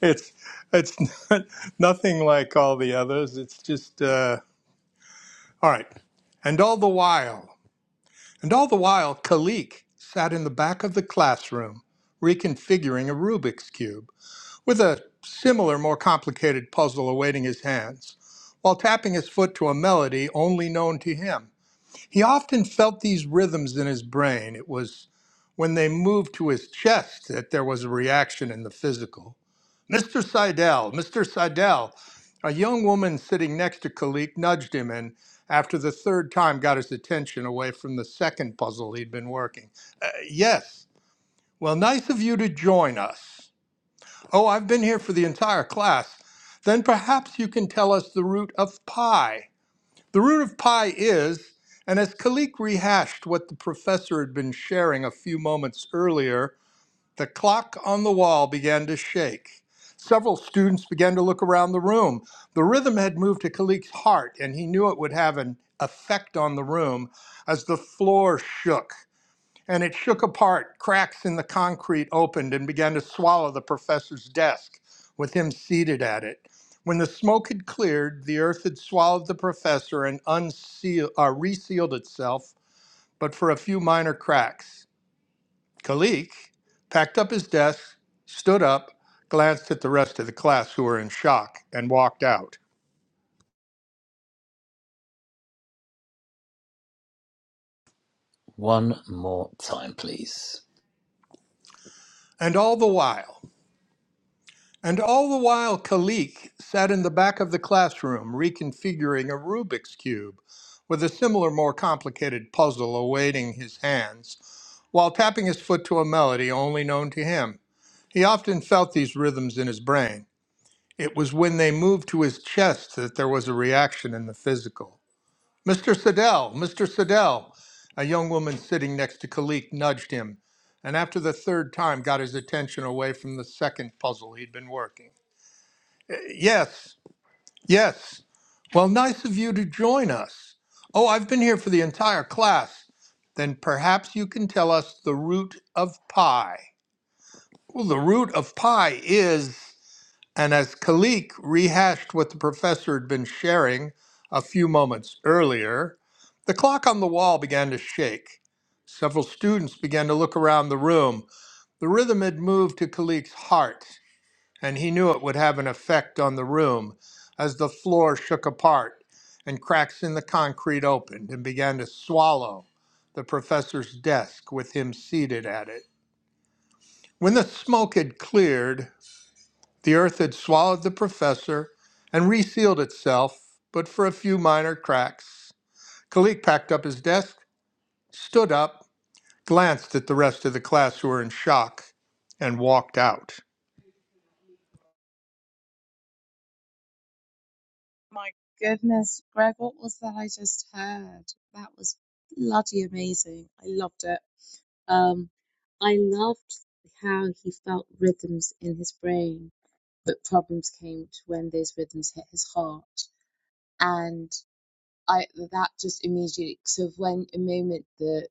it's it's not, nothing like all the others. It's just uh, all right. And all the while, and all the while, Kalik sat in the back of the classroom reconfiguring a Rubik's cube. with a similar, more complicated puzzle awaiting his hands, while tapping his foot to a melody only known to him. He often felt these rhythms in his brain. It was when they moved to his chest that there was a reaction in the physical. Mr. Seidel, Mr. Seidel. A young woman sitting next to Kalik nudged him and, after the third time, got his attention away from the second puzzle he'd been working. "Uh, yes. Well, nice of you to join us. Oh, I've been here for the entire class. Then perhaps you can tell us the root of pi. The root of pi is, and as Khalik rehashed what the professor had been sharing a few moments earlier, the clock on the wall began to shake. Several students began to look around the room. The rhythm had moved to Khalik's heart, and he knew it would have an effect on the room as the floor shook and it shook apart. Cracks in the concrete opened and began to swallow the professor's desk, with him seated at it. When the smoke had cleared, the earth had swallowed the professor and unseal, uh, resealed itself, but for a few minor cracks. Kalik packed up his desk, stood up, glanced at the rest of the class who were in shock, and walked out. One more time, please. And all the while, And all the while, Kalik sat in the back of the classroom reconfiguring a Rubik's Cube with a similar, more complicated puzzle awaiting his hands while tapping his foot to a melody only known to him. He often felt these rhythms in his brain. It was when they moved to his chest that there was a reaction in the physical. Mr. Siddell, Mr. Siddell, a young woman sitting next to Kalik nudged him, and after the third time got his attention away from the second puzzle he'd been working. Yes, yes. Well, nice of you to join us. Oh, I've been here for the entire class. Then perhaps you can tell us the root of pi. Well, the root of pi is, and as Kalik rehashed what the professor had been sharing a few moments earlier, the clock on the wall began to shake. Several students began to look around the room. The rhythm had moved to Kalik's heart and he knew it would have an effect on the room as the floor shook apart and cracks in the concrete opened and began to swallow the professor's desk with him seated at it. When the smoke had cleared, the earth had swallowed the professor and resealed itself, but for a few minor cracks. Kalik packed up his desk, stood up, glanced at the rest of the class who were in shock, and walked out. My goodness, Greg, what was that I just heard? That was bloody amazing. I loved it. Um, I loved how he felt rhythms in his brain, but problems came to when those rhythms hit his heart. And I that just immediately so when a moment that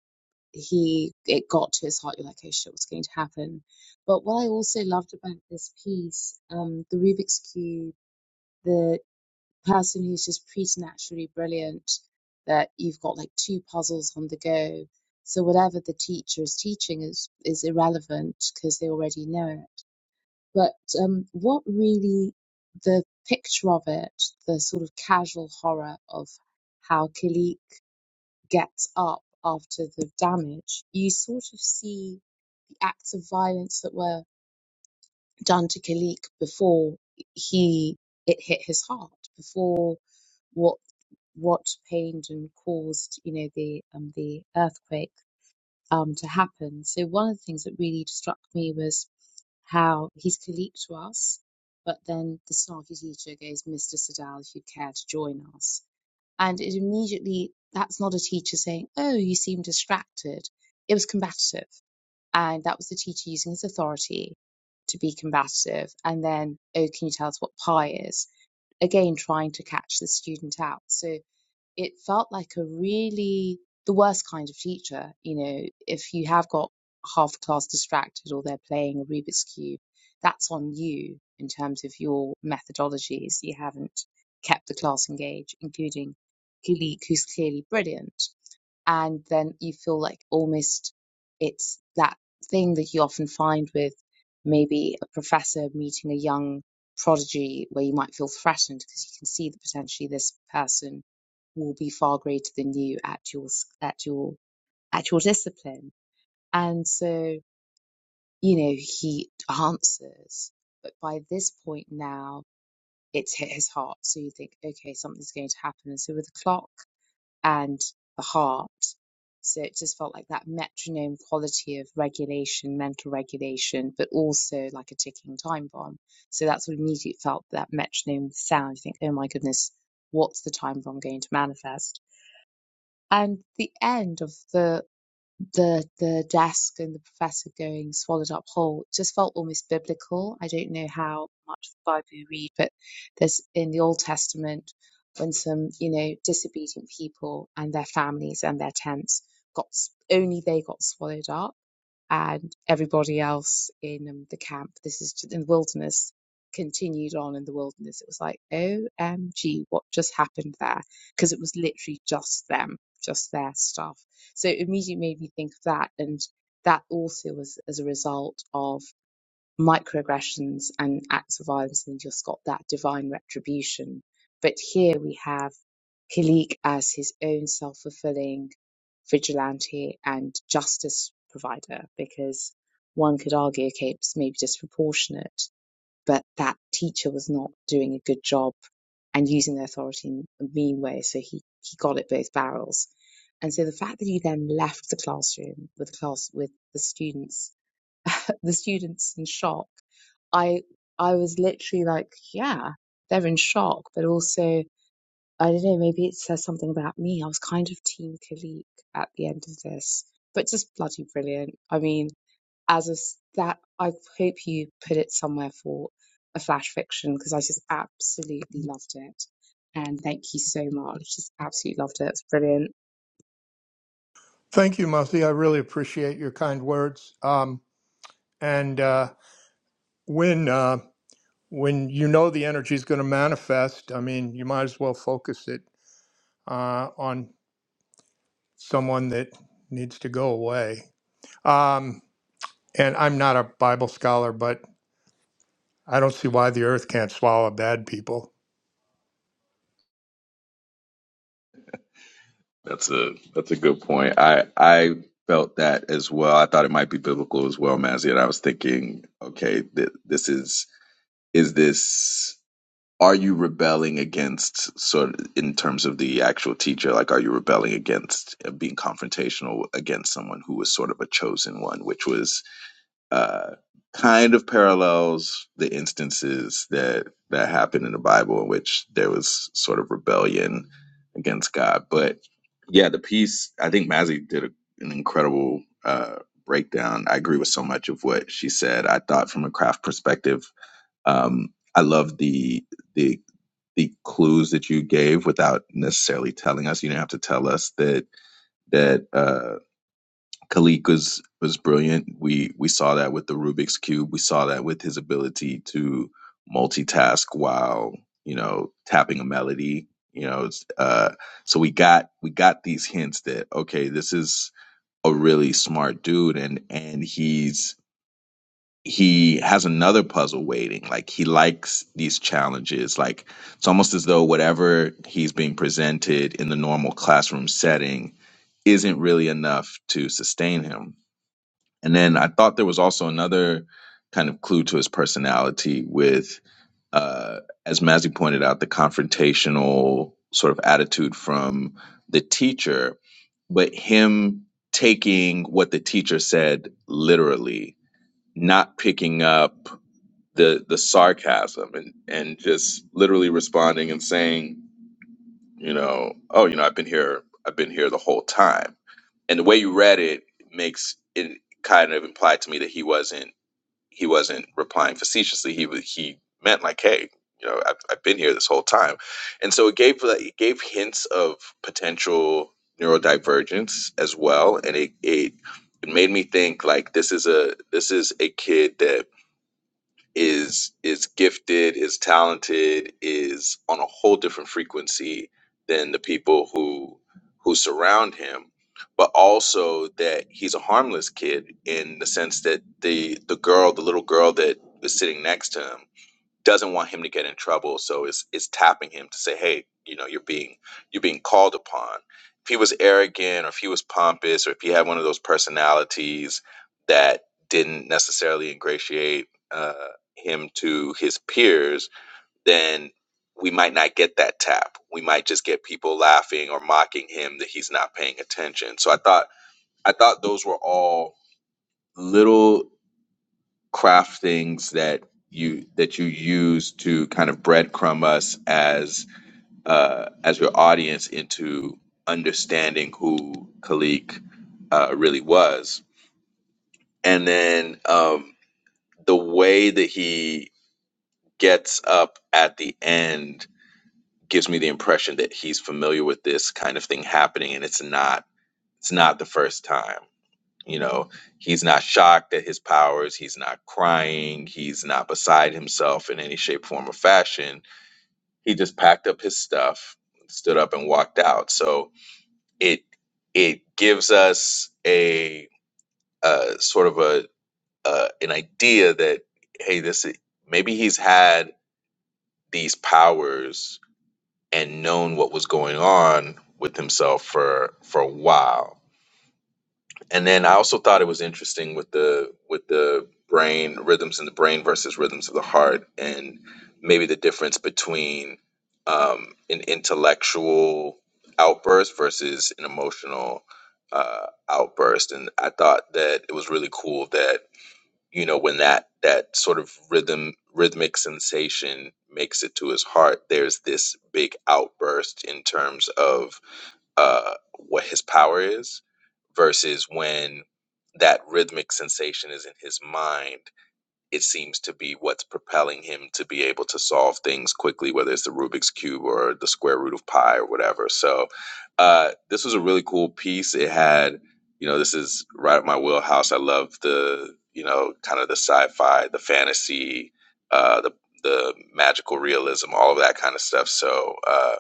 he it got to his heart, you're like, oh shit, what's going to happen? But what I also loved about this piece, um, the Rubik's Cube. the person who's just preternaturally brilliant that you've got like two puzzles on the go. So whatever the teacher is teaching is is irrelevant because they already know it. But um, what really the picture of it, the sort of casual horror of how Kilik gets up after the damage, you sort of see the acts of violence that were done to Kilik before he it hit his heart, before what what pained and caused, you know, the um, the earthquake um, to happen. So one of the things that really struck me was how he's colleague to us, but then the snarky teacher goes, "Mr. Sadal, if you care to join us," and it immediately that's not a teacher saying, "Oh, you seem distracted." It was combative, and that was the teacher using his authority to be combative, and then, "Oh, can you tell us what pi is?" Again, trying to catch the student out. So it felt like a really the worst kind of teacher. You know, if you have got half the class distracted or they're playing a Rubik's Cube, that's on you in terms of your methodologies. You haven't kept the class engaged, including Kulik, who's clearly brilliant and then you feel like almost it's that thing that you often find with maybe a professor meeting a young prodigy where you might feel threatened because you can see that potentially this person will be far greater than you at your at your at your discipline and so you know he answers but by this point now it's hit his heart so you think okay something's going to happen and so with the clock and the heart. So it just felt like that metronome quality of regulation, mental regulation, but also like a ticking time bomb. So that's what immediately felt that metronome sound. You think, oh my goodness, what's the time bomb going to manifest? And the end of the the the desk and the professor going swallowed up whole just felt almost biblical. I don't know how much of the Bible you read, but there's in the Old Testament when some you know disobedient people and their families and their tents got only they got swallowed up and everybody else in um, the camp, this is in the wilderness, continued on in the wilderness. It was like, OMG, what just happened there? Because it was literally just them, just their stuff. So it immediately made me think of that. And that also was as a result of microaggressions and acts of violence. And you just got that divine retribution. But here we have Kulik as his own self-fulfilling vigilante and justice provider because one could argue, okay, it's maybe disproportionate, but that teacher was not doing a good job and using their authority in a mean way, so he, he got it both barrels. And so the fact that he then left the classroom with the class with the students, [laughs] the students in shock, I I was literally like, yeah, they're in shock, but also I don't know, maybe it says something about me. I was kind of Team Khalik at the end of this, but just bloody brilliant. I mean, as a s- that, I hope you put it somewhere for a flash fiction because I just absolutely loved it. And thank you so much. Just absolutely loved it. It's brilliant. Thank you, Mussy. I really appreciate your kind words. Um, And uh, when uh, when you know the energy is going to manifest, I mean, you might as well focus it uh, on someone that needs to go away. Um, and I'm not a Bible scholar, but I don't see why the earth can't swallow bad people. That's a that's a good point. I I felt that as well. I thought it might be biblical as well, Mazzy, and I was thinking, okay, th- this is is this are you rebelling against sort of in terms of the actual teacher like are you rebelling against uh, being confrontational against someone who was sort of a chosen one which was uh, kind of parallels the instances that that happen in the Bible in which there was sort of rebellion against God. But yeah, the piece I think Mazzy did a, an incredible uh, breakdown. I agree with so much of what she said. I thought from a craft perspective, um, I love the the the clues that you gave without necessarily telling us. You didn't have to tell us that that. Uh, Khalik was was brilliant. We we saw that with the Rubik's cube. We saw that with his ability to multitask while you know tapping a melody. You know, it's, uh, so we got we got these hints that okay, this is a really smart dude, and and he's he has another puzzle waiting. Like he likes these challenges. Like it's almost as though whatever he's being presented in the normal classroom setting isn't really enough to sustain him and then I thought there was also another kind of clue to his personality with, uh, as Mazzy pointed out, the confrontational sort of attitude from the teacher, but him taking what the teacher said literally, not picking up the the sarcasm and, and just literally responding and saying, you know, oh, you know, I've been here, I've been here the whole time. And the way you read it makes it kind of implied to me that he wasn't he wasn't replying facetiously. He wa- he meant like, hey, you know, I've, I've been here this whole time, and so it gave like, it gave hints of potential neurodivergence as well, and it it it made me think like this is a this is a kid that is is gifted, is talented, is on a whole different frequency than the people who who surround him, but also that he's a harmless kid in the sense that the the girl, the little girl that was sitting next to him doesn't want him to get in trouble so is is tapping him to say hey you know you're being you're being called upon if he was arrogant or if he was pompous or if he had one of those personalities that didn't necessarily ingratiate uh, him to his peers then we might not get that tap we might just get people laughing or mocking him that he's not paying attention so i thought i thought those were all little craft things that you that you use to kind of breadcrumb us as uh, as your audience into understanding who Khalik uh, really was, and then um, the way that he gets up at the end gives me the impression that he's familiar with this kind of thing happening, and it's not it's not the first time. You know, he's not shocked at his powers. He's not crying. He's not beside himself in any shape, form, or fashion. He just packed up his stuff, stood up, and walked out. So it it gives us a, uh sort of a uh, an idea that hey, this i- maybe he's had these powers and known what was going on with himself for for a while And then I also thought it was interesting with the with the brain rhythms in the brain versus rhythms of the heart, and maybe the difference between um, an intellectual outburst versus an emotional uh, outburst. And I thought that it was really cool that you know when that that sort of rhythm rhythmic sensation makes it to his heart, there's this big outburst in terms of uh, what his power is versus when that rhythmic sensation is in his mind it seems to be what's propelling him to be able to solve things quickly whether it's the rubik's cube or the square root of pi or whatever so uh, this was a really cool piece it had you know this is right up my wheelhouse i love the you know kind of the sci-fi the fantasy uh, the the magical realism all of that kind of stuff so uh,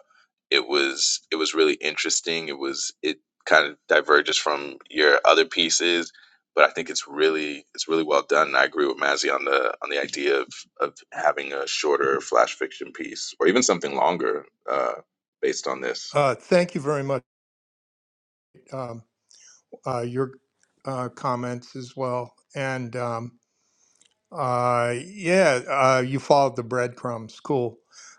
it was it was really interesting. It was it kind of diverges from your other pieces, but I think it's really it's really well done. And I agree with Mazzy on the on the idea of of having a shorter flash fiction piece or even something longer uh, based on this. Uh, thank you very much. Um, uh, your uh, comments as well, and um, uh, yeah, uh, you followed the breadcrumbs. Cool,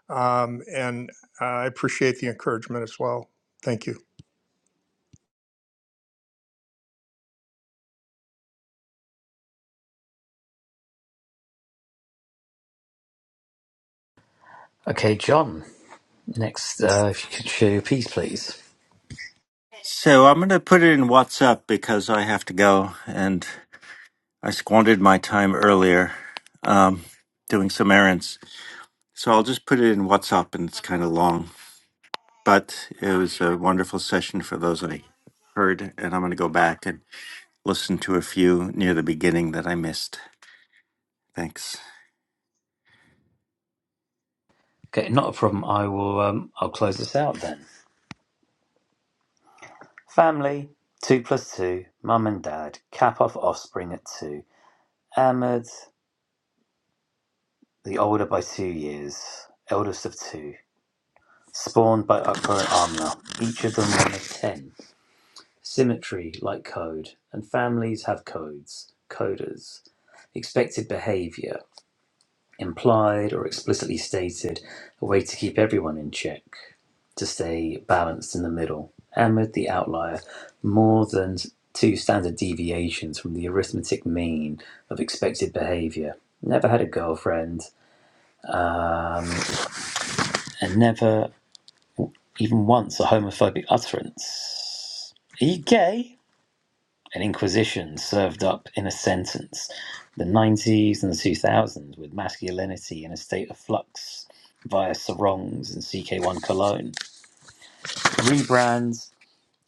um, and I appreciate the encouragement as well. Thank you. Okay, John. Next, uh, if you could share your piece, please. So I'm going to put it in WhatsApp because I have to go and I squandered my time earlier um, doing some errands. So I'll just put it in WhatsApp and it's kind of long, but it was a wonderful session for those I heard. And I'm going to go back and listen to a few near the beginning that I missed. Thanks. Okay, not a problem. I will. Um, I'll close this out then. Family two plus two. Mum and dad cap off offspring at two. Ahmed, the older by two years, eldest of two, spawned by Akbar and Amna. Each of them one of ten. Symmetry, like code, and families have codes, coders, expected behavior, implied or explicitly stated, a way to keep everyone in check, to stay balanced in the middle, and with the outlier, more than two standard deviations from the arithmetic mean of expected behavior. Never had a girlfriend, and never even once a homophobic utterance. Are you gay? an inquisition served up in a sentence. The 90s and the 2000s with masculinity in a state of flux via sarongs and CK1 cologne. Rebrands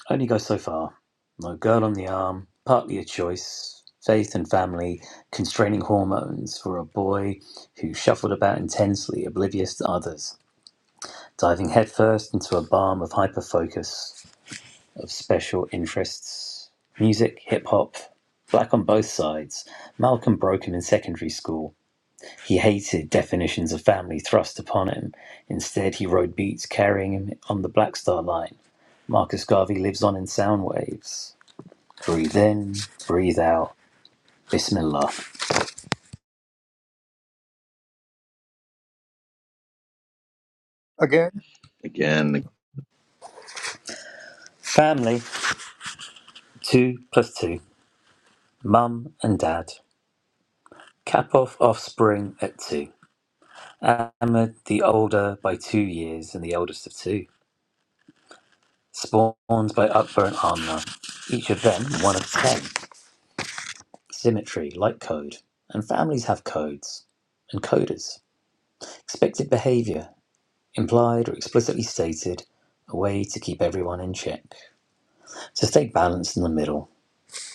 only go so far. No girl on the arm, partly a choice. Faith and family, constraining hormones for a boy who shuffled about intensely, oblivious to others, diving headfirst into a balm of hyperfocus of special interests music, hip hop, black on both sides. Malcolm broke him in secondary school. He hated definitions of family thrust upon him. Instead, he rode beats carrying him on the Black Star Line. Marcus Garvey lives on in sound waves. Breathe in, breathe out. Bismillah. again. Again, Family, two plus two. Mum and dad. Cap off offspring at two. Ahmed, the older by two years and the oldest of two. Spawns by upburnt armor. Each of them one of ten. Symmetry, like code. And families have codes. And coders. Expected behavior, implied or explicitly stated, a way to keep everyone in check. So stay balanced in the middle.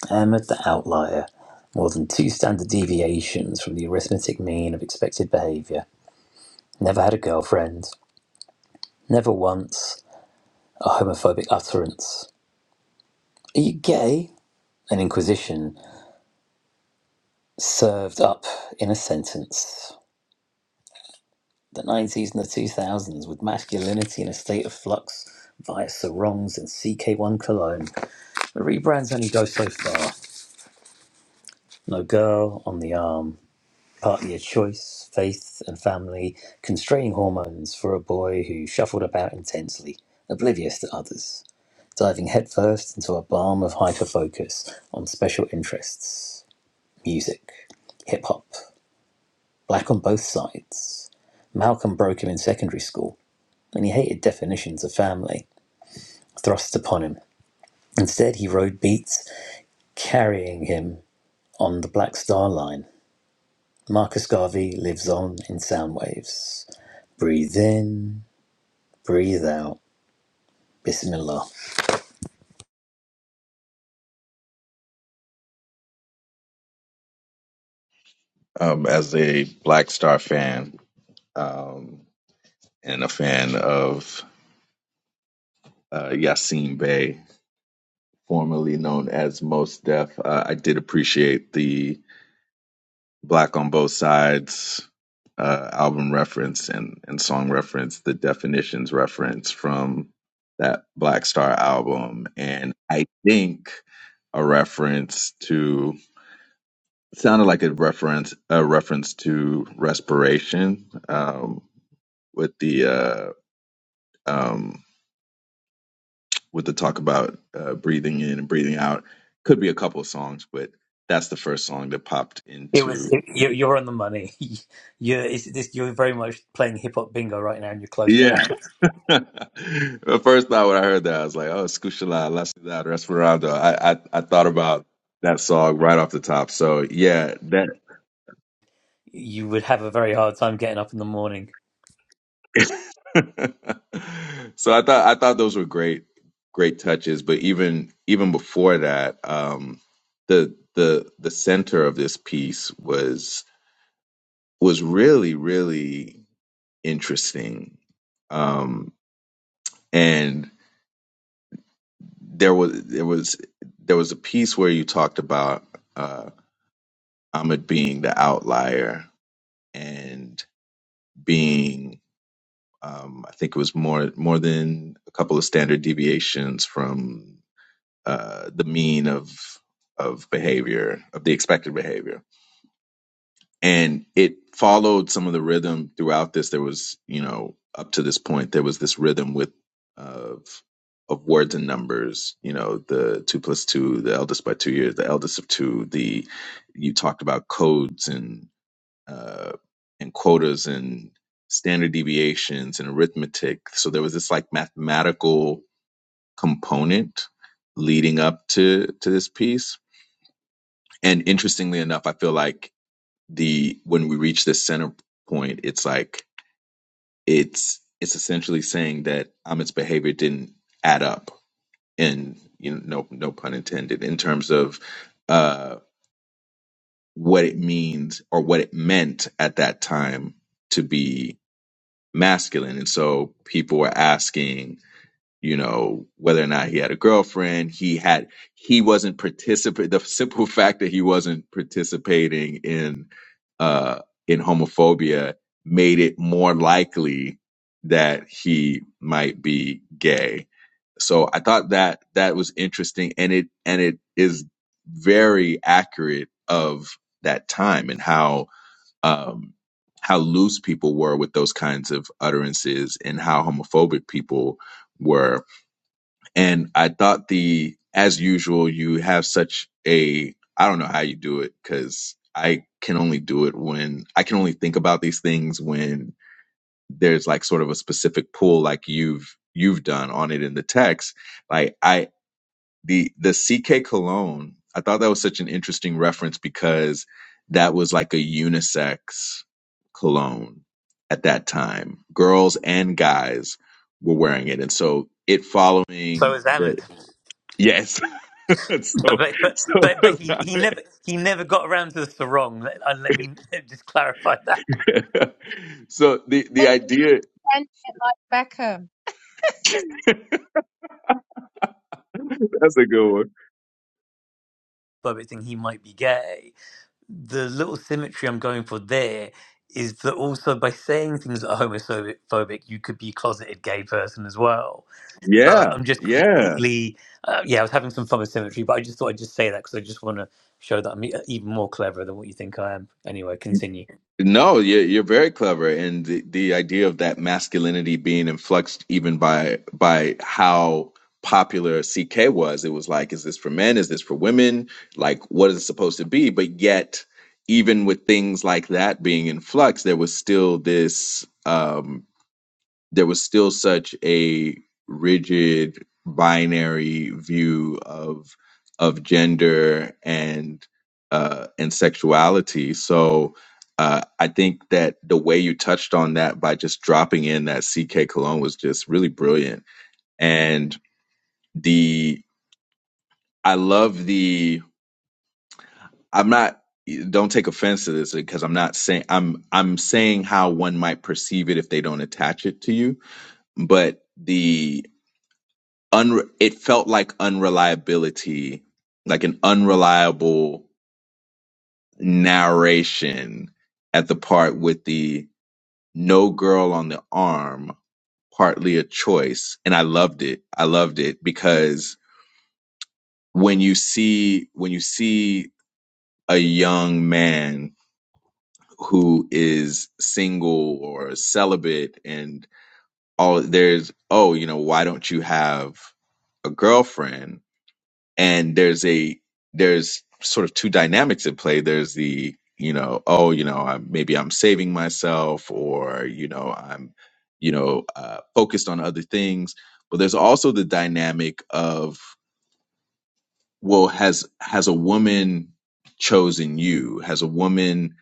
Ahmed the outlier. More than two standard deviations from the arithmetic mean of expected behavior. Never had a girlfriend. Never once a homophobic utterance. Are you gay? An inquisition served up in a sentence. The 90s and the 2000s, with masculinity in a state of flux via sarongs and CK1 cologne. The rebrands only go so far. No girl on the arm, partly a choice, faith and family, constraining hormones for a boy who shuffled about intensely, oblivious to others, diving headfirst into a balm of hyperfocus on special interests music, hip hop. black on both sides. Malcolm broke him in secondary school, and he hated definitions of family thrust upon him. Instead, he rode Beats, carrying him on the Black Star Line. Marcus Garvey lives on in sound waves. Breathe in, breathe out. Bismillah. um, as a Black Star fan um, and a fan of uh, Yassine Bey, formerly known as Most Def, uh, I did appreciate the. Black on Both Sides uh, album reference and, and song reference, the definitions reference from that Black Star album. And I think a reference to sounded like a reference a reference to respiration um, with the uh, um, with the talk about uh, breathing in and breathing out could be a couple of songs but that's the first song that popped It was into it, you- you're on the money. [laughs] You're it's, this, you're very much playing hip hop bingo right now, and you're close to yeah. hell. [laughs] The first time when I heard that, I was like, "Oh, Escuchala, La Ciudad, Respirando." I, I I thought about that song right off the top. So yeah, that. You would have a very hard time getting up in the morning. [laughs] so I thought I thought those were great, great touches. But even even before that, um, the the the center of this piece was was really really interesting, um, and there was there was there was a piece where you talked about. uh, Ahmed being the outlier and being, um, I think it was more more than a couple of standard deviations from uh, the mean of of behavior of the expected behavior, and it followed some of the rhythm throughout this. There was, you know, up to this point, there was this rhythm with of of words and numbers, you know, the two plus two, the eldest by two years, the eldest of two, the you talked about codes and uh, and quotas and standard deviations and arithmetic. So there was this like mathematical component leading up to to this piece. And interestingly enough, I feel like the when we reach this center point, it's like it's it's essentially saying that Ahmed's behavior didn't add up, and you know, no no pun intended, in terms of uh, what it means or what it meant at that time to be masculine. And so people were asking, you know, whether or not he had a girlfriend. He had, he wasn't participating. The simple [laughs] fact that he wasn't participating in, uh, in homophobia made it more likely that he might be gay. So I thought that that was interesting and it, and it is very accurate of that time and how um, how loose people were with those kinds of utterances and how homophobic people were. And I thought the, as usual, you have such a, I don't know how you do it because I can only do it when I can only think about these things when there's like sort of a specific pull like you've you've done on it in the text. Like I the the CK cologne. I thought that was such an interesting reference because that was like a unisex cologne at that time. Girls and guys were wearing it, and so it So following is the Ahmed. yes. [laughs] But so but but so but, but he, he never he never got around to the sarong. Let, uh, let me [laughs] just clarify that. [laughs] so the the idea [laughs] that's a good one. By it saying he might be gay, the little symmetry I'm going for there is that also by saying things that are homophobic, you could be a closeted gay person as well. So Yeah, I'm just yeah. completely uh, yeah. I was having some fun with symmetry, but I just thought I'd just say that because I just want to show that I'm e- uh, even more clever than what you think I am. Anyway, continue. No, you're you're very clever, and the, the idea of that masculinity being influxed even by by how popular CK was. It was like, is this for men? Is this for women? Like, what is it supposed to be? But yet, even with things like that being in flux, there was still this. um, there was still such a rigid binary view of of gender and uh, and sexuality. So uh, I think that the way you touched on that by just dropping in that CK Cologne was just really brilliant. And the I love the I'm not don't take offense to this because I'm not saying I'm I'm saying how one might perceive it if they don't attach it to you but the unre- it felt like unreliability, like an unreliable narration at the part with the no girl on the arm, partly a choice. And I loved it. I loved it because when you see, when you see a young man who is single or celibate and all there's, oh, you know, why don't you have a girlfriend? and there's a there's sort of two dynamics at play there's the you know oh you know I'm, maybe i'm saving myself or you know i'm you know uh, focused on other things but there's also the dynamic of well has has a woman chosen you has a woman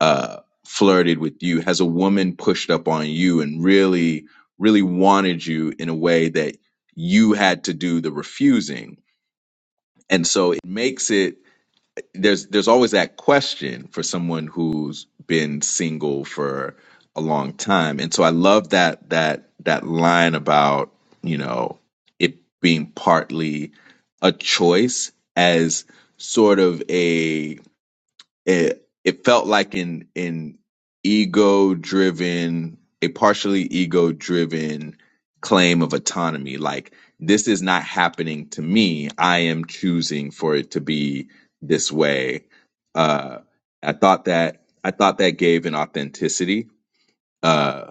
uh flirted with you has a woman pushed up on you and really really wanted you in a way that you had to do the refusing and so it makes it there's there's always that question for someone who's been single for a long time and so i love that that that line about you know it being partly a choice as sort of a it it felt like an an ego driven a partially ego driven claim of autonomy like this is not happening to me i am choosing for it to be this way uh i thought that i thought that gave an authenticity uh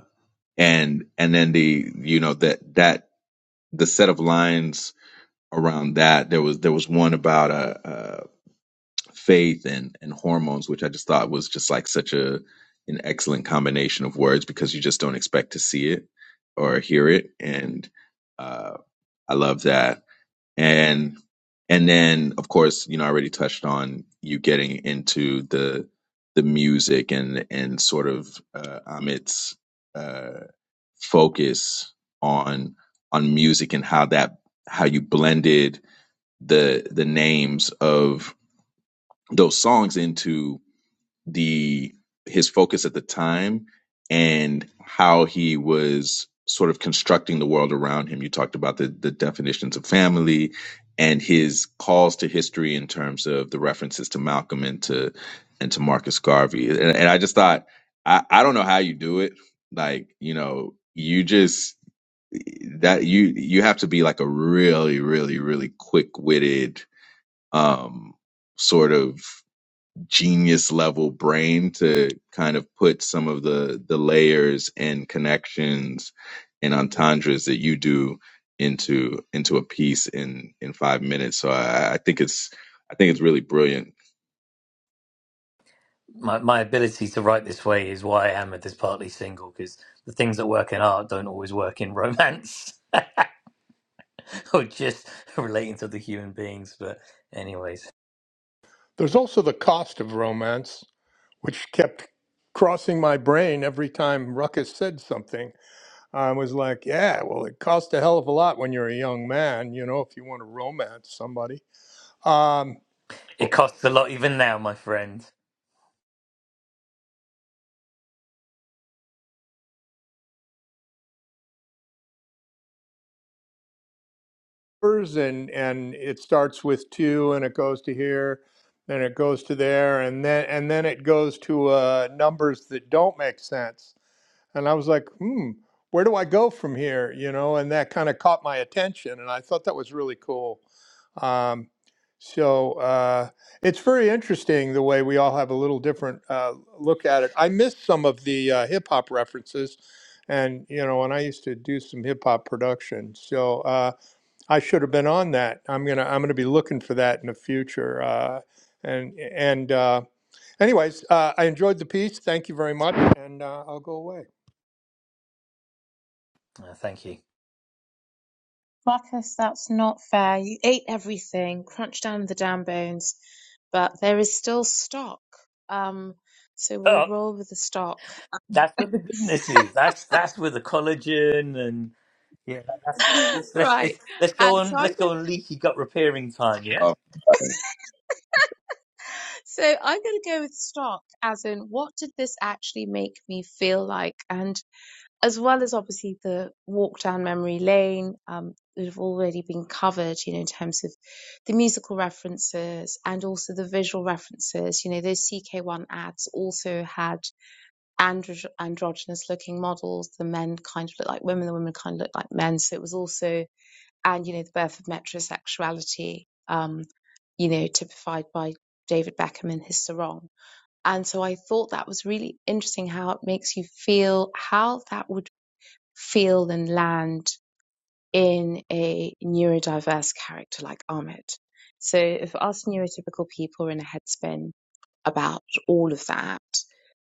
and and then the you know that that the set of lines around that there was there was one about faith and and hormones, which I just thought was just like such a an excellent combination of words because you just don't expect to see it or hear it, and uh, I love that. And and then of course, you know, I already touched on you getting into the the music and and sort of uh, Amit's uh, focus on on music and how that how you blended the the names of those songs into the his focus at the time and how he was sort of constructing the world around him. You talked about the the definitions of family and his calls to history in terms of the references to Malcolm and to and to Marcus Garvey. And, and I just thought, I, I don't know how you do it. Like, you know, you just that you you have to be like a really, really, really quick witted um sort of genius level brain to kind of put some of the the layers and connections and entendres that you do into into a piece in in five minutes. So I, I think it's I think it's really brilliant. my, my ability to write this way is why I am at this partly single because the things that work in art don't always work in romance [laughs] or just relating to the human beings. But, anyways, There's also the cost of romance, which kept crossing my brain every time Ruckus said something. I was like, yeah, well, it costs a hell of a lot when you're a young man, you know, if you want to romance somebody. Um, it costs a lot even now, my friend. hers and and it starts with two, and it goes to here, and it goes to there, and then and then it goes to uh, numbers that don't make sense and I was like, hmm, where do I go from here? You know, and that kind of caught my attention, and I thought that was really cool. Um, so uh, it's very interesting the way we all have a little different uh, look at it. I missed some of the uh, hip hop references, and you know, and I used to do some hip hop production, so uh, I should have been on that. I'm gonna I'm gonna be looking for that in the future. Uh, and and uh, anyways, uh, I enjoyed the piece. Thank you very much, and uh, I'll go away. Uh, thank you. Marcus, that's not fair. You ate everything, crunched down the damn bones, but there is still stock. Um, so we'll Oh, roll with the stock. that's where the goodness is. That's that's where the collagen and yeah. [laughs] That's let's let's right. let's, let's go And so on. I'm Let's go gonna, on leaky gut repairing time. Yeah. Oh, so I'm gonna go with stock as in what did this actually make me feel like? And as well as obviously the walk down memory lane um, that have already been covered, you know, in terms of the musical references and also the visual references. You know, those CK1 ads also had andro- androgynous looking models. The men kind of looked like women, the women kind of looked like men. So it was also, and, you know, the birth of metrosexuality, um, you know, typified by David Beckham in his sarong. And so I thought that was really interesting how it makes you feel how that would feel and land in a neurodiverse character like Ahmed. So if us neurotypical people are in a headspin about all of that,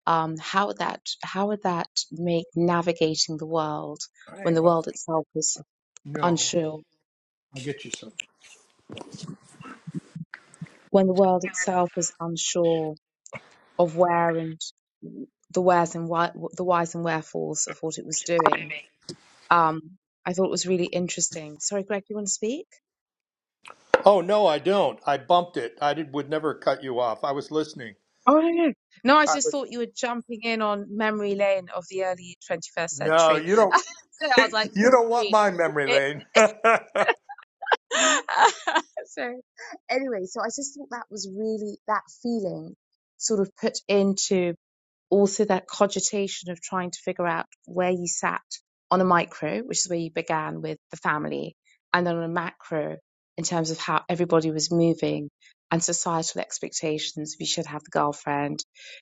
um, how would that how would that make navigating the world All when right, the bud. world itself is No, unsure, I'll get you some. when the world itself is unsure of where and the wheres and why, the whys and wherefores of what it was doing? Um, I thought it was really interesting. Sorry, Greg, you want to speak? Oh no, I don't. I bumped it. I did, would never cut you off. I was listening. Oh no, no. No, I I just was. thought you were jumping in on memory lane of the early 21st No, century. you don't. [laughs] so I was like, [laughs] you feel don't want free. my memory It, lane. [laughs] [laughs] so anyway, so I just thought that was really that feeling sort of put into also that cogitation of trying to figure out where you sat on a micro, which is where you began with the family, and then on a macro in terms of how everybody was moving and societal expectations. You should have the girlfriend.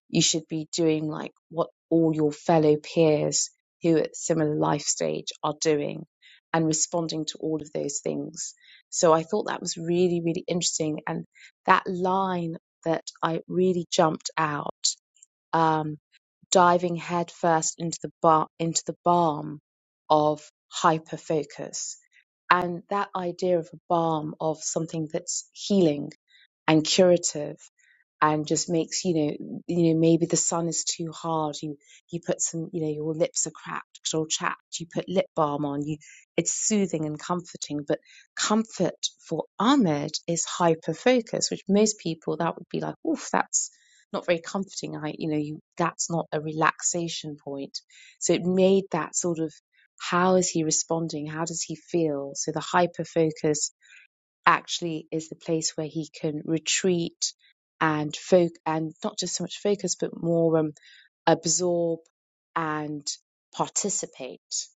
You should be doing like what all your fellow peers who at similar life stage are doing and responding to all of those things. So I thought that was really, really interesting. And that line that I really jumped out um, diving headfirst into the bar into the balm of hyperfocus and that idea of a balm of something that's healing and curative and just makes you know you know maybe the sun is too hard you you put some you know your lips are cracked or chapped you put lip balm on you it's soothing and comforting but comfort for ahmed is hyper focus which most people that would be like oof that's not very comforting i you know you that's not a relaxation point so it made that sort of how is he responding how does he feel so the hyper focus actually is the place where he can retreat and focus, and not just so much focus, but more um, absorb and participate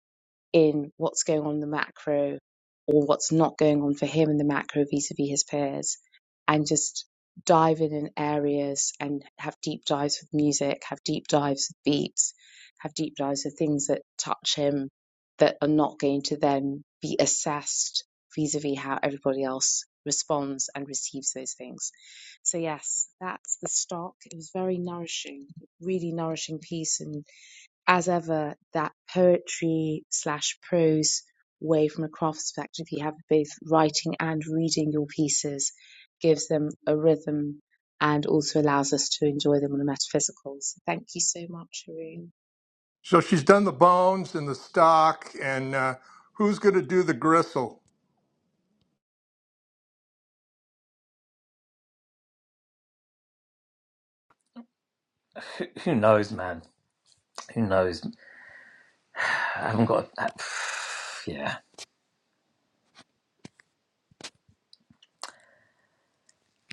in what's going on in the macro or what's not going on for him in the macro vis-a-vis his peers and just dive in in areas and have deep dives with music have deep dives with beats have deep dives with things that touch him that are not going to then be assessed vis-a-vis how everybody else responds and receives those things so yes that's the stock it was very nourishing really nourishing piece and as ever, that poetry slash prose way from a craft perspective, you have both writing and reading your pieces, gives them a rhythm and also allows us to enjoy them on a metaphysical. So thank you so much, Haroon. so she's done the bones and the stock, and uh, who's going to do the gristle? Who who knows, man? Who knows? I haven't got. [sighs] yeah.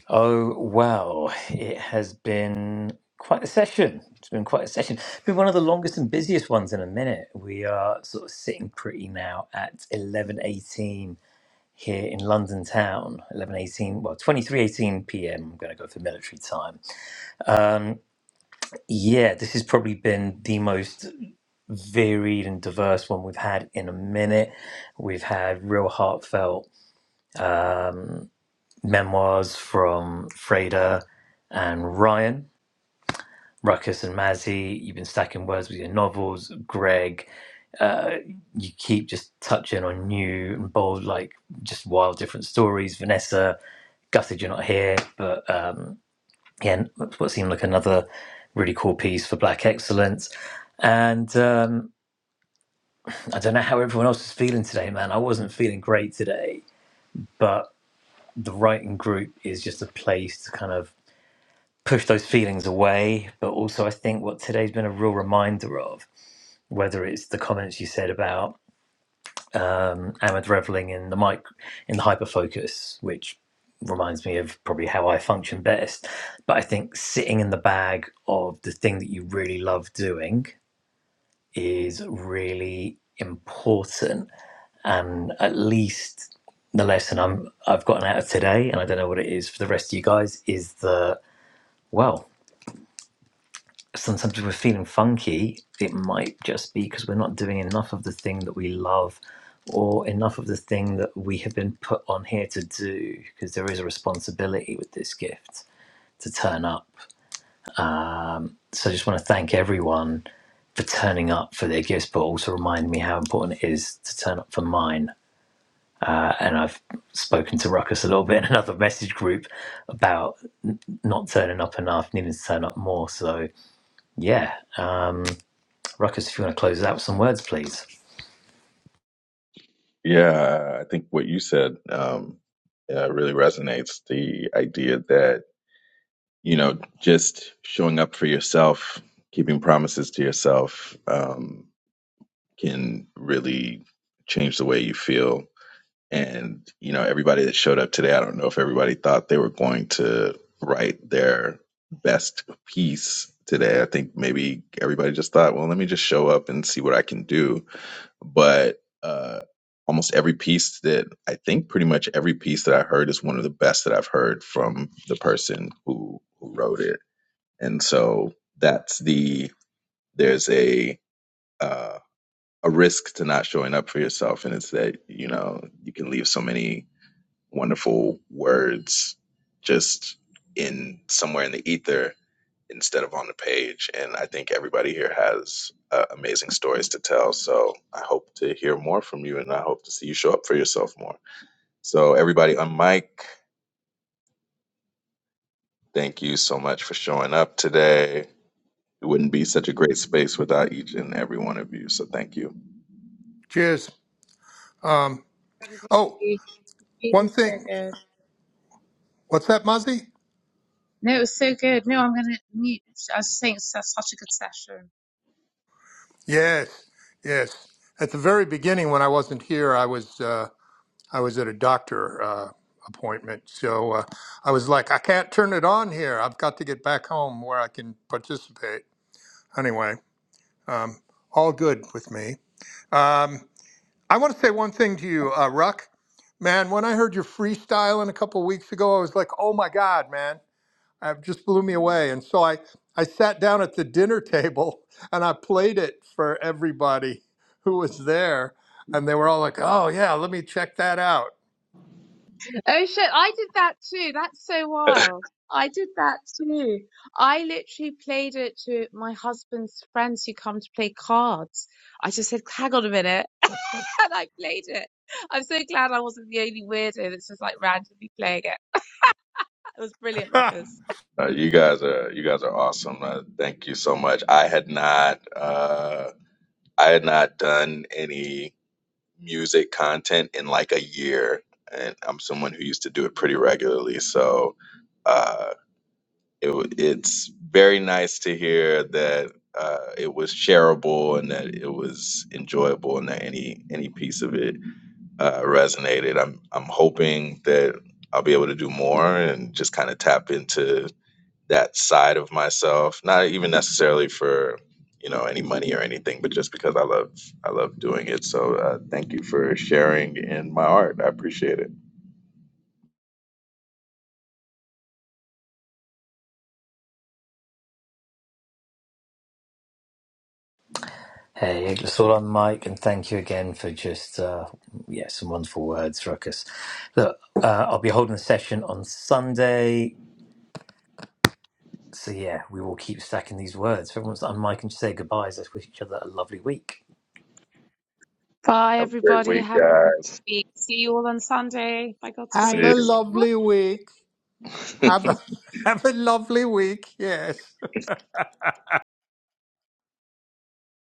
Oh, well, it has been quite a session. It's been quite a session. It's been one of the longest and busiest ones in a minute. We are sort of sitting pretty now at 11:18 here in London town. 11:18, well, 23:18 p.m. I'm going to go for military time. Um, yeah, this has probably been the most varied and diverse one we've had in a minute. We've had real heartfelt um, memoirs from Freda and Ryan Ruckus and Mazzy, you've been stacking words with your novels, Greg. Uh, you keep just touching on new and bold, like just wild different stories. Vanessa, gutted you're not here, but um, yeah, what seemed like another really cool piece for Black Excellence. And um, I don't know how everyone else is feeling today, man. I wasn't feeling great today, but the writing group is just a place to kind of push those feelings away. But also, I think what today's been a real reminder of. whether it's the comments you said about um, Ahmed reveling in the mic in the hyperfocus, which reminds me of probably how I function best. But I think sitting in the bag of the thing that you really love doing is really important, and at least the lesson I'm I've gotten out of today, and I don't know what it is for the rest of you guys, is that well. sometimes if we're feeling funky, it might just be because we're not doing enough of the thing that we love or enough of the thing that we have been put on here to do because there is a responsibility with this gift to turn up. So I just want to thank everyone for turning up for their gifts, but also remind me how important it is to turn up for mine. Uh, and I've spoken to Ruckus a little bit in another message group about n- not turning up enough, needing to turn up more. So yeah, um, Ruckus, if you want to close out with some words, please. yeah, I think what you said um, uh, really resonates. The idea that you know just showing up for yourself, keeping promises to yourself, um, can really change the way you feel And, you know, everybody that showed up today, I don't know if everybody thought they were going to write their best piece today. I think maybe everybody just thought, well, let me just show up and see what I can do. But uh, almost every piece that I think pretty much every piece that I heard is one of the best that I've heard from the person who, who wrote it. And so that's the, there's a, uh, a risk to not showing up for yourself and it's that you know you can leave so many wonderful words just in somewhere in the ether instead of on the page. And I think everybody here has uh, amazing stories to tell. So I hope to hear more from you and I hope to see you show up for yourself more. So, everybody on mic, thank you so much for showing up today. It wouldn't be such a great space without each and every one of you. So thank you. Cheers. Um. Oh, Everybody, one really so thing. good. What's that, Muzzy? No, it was so good. No, I'm gonna mute. I was just saying it's such a good session. Yes, yes. At the very beginning, when I wasn't here, I was. Uh, I was at a doctor uh, appointment, so uh, I was like, I can't turn it on here. I've got to get back home where I can participate. Anyway, um, all good with me. Um, I want to say one thing to you, uh, Ruck. Man, when I heard your freestyling a couple weeks ago, I was like, oh my God, man. It just blew me away. And so I, I sat down at the dinner table [laughs] and I played it for everybody who was there. And they were all like, oh, yeah, let me check that out. Oh shit, I did that too. That's so wild. I did that too. I literally played it to my husband's friends who come to play cards. I just said, hang on a minute. [laughs] And I played it. I'm so glad I wasn't the only weirdo that's just like randomly playing it. It was brilliant, [laughs] Ruckus. Uh, you guys are you guys are awesome. Uh, thank you so much. I had not uh, I had not done any music content in like a year, and I'm someone who used to do it pretty regularly. So uh, it, it's very nice to hear that uh, it was shareable and that it was enjoyable and that any any piece of it uh, resonated. I'm I'm hoping that I'll be able to do more and just kind of tap into that side of myself not even necessarily for you know any money or anything but just because i love i love doing it so uh, thank you for sharing in my art i appreciate it Hey, it's all on Mike, and thank you again for just, uh, yeah, some wonderful words, Ruckus. Look, uh, I'll be holding a session on Sunday. So, yeah, we will keep stacking these words. For everyone's on Mike and just say goodbyes, let's wish each other a lovely week. Bye, have a great everybody. week Have a happy guys week. See you all on Sunday. By God's Have see a grace. lovely week. you [laughs] Have a [laughs] have a lovely week. Yes.